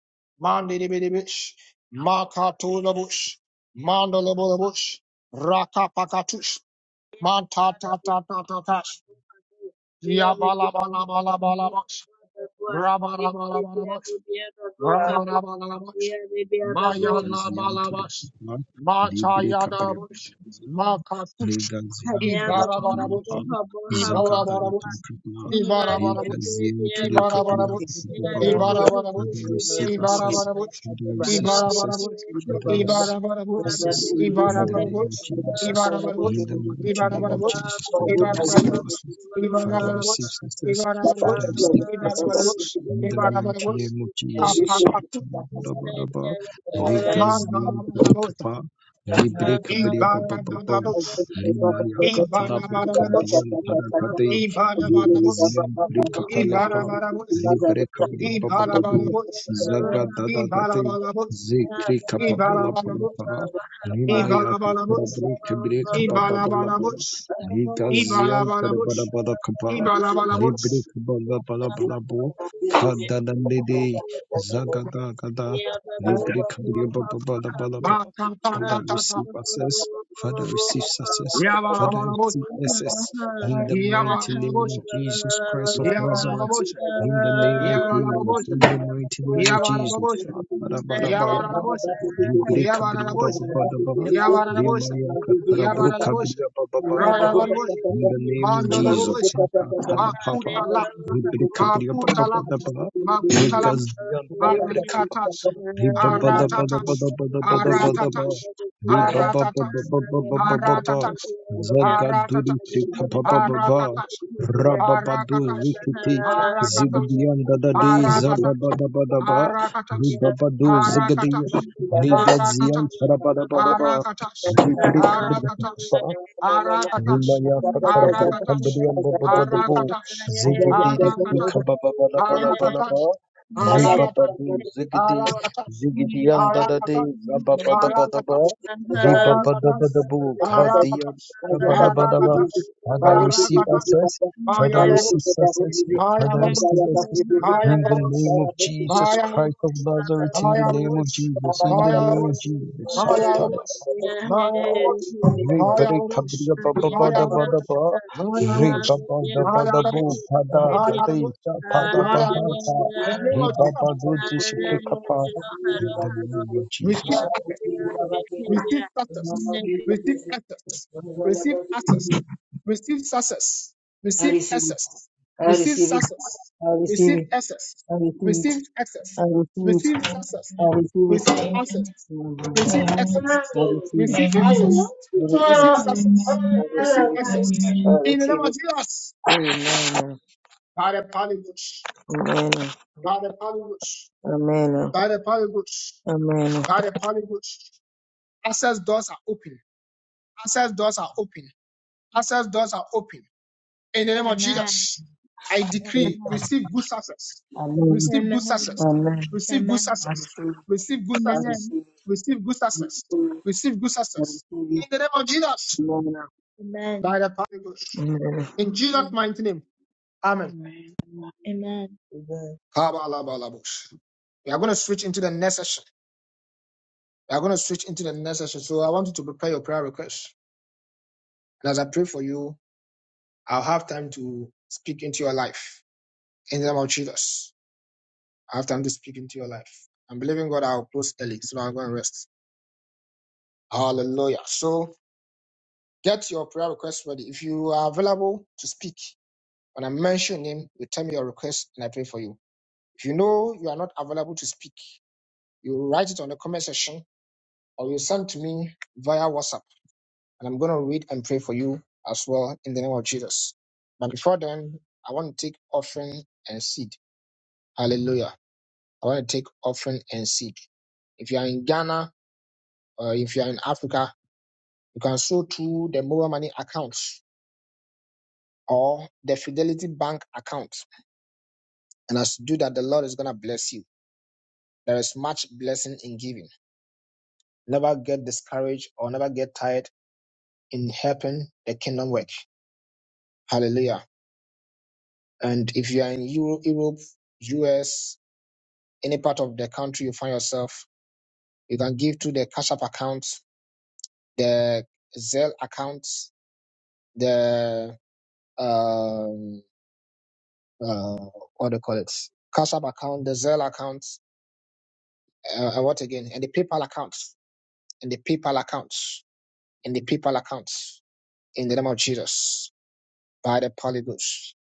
Speaker 3: mandidibidibish, makatulabosh, mandalabalabosh, rakapakatush,
Speaker 4: Father, we
Speaker 3: mantatatatatatatash,
Speaker 4: pray for you. We have a big we have a
Speaker 3: yabalabalabalabalabosh,
Speaker 4: big we have
Speaker 3: rabalabalabosh,
Speaker 4: a book, we have a
Speaker 3: Rabarabarabash,
Speaker 4: book, we have a book.
Speaker 5: Ligaziantepec,
Speaker 3: Mayalabalabash,
Speaker 5: Libre Caballeros.
Speaker 3: Machayadabush, Makatush,
Speaker 4: Thank
Speaker 5: Legazian to the
Speaker 3: Ibarabarabush,
Speaker 5: Capilla, Zankatari to the
Speaker 3: Ibarabarabush,
Speaker 5: Capilla,
Speaker 3: Ibarabarabush,
Speaker 5: Legazian to the Capilla,
Speaker 3: Ibarabarabush,
Speaker 5: Baba, Father,
Speaker 3: Ibarabarabush, Ibarabarabush,
Speaker 5: receive access,
Speaker 3: Ibarabarabush,
Speaker 5: Father, receive success,
Speaker 3: Ibarabarabush,
Speaker 5: Father, receive
Speaker 3: Ibarabarabush,
Speaker 5: access. In the name of
Speaker 3: Ibarabarabush,
Speaker 5: Jesus,
Speaker 3: Ibarabarabush,
Speaker 5: in the mighty name of
Speaker 3: Ibarabarabush,
Speaker 5: Jesus, Father, receive
Speaker 3: Ibarabarabush,
Speaker 5: access, Father, receive success, Father,
Speaker 3: Ibarabarabush,
Speaker 5: receive access.
Speaker 3: Ibarabarabush,
Speaker 5: In the mighty name of Jesus,
Speaker 3: Ibarabarabush,
Speaker 5: Legazian to the
Speaker 3: Mandalabalota,
Speaker 5: Capilla. Libre Cabria Baba Baba
Speaker 3: Ibarabarados,
Speaker 4: you.
Speaker 5: Limaya Katara
Speaker 3: Ibarabarados,
Speaker 5: Brikadian
Speaker 1: Thank
Speaker 4: Yeah,
Speaker 5: Parakade,
Speaker 3: Ibarabarados,
Speaker 5: Ligazian Brikapalapa,
Speaker 3: Ibarabarados,
Speaker 5: Librekabri Bababadu,
Speaker 3: Ibarabarados,
Speaker 5: Zagadadadate,
Speaker 3: Ibarabarados,
Speaker 5: Zikri
Speaker 3: Ibarabarados, Ibarabarados,
Speaker 5: Kapapalapalapa, Limaya Katara
Speaker 3: Ibarabarados,
Speaker 5: Brikabri Kapabalapa, Ligazian
Speaker 3: Ibarabarados,
Speaker 5: Parabarabadakapa,
Speaker 3: Ibarabarados,
Speaker 5: Librikabalabalabalabu, Kadanandidi, Zagadagada, Librikabri
Speaker 4: but
Speaker 3: Ta
Speaker 5: Bababalabalaba,
Speaker 3: ta ta ta
Speaker 5: Father,
Speaker 3: ta ta,
Speaker 5: receive us Father, receive success. Father,
Speaker 3: Yabarabarados,
Speaker 5: receive success in the mighty name
Speaker 3: Yabarabarados,
Speaker 5: of Jesus Christ of Nazareth.
Speaker 3: Yabarabarados,
Speaker 5: In the name of Jesus,
Speaker 1: Thank you.
Speaker 3: Yabarabarados,
Speaker 5: in the mighty name of Jesus.
Speaker 3: Yabarabarados,
Speaker 5: Ba-da-ba-da-ba-da-ba.
Speaker 3: Yabarabarados,
Speaker 4: Hallelujah.
Speaker 3: Yabarabarados,
Speaker 5: Libri-kabri-ba-ba-ba-da-ba.
Speaker 3: Yabarabosha, Yabarabosha,
Speaker 5: Limaya-ka-para-bru-kabri-ba-ba-ba-da-ba.
Speaker 3: Ranabanabosha,
Speaker 5: In the name of Jesus.
Speaker 3: Mandalabosha,
Speaker 5: Saka-tala-papa.
Speaker 3: Makutala, Makutala,
Speaker 5: Libri-kabri-ba-ba-ba-da-ba.
Speaker 3: Makutala,
Speaker 5: Ligazian-libri-kapa.
Speaker 3: Aratatash,
Speaker 4: Thank
Speaker 3: Aratatash,
Speaker 5: Libba-ba-da-ba-da-ba-da-ba-da-ba-da-ba.
Speaker 3: Aratatash,
Speaker 5: Li ba ba ba ba
Speaker 3: Aratatash,
Speaker 5: ba ba ba ba ba ba.
Speaker 3: Aratatash,
Speaker 5: Zagaduri
Speaker 3: Aratatash,
Speaker 5: frika ba ba ba ba.
Speaker 3: Arakatash,
Speaker 5: Rababadu
Speaker 3: Arakatash,
Speaker 5: zikiti
Speaker 3: Arakatash,
Speaker 5: zigdiyan da da di
Speaker 1: Thank you.
Speaker 5: zaba
Speaker 3: Arakatash,
Speaker 5: ba da ba da ba.
Speaker 1: Malik
Speaker 5: Li
Speaker 3: Arakatas,
Speaker 5: babadu zigdi.
Speaker 3: Arakatas,
Speaker 5: Li gaziyan
Speaker 3: Arakatas,
Speaker 5: tara ba ba da ba.
Speaker 3: Arakatas,
Speaker 5: Li brik brik
Speaker 3: Arakatas,
Speaker 5: ba.
Speaker 4: you.
Speaker 3: Arakatas,
Speaker 5: Zimaya takara bru
Speaker 3: Arakatas,
Speaker 5: kambariyan
Speaker 3: Arakatas,
Speaker 5: baba baba
Speaker 3: Arakatas,
Speaker 5: zigidiri
Speaker 3: Arakatas,
Speaker 5: kika baba baba baba baba ba
Speaker 3: Arakatas, Arakatas,
Speaker 5: riba
Speaker 3: Arakatas,
Speaker 5: babu zigidi
Speaker 3: Arakatas,
Speaker 5: zigidiyan dada de
Speaker 3: Arakatas,
Speaker 5: zaba baba baba ba riba baba baba bu kadiya
Speaker 3: Arakatas,
Speaker 5: baba baba ba
Speaker 3: Arakatas,
Speaker 5: Father I receive
Speaker 3: Arakatas,
Speaker 5: access Father
Speaker 3: Maya
Speaker 5: I receive
Speaker 3: Babus,
Speaker 5: success
Speaker 3: Maya
Speaker 5: Father I
Speaker 3: Babus,
Speaker 5: receive access in
Speaker 3: Maya
Speaker 5: the
Speaker 3: Rush,
Speaker 5: name of Jesus
Speaker 3: Maya Rush,
Speaker 5: Christ of Nazareth in the
Speaker 3: Maya
Speaker 5: name of
Speaker 3: Rush,
Speaker 1: I
Speaker 5: Jesus in the
Speaker 3: Maya
Speaker 5: name of
Speaker 3: Rush,
Speaker 5: Jesus
Speaker 3: Maya
Speaker 5: Satala
Speaker 3: Rush,
Speaker 5: Pala Pala
Speaker 3: Maya
Speaker 5: Pala.
Speaker 3: Rush,
Speaker 4: Yeah.
Speaker 5: Re
Speaker 3: Maya
Speaker 5: bere
Speaker 3: Rush,
Speaker 5: kabriya ba
Speaker 4: Amen.
Speaker 5: ba
Speaker 4: Amen.
Speaker 5: ba
Speaker 3: Maya Rush, Maya
Speaker 5: da
Speaker 4: Amen.
Speaker 5: ba
Speaker 3: Rush,
Speaker 5: da ba.
Speaker 3: Maya
Speaker 5: Re
Speaker 3: Rush,
Speaker 5: ba
Speaker 4: Amen.
Speaker 5: ba da
Speaker 4: Amen.
Speaker 5: ba da bu ka da da
Speaker 3: Maya
Speaker 5: de
Speaker 3: Rush,
Speaker 5: sa ta da ba
Speaker 3: Maya
Speaker 5: ha
Speaker 3: Rush.
Speaker 5: ta.
Speaker 3: The name
Speaker 5: Re
Speaker 3: of
Speaker 5: ba ba
Speaker 3: Jesus,
Speaker 5: do zi shi pre ka pa. In the name of Jesus.
Speaker 3: receive access, receive success, receive access, receive access, receive success, receive
Speaker 1: receive it.
Speaker 3: access,
Speaker 1: I
Speaker 3: receive
Speaker 1: receive it.
Speaker 3: success,
Speaker 1: I receive
Speaker 3: receive
Speaker 1: it.
Speaker 3: access,
Speaker 1: I receive it.
Speaker 3: receive access, receive success.
Speaker 1: I receive it.
Speaker 3: receive
Speaker 1: I
Speaker 3: access, receive access,
Speaker 1: receive it.
Speaker 3: receive access,
Speaker 1: I receive it. I
Speaker 3: receive
Speaker 1: receive it.
Speaker 3: success,
Speaker 1: I receive it. I
Speaker 3: receive
Speaker 1: receive it.
Speaker 3: access.
Speaker 1: I
Speaker 3: In the
Speaker 1: receive
Speaker 3: name
Speaker 1: it.
Speaker 3: of Jesus,
Speaker 1: Amen.
Speaker 3: by the polybush,
Speaker 1: Amen.
Speaker 3: by the polybush,
Speaker 1: Amen.
Speaker 3: by the polybush,
Speaker 1: Amen.
Speaker 3: by the polybush. Access doors are open. Access doors are open. Access doors are open. In the name of Jesus, I decree, receive good success.
Speaker 1: Amen.
Speaker 3: Receive good success.
Speaker 1: Amen.
Speaker 3: Receive good
Speaker 4: Amen.
Speaker 1: I
Speaker 3: success.
Speaker 1: receive.
Speaker 3: Receive good
Speaker 1: I
Speaker 3: success.
Speaker 4: Amen.
Speaker 1: receive.
Speaker 3: Receive good
Speaker 1: I
Speaker 3: success.
Speaker 1: receive.
Speaker 3: Receive good
Speaker 1: I
Speaker 3: success.
Speaker 1: receive.
Speaker 3: In
Speaker 1: it.
Speaker 3: the name of Jesus,
Speaker 1: Amen.
Speaker 3: by the power of God.
Speaker 1: Amen.
Speaker 3: In Jesus' mighty name. Amen.
Speaker 4: Amen. Amen.
Speaker 3: Kabalabalabush. We are going to switch into the next session. We are going to switch into the next session. So I want you to prepare your prayer request. And as I pray for you, I'll have time to speak into your life. In the name of Jesus. after I'm just speaking to your life. I'm believing God I'll close early, so I'll go and rest. Hallelujah. So get your prayer request ready. If you are available to speak, when I mention him, you tell me your request and I pray for you. If you know you are not available to speak, you write it on the comment section or you send to me via WhatsApp and I'm gonna read and pray for you as well in the name of Jesus. But before then, I want to take offering and seed. Hallelujah. I want to take offering and seed. If you are in Ghana, uh, if you are in Africa, you can sow through the mobile money accounts or the Fidelity Bank account. And as you do that, the Lord is going to bless you. There is much blessing in giving. Never get discouraged or never get tired in helping the kingdom work. Hallelujah. And if you are in Euro- Europe, US, any part of the country you find yourself, you can give to the Cash App account, the Zelle account, the um, uh, what do you call it, Cash App account, the Zelle account, uh, and what again, and the PayPal account, and the PayPal account, and the PayPal account, in the name of Jesus, by the polygons,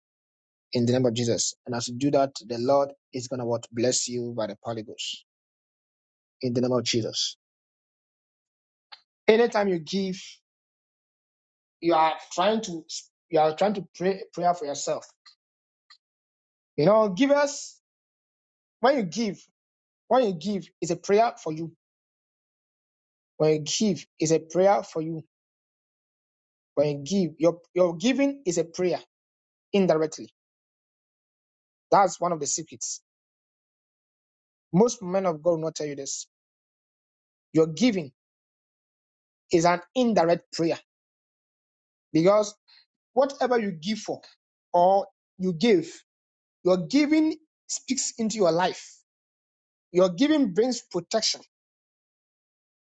Speaker 3: in the name of Jesus. And as you do that, the Lord is gonna what bless you by the polygons, in the name of Jesus. You are trying to, you are prayer prayer for you. When you give, is a prayer for you. When you give, your your giving is a prayer indirectly. That's one of the secrets. Most men of God will not tell you this. Your giving is an indirect prayer because whatever you give for or you give, your giving speaks into your life. Your giving brings protection.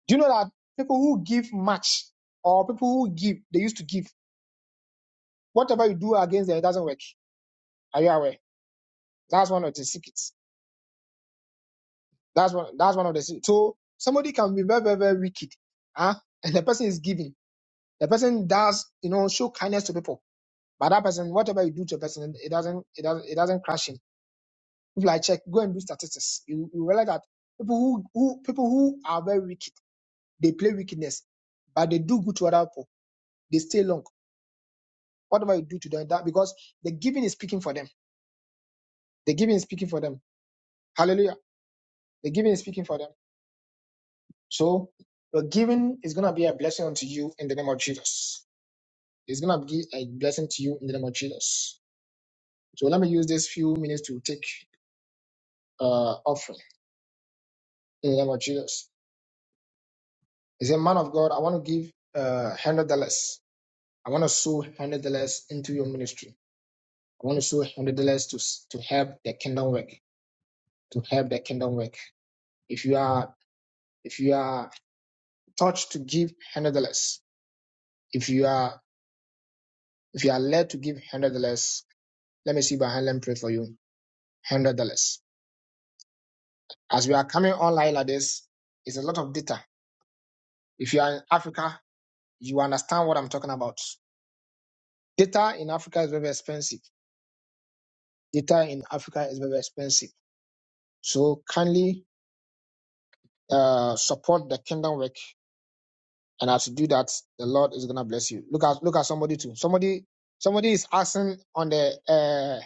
Speaker 3: Do you know that people who give much or people who give, they used to give, whatever you do against them, it doesn't work. Are you aware? That's one of the secrets. That's one, that's one of the secrets. So somebody can be very, very, very wicked. Huh? And the person is giving. The person does, you know, show kindness to people. But that person, whatever you do to a person, it doesn't, it doesn't, it doesn't crash him If I check, go and do statistics. You, you realize that people who, who people who are very wicked, they play wickedness, but they do good to other people. They stay long. Whatever you do to them, that because the giving is speaking for them. The giving is speaking for them. Hallelujah. The giving is speaking for them. So the giving is gonna be a blessing unto you in the name of Jesus. It's gonna be a blessing to you in the name of Jesus. So let me use this few minutes to take uh offering in the name of Jesus. He said, Man of God, I want to give uh $100. I want to sow one hundred dollars into your ministry. I want to sow one hundred dollars to to help the kingdom work. To help the kingdom work. If you are if you are touched to give one hundred dollars, if you are if you are led to give one hundred dollars, let me see behind. hand and pray for you. one Hundred dollars as well is it? If you are you did it, so uh, for the kingdom work, and as you do that, the Lord is gonna bless you. Look at look at somebody too. Somebody somebody is asking on the uh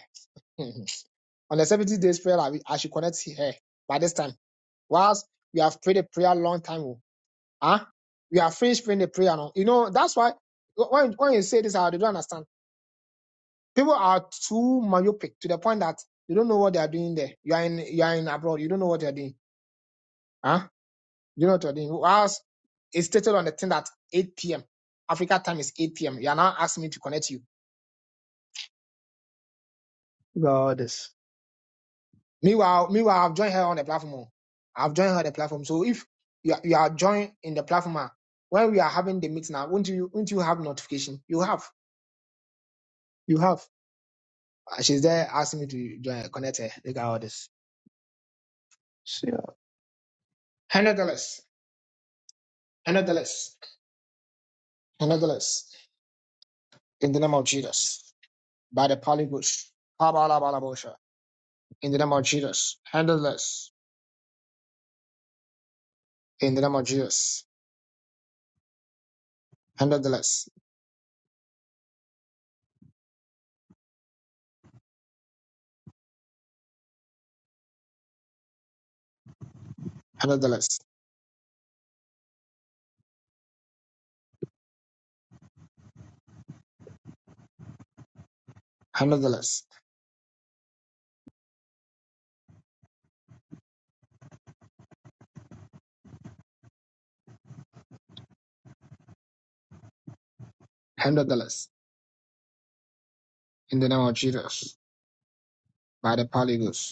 Speaker 3: hmm, hmm. On the 70 days prayer, I, I should connect her by this time. Whilst we have prayed a prayer long time. oh. Huh? We have finished praying the prayer now. You know, that's why when, when you say this, I don't understand. People are too myopic to the point that you don't know what they are doing there. You are in you are in abroad, you don't know what you're doing. Huh? You know what you're doing. Whilst it's stated on the thing that 8 p.m. Africa time is 8 p.m. You are now asking me to connect you. God Meanwhile, meanwhile, I've joined her on the platform. oh. I've joined her on the platform. So if you are, you are joined in the platform, ah, when we are having the meeting now, won't you won't you have notification? You have, you have. Ah, She's there asking me to join, connect her. Look at all this. Hundred dollars, hundred dollars, hundred dollars. In the name of Jesus, by the Pali Bush. In the name of Jesus, hundred dollars. In the name of Jesus, hundred dollars, hundred dollars, hundred dollars, hundred dollars. In the name of Jesus, by the Pali Bush.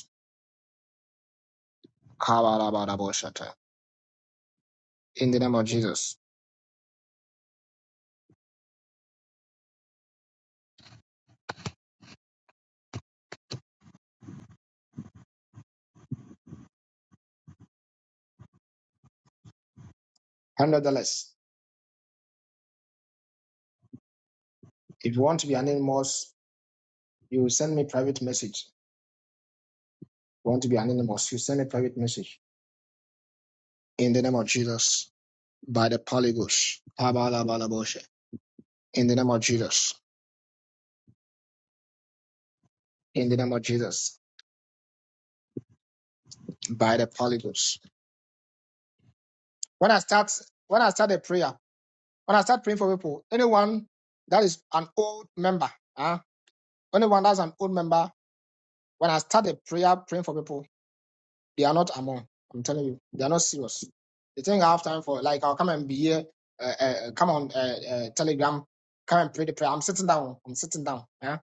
Speaker 3: Kabarabarabashata. In the name of Jesus. And nonetheless, if you want to be anonymous, you send me private message. If you want to be anonymous, you send me private message. In the name of Jesus. By the polygons. Kabarabarabasha. In the name of Jesus. In the name of Jesus. By the polygons. When I start when I start a prayer, when I start praying for people, anyone that is an old member, huh? anyone that's an old member, when I start a prayer praying for people, They are not among. I'm telling you, they are not serious. They think I have time for like I'll come and be here, uh, uh, uh, come on uh, uh, Telegram, come and pray the prayer. I'm sitting down. I'm sitting down. Yeah?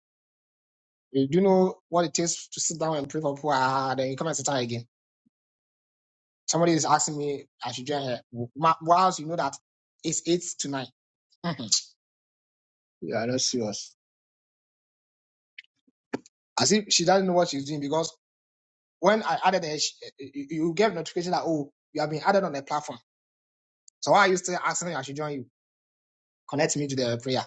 Speaker 3: You do know what it takes to sit down and pray for people. Ah, then you come and sit down again. Somebody is asking me I should join her. Ma- Whilst you know that it's eight to 9 Mhm. Serious. As if she doesn't know what she's doing because when I added her, she, eh, eh, you you get notification that oh you have been added on the platform. So why are you still asking me I should join you? Connect me to the prayer.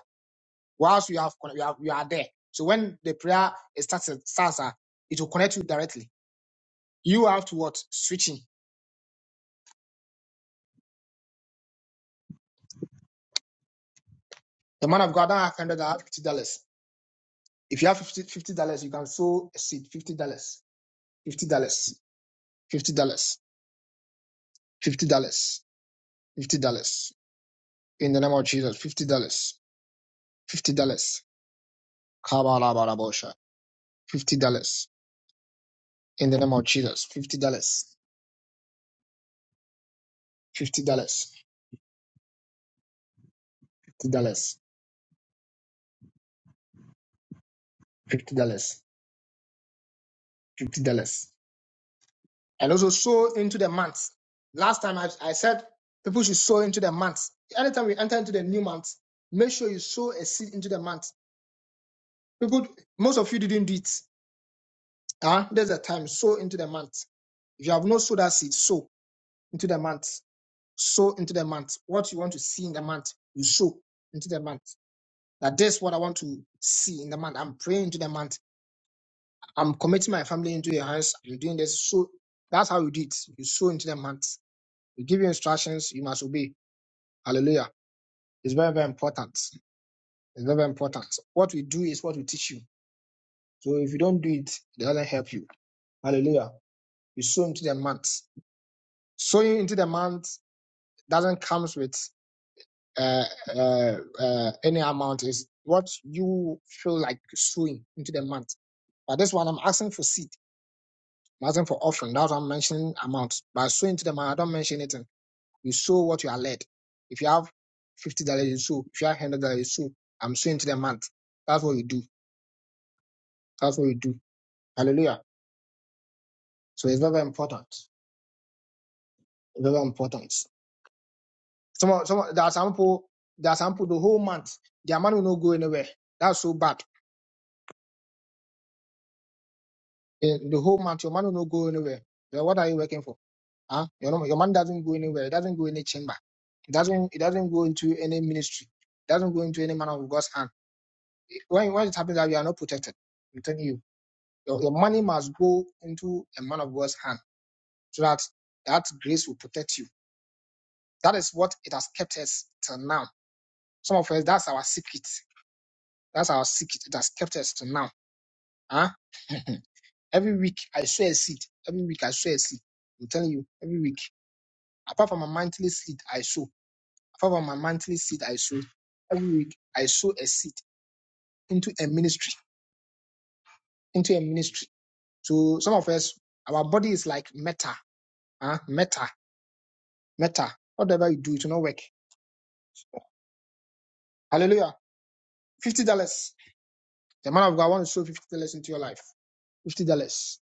Speaker 3: Whilst you have, you have you are there. So when the prayer is started, starts, ah, it will connect you directly. You have to what? Switching. The man of God, don't have hundred, I have fifty dollars. If you have fifty dollars, you can sow a seed. Fifty dollars, fifty dollars, fifty dollars, fifty dollars, fifty dollars. In the name of Jesus, fifty dollars, fifty dollars. Kabalabarabosha. Fifty dollars. In the name of Jesus, fifty dollars, fifty dollars, fifty dollars, fifty dollars, fifty dollars. and also sow into the month. Last time I, I said people should sow into the month. Anytime we enter into the new month, make sure you sow a seed into the month. People, most of you didn't do it. Huh? There's a time, sow into the month. If you have not sowed that seed, sow into the month. Sow into the month. What you want to see in the month, you sow into the month. That this is what I want to see in the month. I'm praying into the month. I'm committing my family into your hands. I'm doing this. So that's how you do it. You sow into the month. We give you instructions, you must obey Hallelujah. It's very, very important. It's very, very important. What we do is what we teach you. So if you don't do it, it doesn't help you. Hallelujah. You sow into the month. Sowing into the month doesn't come with uh, uh, uh, any amount. It's what you feel like sowing into the month. But this one, I'm asking for seed. I'm asking for offering. That's why I'm mentioning amount. But sowing into the month, I don't mention anything. You sow what you are led. If you have $50, you sow. If you have $100, you sow. I'm sowing into the month. That's what you do. That's what we do. Hallelujah. So it's very important. Very important. Some, some, there are some people, there are some people, the whole month, their money will not go anywhere. That's so bad. Eh, The whole month, your money will not go anywhere. Then what are you working for? Huh? Your, nom- your money doesn't go anywhere. It doesn't go any chamber. It doesn't, it doesn't go into any ministry. It doesn't go into any man of God's hand. Eh, When, when it happens that you are not protected, I'm telling you, your, your money must go into a man of God's hand so that that grace will protect you. That is what it has kept us till now Some of us, that's our secret. That's our secret that has kept us to now. Huh? every week, I sow a seed. Every week, I sow a seed. I'm telling you, every week. Apart from my monthly seed, I sow. Apart from my monthly seed, I sow. Every week, I sow a seed into a ministry. Into a ministry. So some of us, our body is like meta. Huh? Meta. Meta. Whatever you do, it will not work. Hallelujah. $50. The man of God wants to sow $50 into your life. $50. dollars.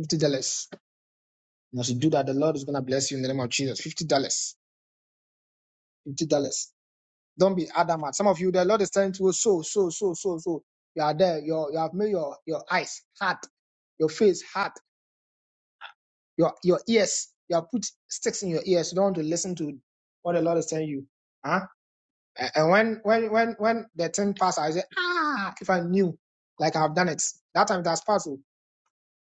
Speaker 3: $50. And as you do that, the Lord is going to bless you in the name of Jesus. Fifty dollars, fifty dollars. Don't be adamant. Some of you, the Lord is telling you, so, so, so, so, so. You are there. You you have made your your eyes hard, your face hard, your your ears. You have put sticks in your ears. You don't want to listen to what the Lord is telling you. Huh? A- And when when when when the thing passes, I say, ah, if I knew, like I've done it. That time it has passed. oh.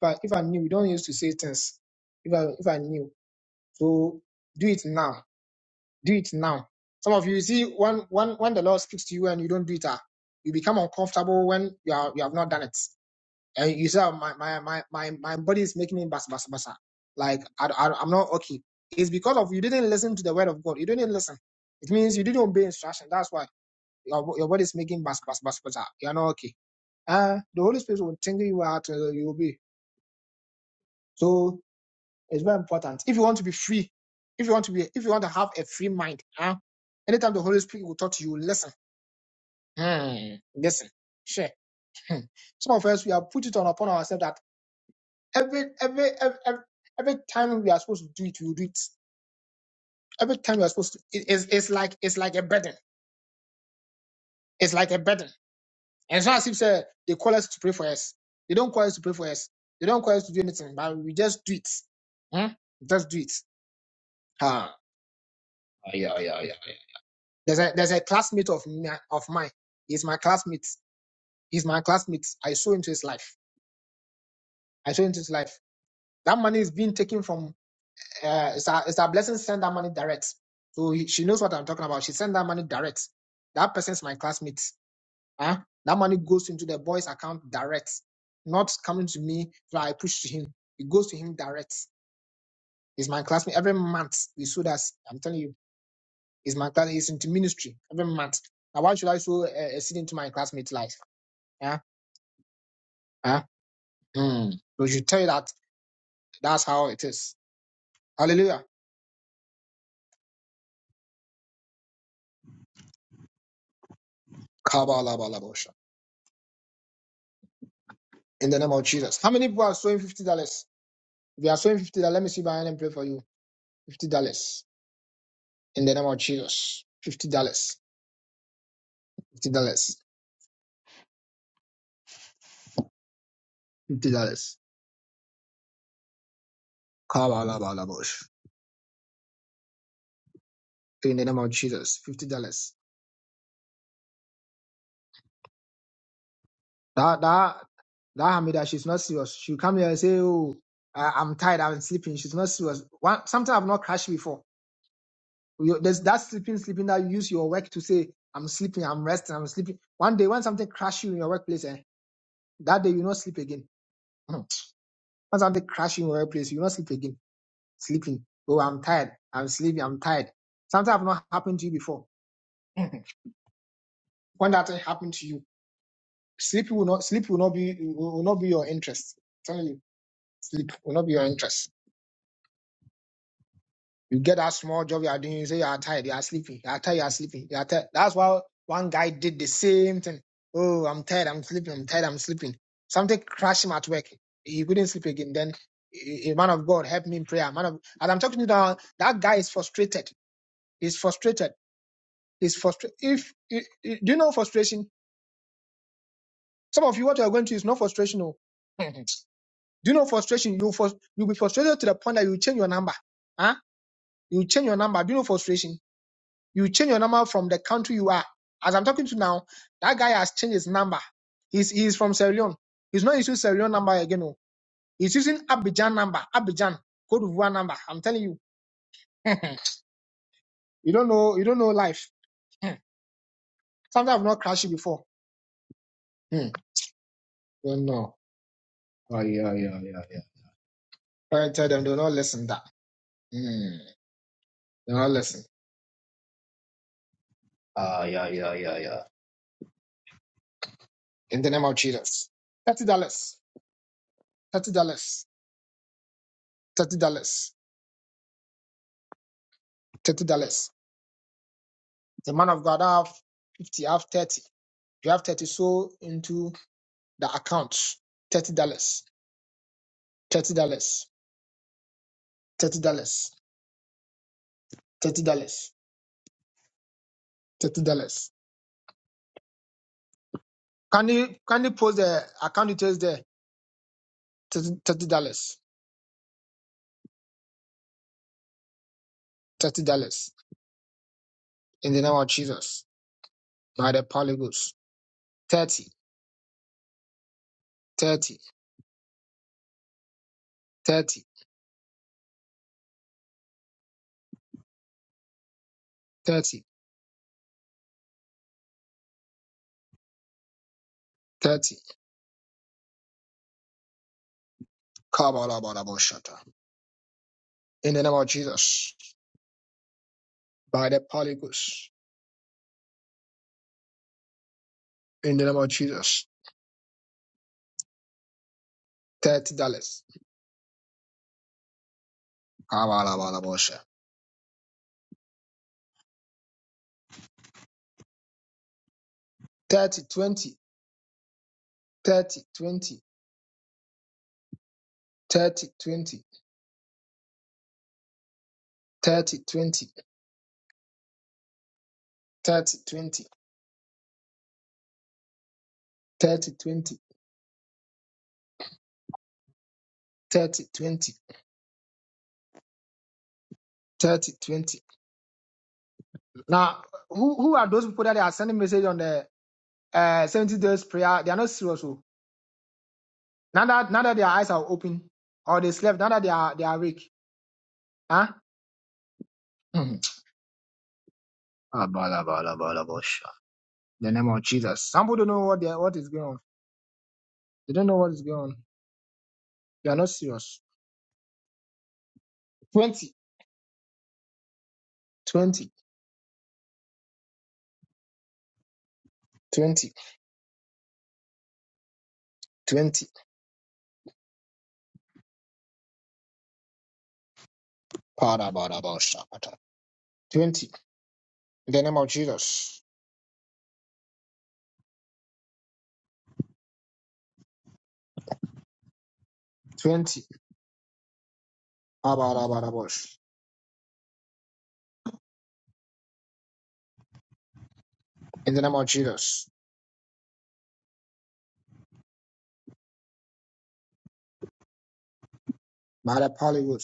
Speaker 3: But if I knew, we don't used to say things. If I if I knew, so do it now Do it now. Some of you you see when when when the Lord speaks to you and you don't do it, ah, you become uncomfortable when you are you have not done it, and you say, "Oh, my my my my my body is making me bas bas basa. Like I, I I'm not okay. It's because of you didn't listen to the word of God. You didn't listen. It means you didn't obey instruction. That's why your your body is making bas bas bas basa. You are not okay. Uh, the Holy Spirit will tingle you out. Uh, you obey. So it's very important. If you want to be free, if you want to be, if you want to have a free mind, huh? anytime the Holy Spirit will talk to you, listen, Hmm, listen, share. Hmm. Some of us we have put it on upon ourselves that every every every every every time we are supposed to do it, we will do it. Every time we are supposed to, it- it's it's like it's like a burden. It's like a burden. And it's not as if say, they call us to pray for us. They don't call us to pray for us. They don't call us to do anything, but we just do it. Hmm? Just do it. Ah, yeah, yeah, yeah. yeah. There's a there's a classmate of mi- of mine. He's my classmate. He's my classmate. I saw into his life. I saw into his life. That money is being taken from. Uh, it's a it's a blessing. Send that money direct. So he, she knows what I'm talking about. She sent that money direct. That person's my classmate. Huh? That money goes into the boy's account direct, not coming to me. So I push to him. It goes to him direct. He's my classmate. Every month we saw that. I'm telling you, he's my class. He's into ministry every month. Now why should I sow a, a seed into my classmate's life? Ah, Huh? Mm. So you tell you that that's how it is. Hallelujah. Kabalabalabosha. In the name of Jesus. How many people are sowing fifty dollars? If you are sowing fifty dollars, let me see behind and pray for you. Fifty dollars. In the name of Jesus. Fifty dollars. Fifty dollars. Fifty dollars. Kabalabalabosh. In the name of Jesus. Fifty dollars. That that that Hamida, she's not serious. She'll come here and say, Oh, I, I'm tired, I'm sleeping. She's not serious. One, sometimes I've not crashed before. You, there's that sleeping, sleeping that you use your work to say, I'm sleeping, I'm resting, I'm sleeping. One day when something crash you in your workplace, eh, that day you not sleep again. when something crash you in your workplace, you not sleep again. Sleeping. Oh, I'm tired. I'm sleepy. I'm tired. Something have not happened to you before. When that thing happened to you, sleep will not sleep will not be will will not be your interest. I'm telling you, sleep will not be your interest. You get that small job you are doing, you say you are tired, you are sleeping, you are tired, you are sleeping, you are tired. That's why one guy did the same thing. Oh, I'm tired, I'm sleeping, I'm tired, I'm sleeping. Something crashed him at work. He couldn't sleep again. Then a man of God help me in prayer. Man of, and I'm talking to you now, that guy is frustrated. He's frustrated. He's frustrated. If, if if- do you know frustration? Some of you what you are going to is not frustration. Oh. do you know frustration? You frus- you'll be frustrated to the point that you change your number. Huh? You change your number. Do you know frustration? You change your number from the country you are. As I'm talking to now, that guy has changed his number. He's he's from Sierra Leone. He's not using Sierra Leone number again. Oh. He's using Abidjan number, Abidjan, Cote d'Ivoire number. I'm telling you. you don't know, you don't know life. Hmm. Sometimes I've not crashed you before. Hmm. Don't know. I tell them, do not listen that. Hmm. Do not listen. In the name of Jesus. Thirty dollars. Thirty dollars. Thirty dollars. Thirty dollars. The man of God I have fifty, I have thirty. You have thirty, so into the accounts. Thirty dollars, thirty dollars, thirty dollars, thirty dollars, thirty dollars. Can you can you post the account details there? Thirty dollars, thirty dollars. In the name of Jesus, by the polygons. Thirty, thirty, thirty, thirty, thirty. Kabalabalabashata. In the name of Jesus, by the polygons. In the name of Jesus, thirty dollars. Kabalabalabasha. Thirty, twenty, thirty, twenty, thirty, twenty. 30, 20, Thirty, twenty, thirty, twenty, thirty, twenty, thirty, twenty. now who who are those people that they are sending message on the uh 70 days prayer they are not serious oh. now that now that their eyes are open or they slept now that they are they are awake huh Mhm. Blah, blah, blah. In the name of jesus some people don't know what they what is going on they don't know what is going on they are not serious Twenty, twenty, twenty, twenty. 20 20 20 shakata. 20 in the name of jesus 20 blah, blah, blah, in the name of jesus Mother Pollywood,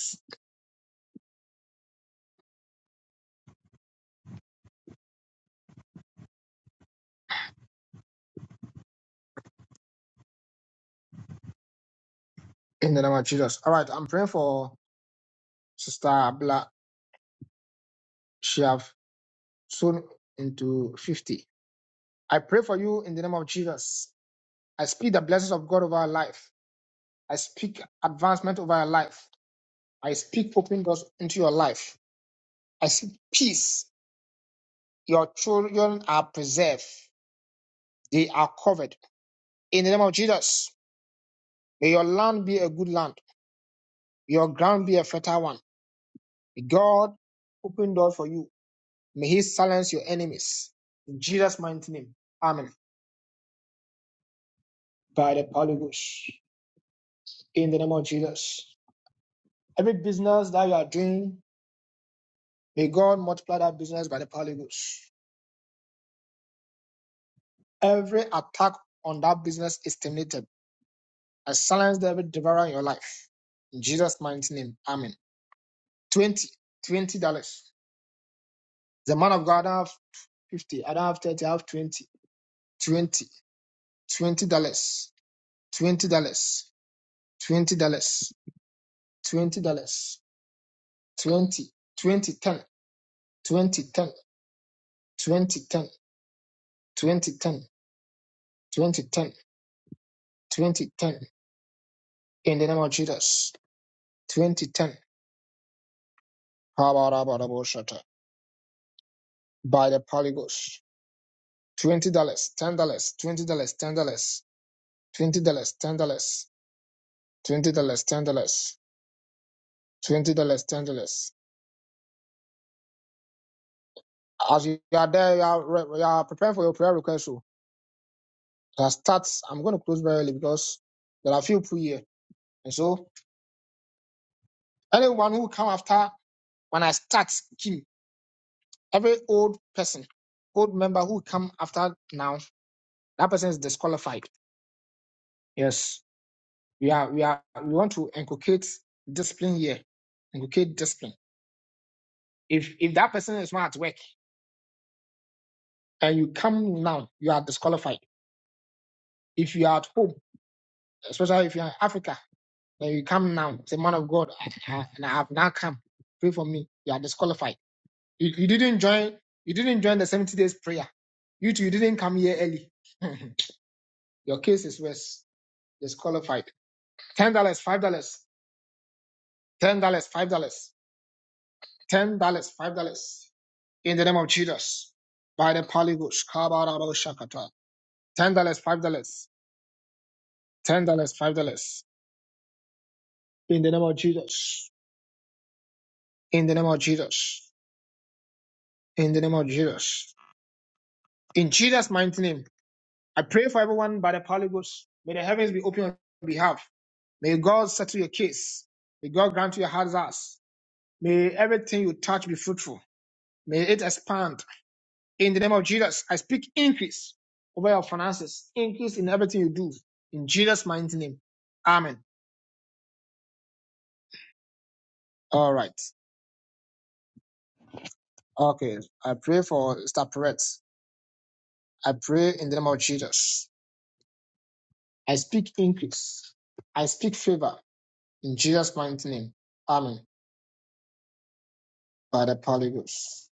Speaker 3: in the name of Jesus. All right, I'm praying for Sister Abla. She have soon into 50. I pray for you in the name of Jesus. I speak the blessings of God over our life. I speak advancement over our life. I speak open doors into your life. I speak peace. Your children are preserved. They are covered. In the name of Jesus, may your land be a good land. Your ground be a fertile one. May God, open doors for you. May he silence your enemies. In Jesus' mighty name. Amen. By the Holy Ghost. In the name of Jesus. Every business that you are doing, may God multiply that business by the Holy Ghost. Every attack on that business is terminated. I silence every devourer in your life. In Jesus' mighty name. Amen. 20. $20. dollars The man of God, I have 50. I don't have 30. I have 20. 20. $20. dollars. $20. dollars. $20. dollars. $20. 20, 2010, 2010, 2010, 2010, 2010, 2010, in the name of Jesus, 2010, by the polygos, $20, dollars, $10, dollars, $20, dollars, $10, dollars, $20, dollars, $10, dollars, $20, dollars, $10, dollars, $20, dollars, $10. As you are there, you are, you are preparing for your prayer request. So that starts, I'm going to close very early because there are a few people here. And so anyone who come after when I start, Kim, Every old person, old member who come after now, that person is disqualified. Yes. We are we are we want to inculcate discipline here. Inculcate discipline. If if that person is not at work and you come now, you are disqualified. If you are at home, especially if you are in Africa, then you come now, say man of God, I- I- and I have now come. Pray for me. You are disqualified. You, you didn't join you didn't join the 70 days prayer. You two, you didn't come here early. Your case is worse. Disqualified. ten dollars, five dollars, ten dollars, five dollars, ten dollars, five dollars. In the name of Jesus, by the Holy Ghost, Kabarabo Shakata. Ten dollars, five dollars, ten dollars, five dollars. In the name of Jesus, in the name of Jesus, in the name of Jesus, in Jesus' mighty name, I pray for everyone by the Holy Ghost. May the heavens be open on your behalf. May God settle your case. May God grant you your heart's ask. May everything you touch be fruitful. May it expand In the name of Jesus, I speak increase over your finances, increase in everything you do. In Jesus' mighty name. Amen. All right. Okay. I pray for Star Perret. I pray in the name of Jesus. I speak increase. I speak favor in Jesus' mighty name. Amen. By the Holy Ghost.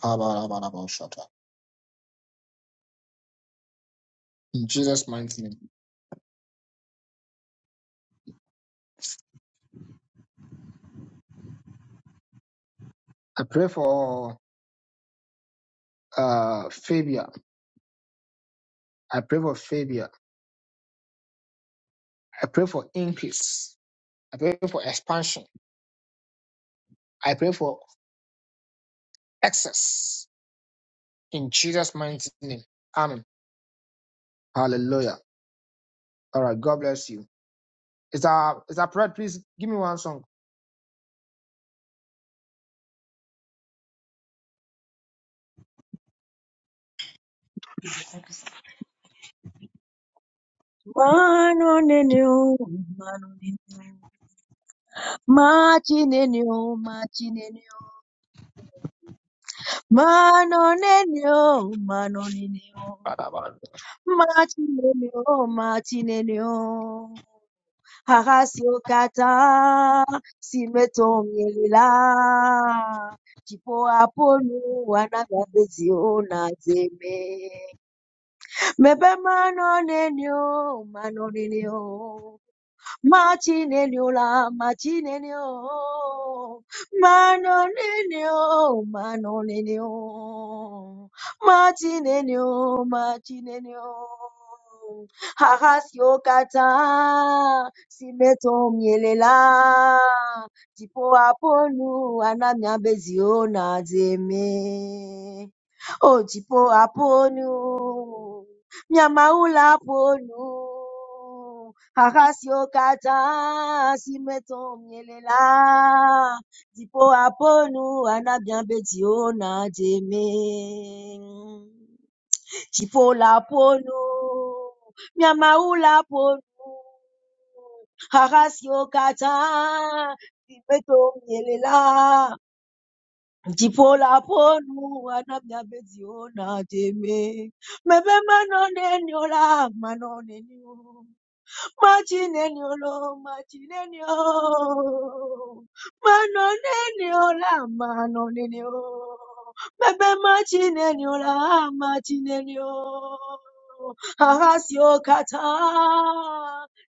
Speaker 3: Kabarabarabashata. In Jesus' mighty name. I pray for uh Fabia. I pray for Fabia. I pray for increase. I pray for expansion. I pray for excess. In Jesus' mighty name. Amen. Hallelujah. All right. God bless you. Is that is that prayer? Please give me one song.
Speaker 1: Mano nenio, mano nenio, machi nenio, machi nenio, mano nenio, mano nenio, machi nenio, machi nenio. Harasiokataa, simetomielela chipoaponu wana ngabeziona zeme mepe manonenio manonenio machinenio la machinenio, manonenio, manonenio, machinenio, machinenio. Harasio kata simeto mielela dipo aponu anamia bezio na zeme o dipo aponu miamaula aponu Arasiokata simetomielela dipo aponu anabiambetiona jeme dipo laponu miamaula ponu arasiokata simetomielela dipo laponu anabiambetiona jeme mebe manoneniola manonenio Machinenio lo machinenio, manonenio la manonenio, bebe machinenio la machinenio, ahasio kata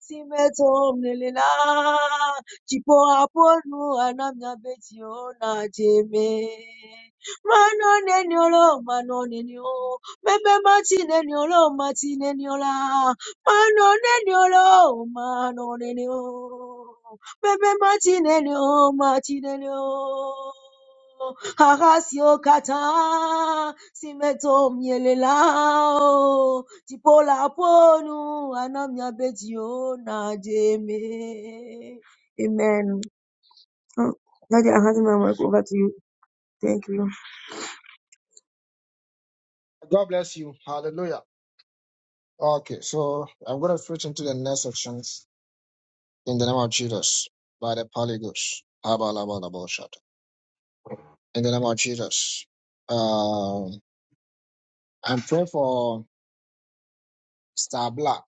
Speaker 1: simetom nelila, chipo aponu anamya betio na jeme. Manonenio lo manonenio, bebe machinenio lo machinenio la. Manonelio, manonelio, bebe matinelio, matinelio. Harasio kata, simeto mielelao, tipola ponu, anamia betio na jeme. Amen. Oh, Daddy, I hand my mic over to you. Thank you.
Speaker 3: God bless you. Hallelujah. Okay, so I'm gonna switch into the next sections in the name of Jesus by the polygons. In the name of Jesus. Um I'm praying for Star Black,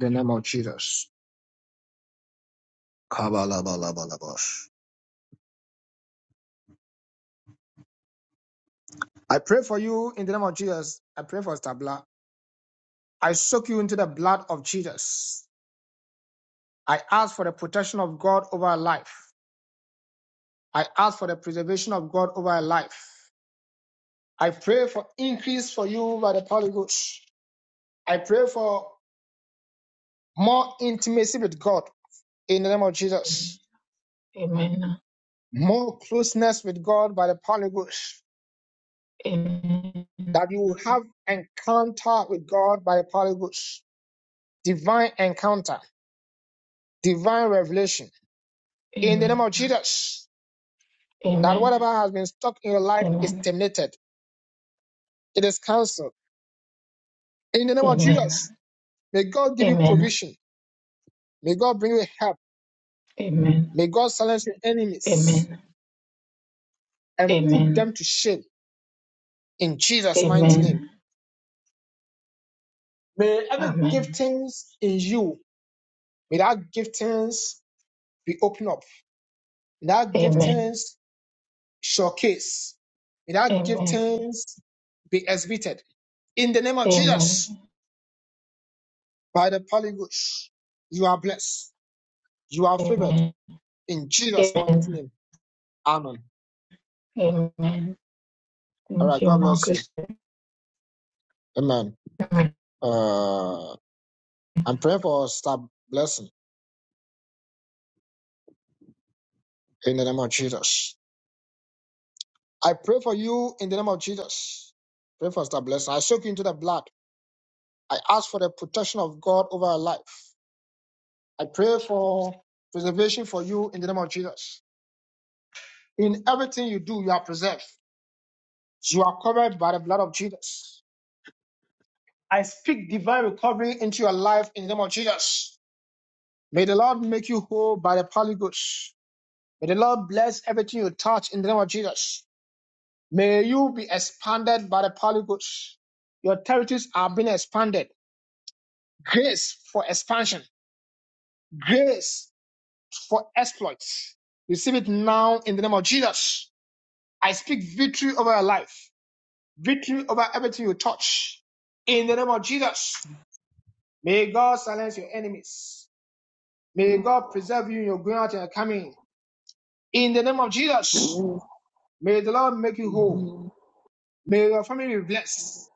Speaker 3: In the name of Jesus. Come. I pray for you in the name of Jesus. I pray for Star Black. I soak you into the blood of Jesus I ask for the protection of God over her life. I ask for the preservation of God over her life. I pray for increase for you by the Holy Ghost. I pray for more intimacy with God in the name of Jesus. More closeness with God by the Holy Ghost. That you will have encounter with God by the Holy Ghost. Divine encounter, divine revelation. In the name of Jesus, that whatever has been stuck in your life is terminated. It is cancelled. In the name of Jesus, May God give you provision. May God bring you help. May God silence your enemies and put them to shame in Jesus' mighty name. May every
Speaker 2: Amen.
Speaker 3: giftings in you, may that giftings be opened up. May that
Speaker 2: Amen.
Speaker 3: giftings showcase. May that
Speaker 2: Amen.
Speaker 3: giftings be exhibited. In the name of
Speaker 2: Amen.
Speaker 3: Jesus, by the Holy Ghost, you are blessed. You are favored.
Speaker 2: Amen.
Speaker 3: In Jesus' mighty
Speaker 2: Amen.
Speaker 3: name. Amen.
Speaker 2: Amen.
Speaker 3: All
Speaker 2: Thank
Speaker 3: right.
Speaker 2: you,
Speaker 3: God
Speaker 2: Lord
Speaker 3: bless you.
Speaker 2: Christian.
Speaker 3: Amen.
Speaker 2: Amen.
Speaker 3: Uh, I'm praying for star blessing in the name of Jesus. I pray for you in the name of Jesus. Pray for star blessing. I soak you into the blood. I ask for the protection of God over your life. I pray for preservation for you in the name of Jesus. In everything you do, you are preserved. You are covered by the blood of Jesus. I speak divine recovery into your life in the name of Jesus. May the Lord make you whole by the Holy Ghost. May the Lord bless everything you touch in the name of Jesus. May you be expanded by the Holy Ghost. Your territories are being expanded. Grace for expansion. Grace for exploits. Receive it now in the name of Jesus. I speak victory over your life. Victory over everything you touch. In the name of Jesus. May God silence your enemies. May God preserve you in your going out and your coming. In the name of Jesus. May the Lord make you whole. May your family be blessed.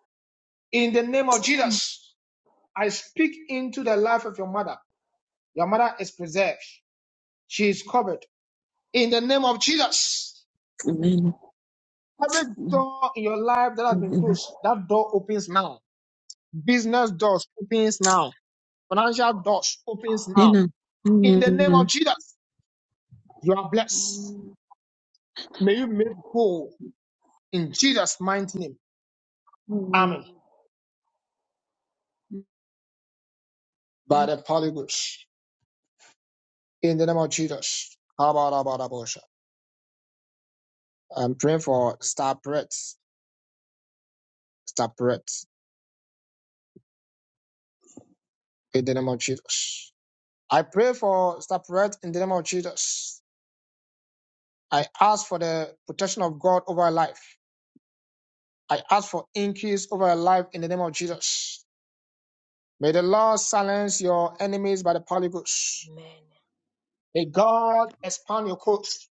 Speaker 3: In the name of Jesus. I speak into the life of your mother. Your mother is preserved. She is covered. In the name of Jesus, every door in your life that has been
Speaker 6: Amen.
Speaker 3: closed, that door opens now. Business doors opens now. Financial doors opens now.
Speaker 6: Amen.
Speaker 3: In the name of
Speaker 6: Amen.
Speaker 3: Jesus, you are blessed. May you make whole in Jesus' mighty name. Amen.
Speaker 6: Amen.
Speaker 3: By the Holy Ghost. In the name of Jesus. I'm praying for Star Brett. Star Brett. In the name of Jesus. I pray for separate in the name of Jesus. I ask for the protection of God over our life. I ask for increase over our life in the name of Jesus. May the Lord silence your enemies by the Holy Ghost.
Speaker 1: Amen.
Speaker 3: May God expand your coast.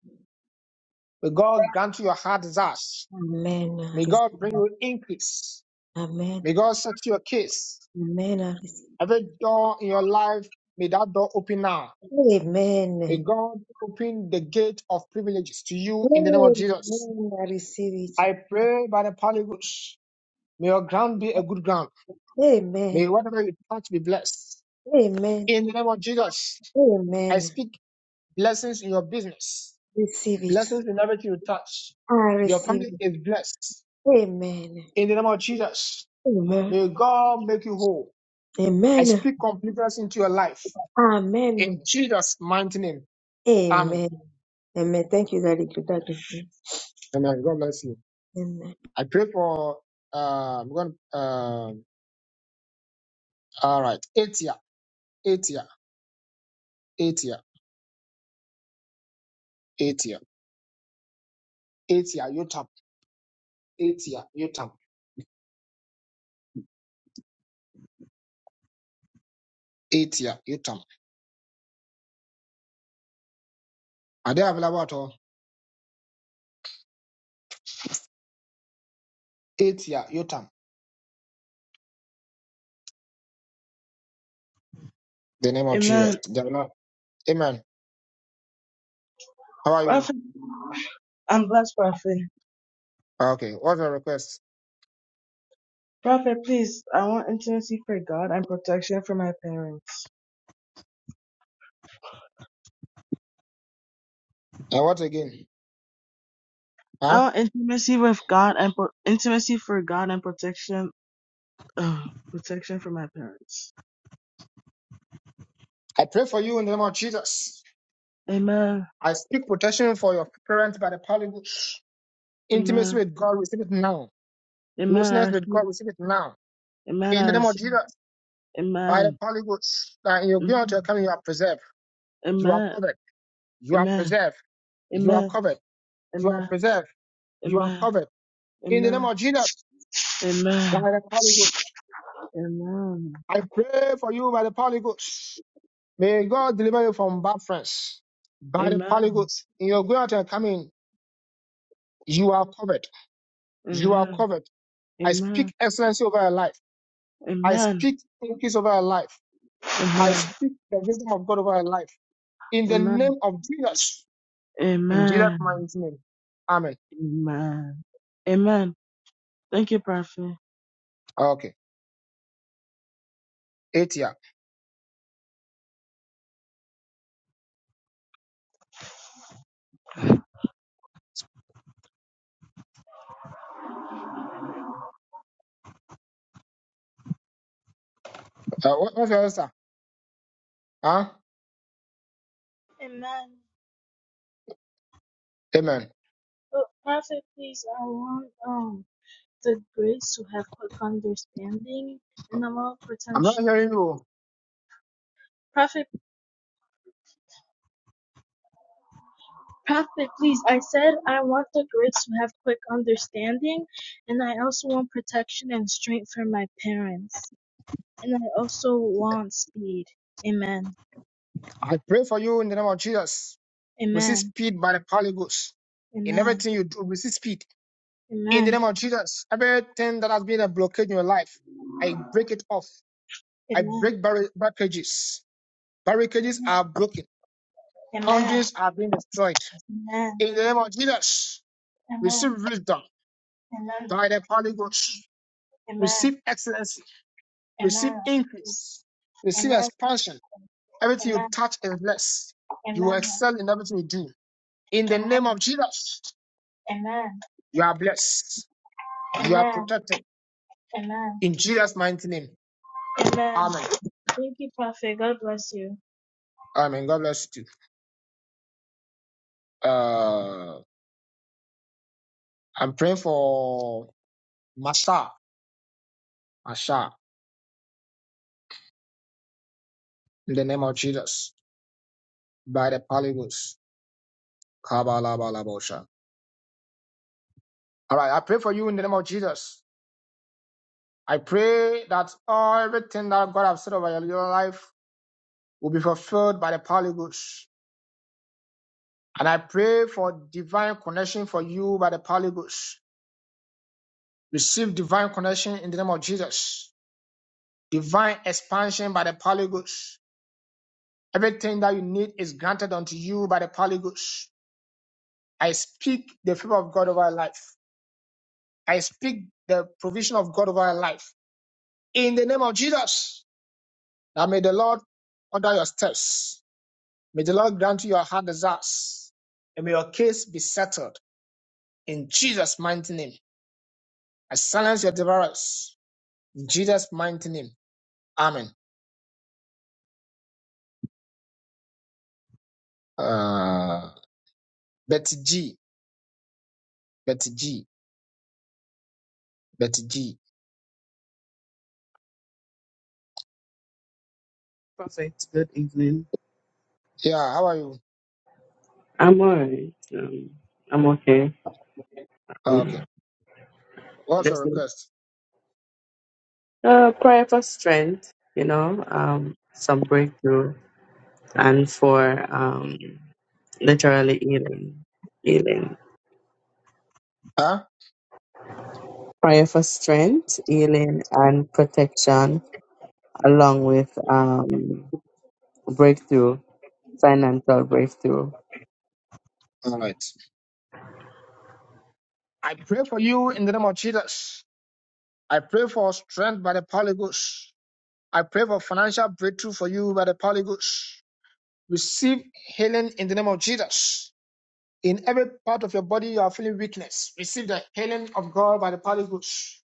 Speaker 3: May God grant you your heart desires.
Speaker 1: Amen. I
Speaker 3: May God bring
Speaker 1: receive.
Speaker 3: you increase.
Speaker 1: Amen.
Speaker 3: May God set your case.
Speaker 1: Amen. I receive.
Speaker 3: Every door in your life, may that door open now.
Speaker 1: Amen.
Speaker 3: May God open the gate of privileges to you in the name of
Speaker 1: Amen.
Speaker 3: Jesus.
Speaker 1: I receive it.
Speaker 3: I pray by the Holy Ghost. May your ground be a good ground. May
Speaker 1: Amen.
Speaker 3: whatever you touch be blessed.
Speaker 1: Amen.
Speaker 3: In the name of Jesus, I
Speaker 1: Amen.
Speaker 3: speak blessings in your business,
Speaker 1: Receive it.
Speaker 3: blessings in everything you touch.
Speaker 1: I
Speaker 3: Your
Speaker 1: receive
Speaker 3: family
Speaker 1: it.
Speaker 3: is blessed.
Speaker 1: Amen.
Speaker 3: In the name of Jesus,
Speaker 1: Amen.
Speaker 3: may God make you whole. I
Speaker 1: Amen.
Speaker 3: speak completeness into your life.
Speaker 1: Amen.
Speaker 3: In Jesus' mighty name. Amen.
Speaker 1: Amen. Amen. Thank you, Daddy. Good Daddy.
Speaker 3: Amen. God bless you. I thought, um, all right. Etia, Etia, Etia, Etia, Etia, Yotam, Etia, Yotam, Etia, Yotam. Are they available at all? Etia, Yotam. The name of Jesus.
Speaker 4: Amen.
Speaker 3: They are not- Amen. How are you?
Speaker 4: Prophet, I'm blessed, Prophet.
Speaker 3: Ah, Okay. What's your request?
Speaker 4: Prophet, please, I want intimacy for God and protection for my parents.
Speaker 3: And what again?
Speaker 4: I
Speaker 3: Huh?
Speaker 4: want intimacy with God and pro- intimacy for God and protection, ugh, protection for my parents.
Speaker 3: I pray for you in the name of Jesus.
Speaker 4: Amen.
Speaker 3: I speak protection for your parents by the power of God. Intimacy
Speaker 4: Amen.
Speaker 3: with God, receive it now.
Speaker 4: Amen. I
Speaker 3: Closeness with
Speaker 4: receive.
Speaker 3: God, receive it now.
Speaker 4: Amen.
Speaker 3: In
Speaker 4: I
Speaker 3: the name of
Speaker 4: receive.
Speaker 3: Jesus, by the
Speaker 4: Amen.
Speaker 3: power of God, that in your going to
Speaker 4: Amen.
Speaker 3: come, you are preserved. You are
Speaker 4: Amen.
Speaker 3: covered. You are preserved. You are
Speaker 4: Amen.
Speaker 3: covered. You are
Speaker 4: Amen.
Speaker 3: preserved. You are
Speaker 4: Amen.
Speaker 3: covered. In the name
Speaker 4: Amen. Amen.
Speaker 3: of Jesus,
Speaker 4: Amen.
Speaker 3: by the power of God,
Speaker 4: Amen.
Speaker 3: I pray for you by the power of God. May God deliver you from bad friends, bad
Speaker 4: Amen.
Speaker 3: polygons. In your going out and coming, you are covered. You are
Speaker 4: Amen.
Speaker 3: covered. I speak excellency over your life.
Speaker 4: Amen. Amen.
Speaker 3: I
Speaker 4: Amen.
Speaker 3: speak increase over your life. I speak the wisdom of God over your life. In the
Speaker 4: Amen.
Speaker 3: name of Jesus. In Jesus'
Speaker 4: Amen.
Speaker 3: mighty name. Amen.
Speaker 4: Amen. Amen. Thank you, Prophet.
Speaker 3: Okay. Eight year. Uh, what, what's your answer? Huh?
Speaker 4: Amen.
Speaker 3: Amen.
Speaker 4: So masterpiece, I want um the grace to have quick understanding and I want
Speaker 3: I'm not
Speaker 4: potential.
Speaker 3: hearing you.
Speaker 4: Perfect, perfect, please. I said I want the grace to have quick understanding, and I also want protection and strength for my parents, and I also want speed. Amen.
Speaker 3: I pray for you in the name of Jesus. Receive
Speaker 4: Amen.
Speaker 3: speed by the polygons. In
Speaker 4: Amen.
Speaker 3: everything you do, receive speed In the
Speaker 4: Amen.
Speaker 3: name of Jesus, everything that has been a blockade in your life, I break it off. I
Speaker 4: Amen.
Speaker 3: break barri- barricades. Barricades
Speaker 4: Amen.
Speaker 3: are broken.
Speaker 4: Amen. Amen.
Speaker 3: Boundaries are being destroyed.
Speaker 4: Amen.
Speaker 3: In the name of Jesus, receive
Speaker 4: Amen.
Speaker 3: wisdom by the Holy Ghost. Receive excellency. Receive
Speaker 4: Amen.
Speaker 3: increase.
Speaker 4: Amen.
Speaker 3: Receive
Speaker 4: Amen.
Speaker 3: expansion. Everything
Speaker 4: Amen.
Speaker 3: you touch is blessed. You will
Speaker 4: Amen.
Speaker 3: excel in everything you do. In the
Speaker 4: Amen.
Speaker 3: name of Jesus,
Speaker 4: Amen.
Speaker 3: you are blessed. You are
Speaker 4: Amen.
Speaker 3: protected.
Speaker 4: Amen.
Speaker 3: In Jesus' mighty name.
Speaker 4: Amen.
Speaker 3: Amen.
Speaker 4: Thank you, Prophet. God bless you.
Speaker 3: Amen. God bless you. Uh, I'm praying for Masha, Masha, in the name of Jesus, by the Palibus. Kabalabalabosha. All right, I pray for you in the name of Jesus. I pray that all everything that God has said over your life will be fulfilled by the Palibus. And I pray for divine connection for you by the Palibus. Receive divine connection in the name of Jesus. Divine expansion by the Palibus. Everything that you need is granted unto you by the Palibus I speak the favor of God over our life. I speak the provision of God over our life. In the name of Jesus, now may the Lord order your steps. May the Lord grant you your heart desires. And may your case be settled. In Jesus' mighty name, I silence your devourers. In Jesus' mighty name, Amen. Uh, Betty G, Betty G, Betty G.
Speaker 9: Prophet, good evening.
Speaker 3: Yeah, how are you?
Speaker 9: I'm alright. Um, I'm okay.
Speaker 3: Uh, okay.
Speaker 9: Mm.
Speaker 3: What's your
Speaker 9: Just
Speaker 3: request?
Speaker 9: uh, prayer for strength, you know, um, some breakthrough, and for um, literally healing, healing.
Speaker 3: Huh?
Speaker 9: Prayer for strength, healing, and protection, along with um, breakthrough, financial breakthrough.
Speaker 3: All right. I pray for you in the name of Jesus. I pray for strength by the Holy Ghost. I pray for financial breakthrough for you by the Holy Ghost. Receive healing in the name of Jesus. In every part of your body you are feeling weakness, receive the healing of God by the Holy Ghost.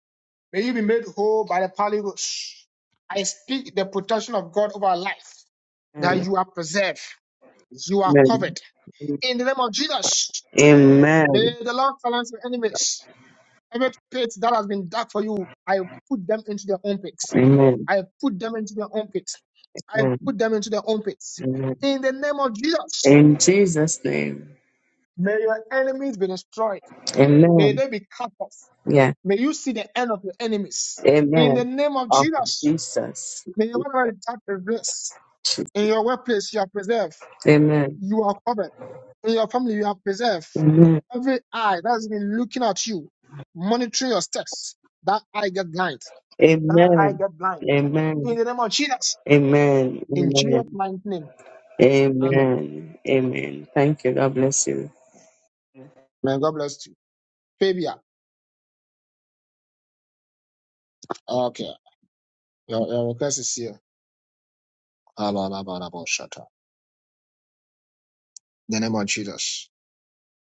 Speaker 3: May you be made whole by the Holy Ghost. I speak the protection of God over our life, that
Speaker 9: Amen.
Speaker 3: you are preserved, you are covered.
Speaker 9: Amen.
Speaker 3: In the name of Jesus,
Speaker 9: Amen.
Speaker 3: may the Lord silence your enemies. Every pit that has been dug for you, I put them into their own pits.
Speaker 9: Amen.
Speaker 3: I put them into their own pits. I put them into their own pits.
Speaker 9: Amen.
Speaker 3: In the name of Jesus,
Speaker 9: In Jesus' name.
Speaker 3: may your enemies be destroyed. May
Speaker 9: Amen.
Speaker 3: they be cut off.
Speaker 9: Yeah.
Speaker 3: May you see the end of your enemies. In the
Speaker 9: Amen.
Speaker 3: name of
Speaker 9: Of
Speaker 3: Jesus,
Speaker 9: Jesus.
Speaker 3: may your whatever you touch is blessed. In your workplace, you are preserved.
Speaker 9: Amen.
Speaker 3: You are covered. In your family, you are preserved.
Speaker 9: Amen.
Speaker 3: Every eye that has been looking at you, monitoring your steps, that eye get blind that I
Speaker 9: Amen.
Speaker 3: get blind. In
Speaker 9: Amen.
Speaker 3: the name of Jesus.
Speaker 9: Amen.
Speaker 3: In Jesus'
Speaker 9: Amen.
Speaker 3: mighty name. Amen.
Speaker 9: Amen. Amen. Thank you. God bless you.
Speaker 3: May God bless you. Fabia. Okay. Your, your request is here. Abba, abba, abba, shut In the name of Jesus.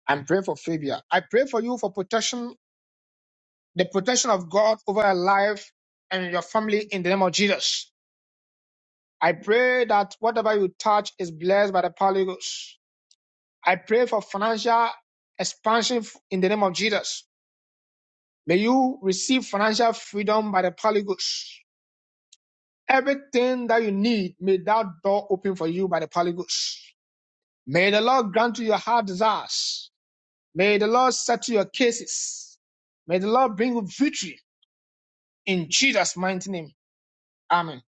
Speaker 3: I'm praying for Fabia. I pray for you for protection, the protection of God over your life and your family in the name of Jesus. I pray that whatever you touch is blessed by the power of the Holy Ghost. I pray for financial expansion in the name of Jesus. May you receive financial freedom by the Holy Ghost. Everything that you need, may that door open for you by the Holy Ghost. May the Lord grant you your heart desires. May the Lord settle your cases. May the Lord bring you victory in Jesus' mighty name. Amen.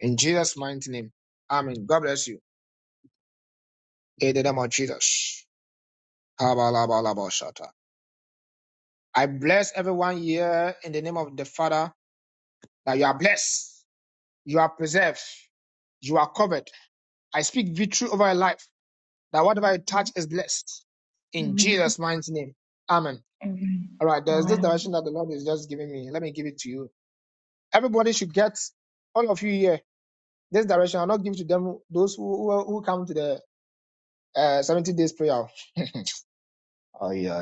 Speaker 3: In Jesus' mighty name. Amen. God bless you. In the name of Jesus. I bless everyone here in the name of the Father that you are blessed, you are preserved, you are covered. I speak victory over your life. That whatever I touch is blessed. In
Speaker 2: Amen.
Speaker 3: Jesus' mighty name. Amen.
Speaker 2: Amen.
Speaker 3: All right, there's this
Speaker 2: Amen.
Speaker 3: direction that the Lord is just giving me. Let me give it to you. Everybody should get, all of you here, this direction. I'll not give to them, those who, who, who come to the uh, 70 days prayer. oh, yeah.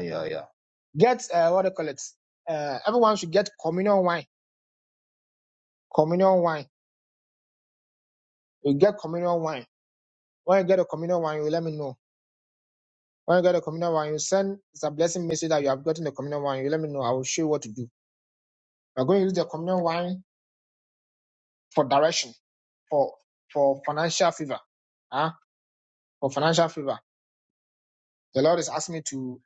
Speaker 3: Get, uh, what do you call it? Uh, everyone should get communion wine. Communion wine. You get communion wine. When you get a communion wine, you let me know. When you get a communion wine, you send, it's a blessing message that you have gotten the communion wine. You let me know. I will show you what to do. We're going to use the communion wine for direction, for for financial favor, huh? for financial favor. The Lord is asking me to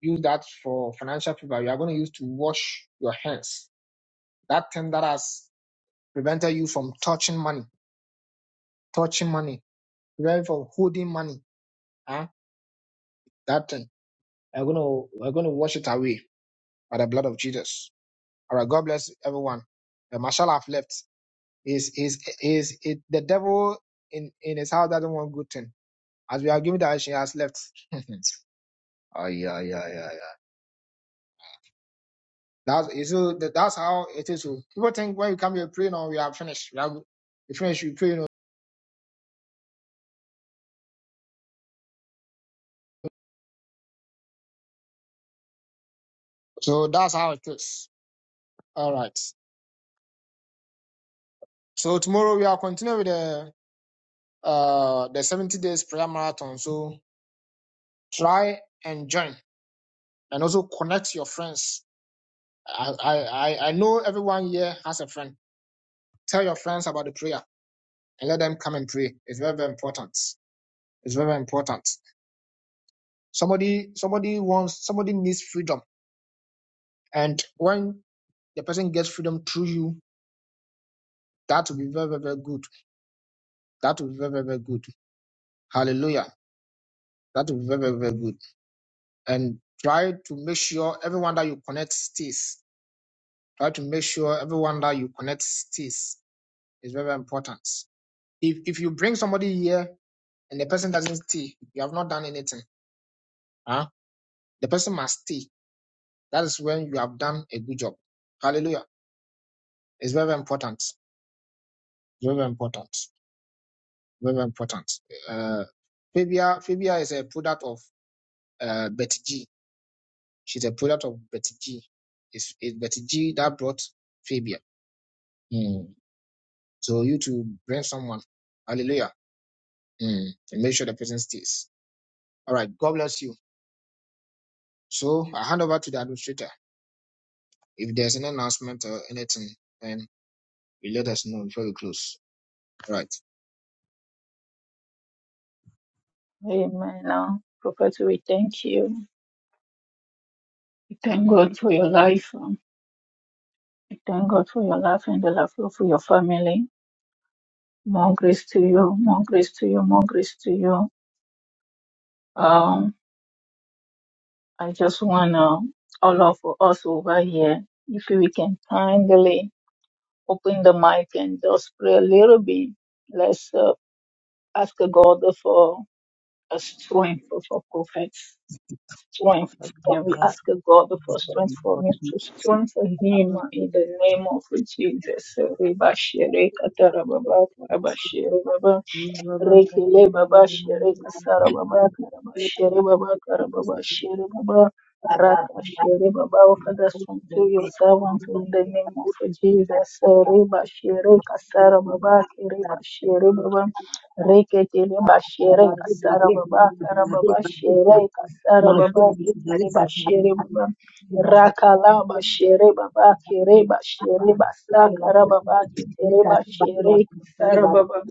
Speaker 3: use that for financial favor. You are going to use to wash your hands. That thing that has prevented you from touching money, touching money, prevented from holding money, huh? that thing. We're going to we're going to wash it away by the blood of Jesus. All right, God bless everyone. The marshal I've left is is is it the devil in in his house doesn't want good thing. As we are giving direction, he has left. Ah, yeah, yeah, yeah, yeah. That's it's so that, that's how it is. oh. People think when you come here pray, no, we are finished. We are good. we finished, we pray, no. So that's how it is. All right. So tomorrow we are continuing with the uh the 70 days prayer marathon. So try and join and also connect your friends. I I I I know everyone here has a friend. Tell your friends about the prayer and let them come and pray. It's very, very important. It's very, very important. Somebody somebody wants somebody needs freedom. And when the person gets freedom through you, that will be very, very, very good. That will be very, very, very good. Hallelujah. That will be very, very, very good. And try to make sure everyone that you connect stays. Try to make sure everyone that you connect stays. It's very, very important. If if you bring somebody here and the person doesn't stay, you have not done anything. Huh? The person must stay. That is when you have done a good job. Hallelujah. It's very, very important. Very, very important. Very, very important. Uh, Fabia, Fabia is a product of uh, Betty G. She's a product of Betty G. It's, it's Betty G that brought Fabia. Mm. So you to bring someone, hallelujah, mm. and make sure the person stays. All right, God bless you. So I hand over to the administrator. If there's an announcement or anything, then you let us know before we close. All right.
Speaker 2: Amen. Now, Prophet, we thank you. We thank God for your life. We thank God for your life and the love for your family. More grace to you. More grace to you. More grace to you. Um, I just wanna all of us over here, if we can kindly open the mic and just pray a little bit. Let's uh, ask God for a strength for for prophets. Strength. Can we ask God for strength for me to strengthen him in the name of Jesus? Reba shere katarababa, karaba shere baba.
Speaker 4: With
Speaker 1: Amen.
Speaker 2: Rekele baba shere kasara baba karaba shere baba karaba baba shere baba raka shere baba. Oh, Father, strengthen your servant in the name of Jesus. Reba shere kasara baba kereba shere baba rekele baba shere kasara baba karaba baba shere kasara baba kereba baba shere baba. Rakala bashere baba kere bashere basaka rababa ketere bashere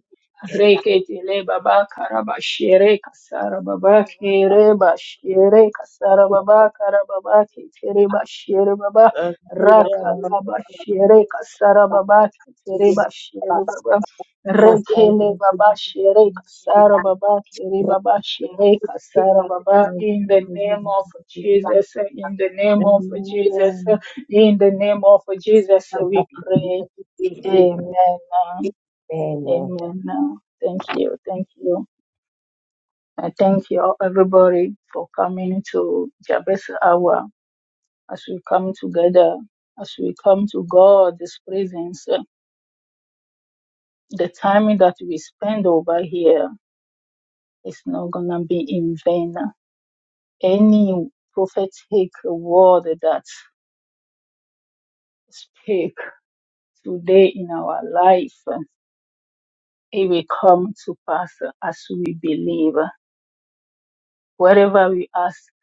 Speaker 2: Rekete le baba karaba shere kasara baba kere ba shere kasara baba karababa ketere ba shere baba rakala ba shere kasara baba ketere ba shere baba rekele baba shere kasara baba kere baba shere kasara baba in the name of
Speaker 1: Mas
Speaker 2: Jesus
Speaker 1: Amen.
Speaker 2: in the name of Jesus in the name of Jesus we pray amen Amen. Uh, Thank you. Thank you. I thank you, all- everybody, for coming to Jabez Hour as we come together, as we come to God's presence. uh, The time that we spend over here is not going to be in vain. Any prophetic word that speak today in our life, uh, it will come to pass as we believe. Wherever we ask.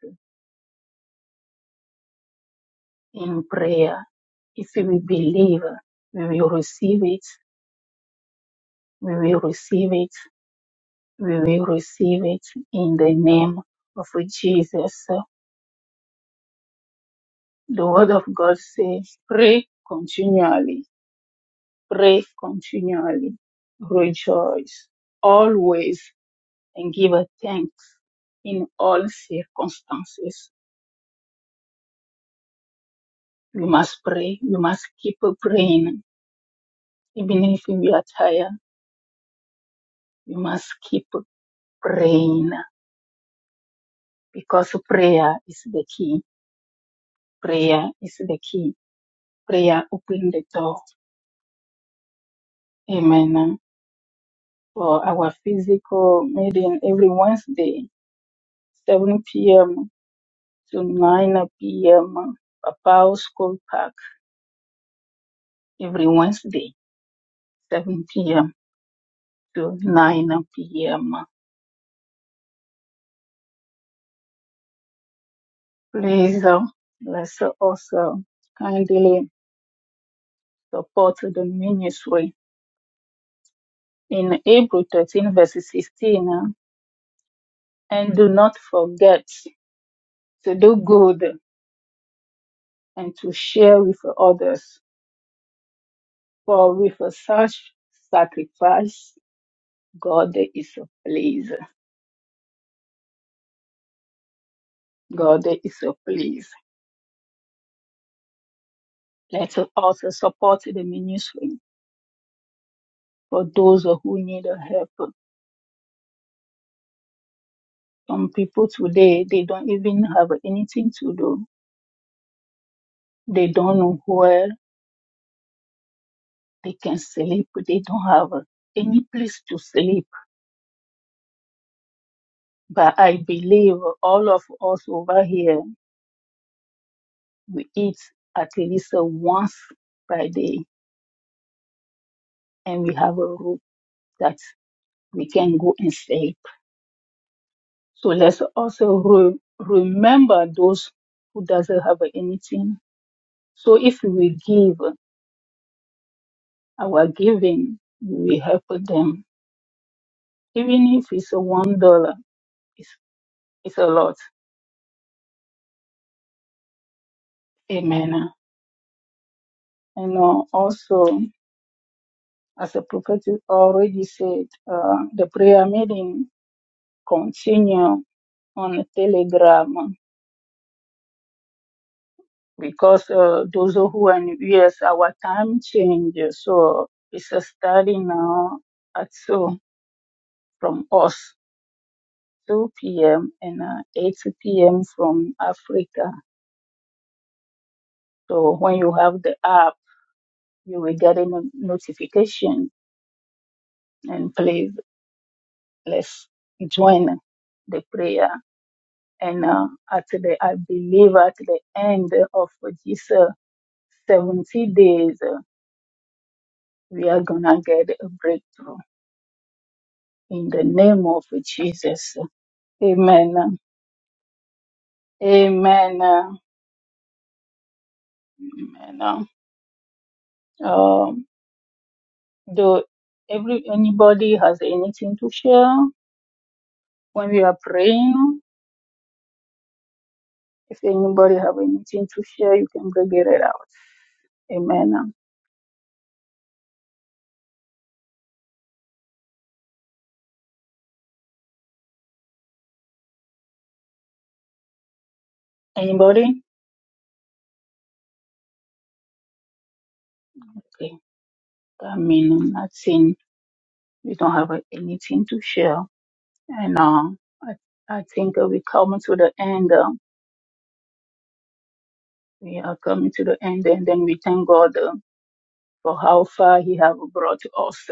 Speaker 2: in prayer. If we believe, we will receive it, we will receive it, we will receive it in the name of Jesus. The word of God says, pray continually, pray continually, rejoice always and give a thanks in all circumstances. We must pray. We must keep praying. Even if we are tired, we must keep praying. because prayer is the key. Prayer is the key. Prayer open the door. Amen. For our physical meeting every Wednesday, 7 p.m. to 9 p.m. Papao School Park every Wednesday, 7 p.m. to 9 p.m. Please, uh, let's also kindly support the ministry in April 13, verse 16. uh, And do not forget to do good and to share with others. For with such sacrifice, God is pleased. God is pleased. Let us also support the ministry for those who need help. Some people today, they don't even have anything to do. They don't know where they can sleep. They don't have any place to sleep. But I believe all of us over here, we eat at least once by day and we have a roof that we can go and sleep. So let's also re- remember those who doesn't have anything. So if we give our giving, we help them. Even if it's a one dollar, it's, it's a lot. Amen. And uh, also, as the prophet already said, uh, the prayer meeting continue on Telegram. because uh, those who are new, yes, our time changes. So it's a starting now at so from us 2 p.m. and uh, 8 p.m. from Africa. So when you have the app, you will get a no- notification and please let's join the prayer. And uh, at the, I believe at the end of this uh, 70 days, uh, we are gonna get a breakthrough In the name of Jesus. Amen. Amen. Amen. Um, do every anybody has anything to share when we are praying? If anybody have anything to share, you can bring it out. Amen. Anybody? Okay. I mean, nothing. We don't have uh, anything to share. And uh, I, I think uh, we come to the end. Uh, we are coming to the end, and then we thank God uh, for how far He have brought us.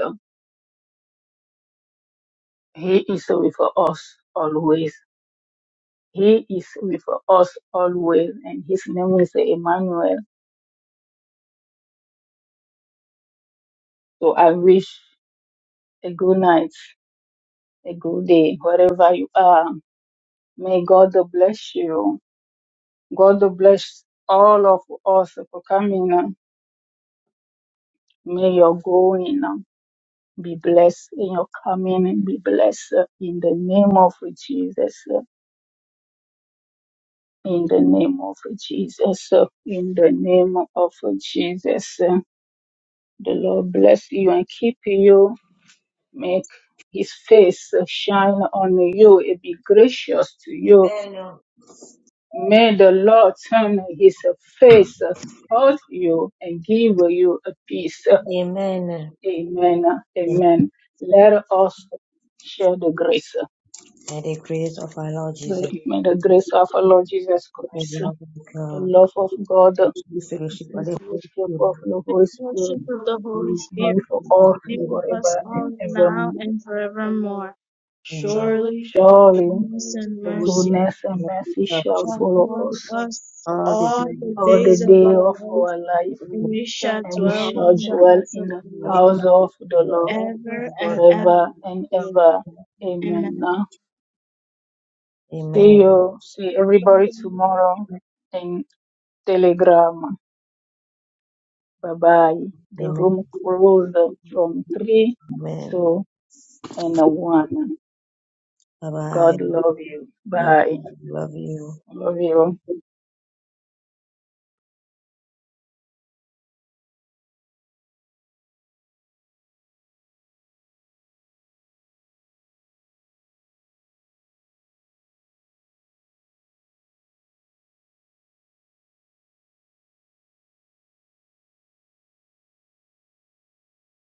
Speaker 2: He is with us always. He is with us always. And his name is Emmanuel. So I wish a good night, a good day, wherever you are. May God bless you. God bless all of us for coming. May your going be blessed and your coming be blessed in the name of Jesus. In the name of Jesus. In the name of Jesus. The Lord bless you and keep you. Make his face shine on you and be gracious to you.
Speaker 1: Amen.
Speaker 2: May the Lord turn his face toward you and give you a peace.
Speaker 1: Amen.
Speaker 2: Amen. Amen. Let us share the grace.
Speaker 1: May the grace of our Lord Jesus,
Speaker 2: May the grace of our Lord Jesus
Speaker 1: the
Speaker 2: Christ,
Speaker 1: love of
Speaker 2: the
Speaker 1: God,
Speaker 2: love of God, the
Speaker 1: the fellowship of the Holy
Speaker 2: fellowship
Speaker 1: Spirit,
Speaker 2: of the Holy Spirit,
Speaker 4: worship of the
Speaker 1: be
Speaker 4: Holy
Speaker 1: with
Speaker 2: be
Speaker 4: Spirit,
Speaker 1: us
Speaker 2: with us
Speaker 1: now
Speaker 2: all
Speaker 4: be with us
Speaker 2: forever and
Speaker 4: all
Speaker 2: ever.
Speaker 4: now and forevermore.
Speaker 1: and forever. Amen.
Speaker 4: Surely,
Speaker 2: Surely.
Speaker 4: goodness and
Speaker 2: The
Speaker 4: mercy
Speaker 2: goodness and mercy shall
Speaker 4: shall
Speaker 2: follow
Speaker 4: follow
Speaker 2: us
Speaker 4: us
Speaker 1: All the
Speaker 4: all
Speaker 1: time.
Speaker 4: the
Speaker 2: all the
Speaker 4: days of
Speaker 2: day
Speaker 4: our
Speaker 2: of
Speaker 4: life
Speaker 2: our life,
Speaker 4: we shall
Speaker 2: and we
Speaker 4: dwell
Speaker 2: shall
Speaker 4: in the
Speaker 2: dwell
Speaker 4: house of
Speaker 2: in the
Speaker 4: the Lord
Speaker 2: house of the Lord
Speaker 4: forever and
Speaker 2: forever and
Speaker 4: ever.
Speaker 2: ever. Amen.
Speaker 4: Amen.
Speaker 2: Now, see
Speaker 1: Amen.
Speaker 2: you, see everybody tomorrow in Telegram. Bye bye. The
Speaker 1: Amen.
Speaker 2: room closed from 3
Speaker 1: Amen.
Speaker 2: to and 1.
Speaker 1: Bye bye.
Speaker 2: God love you. Bye.
Speaker 1: Love you.
Speaker 2: Love you.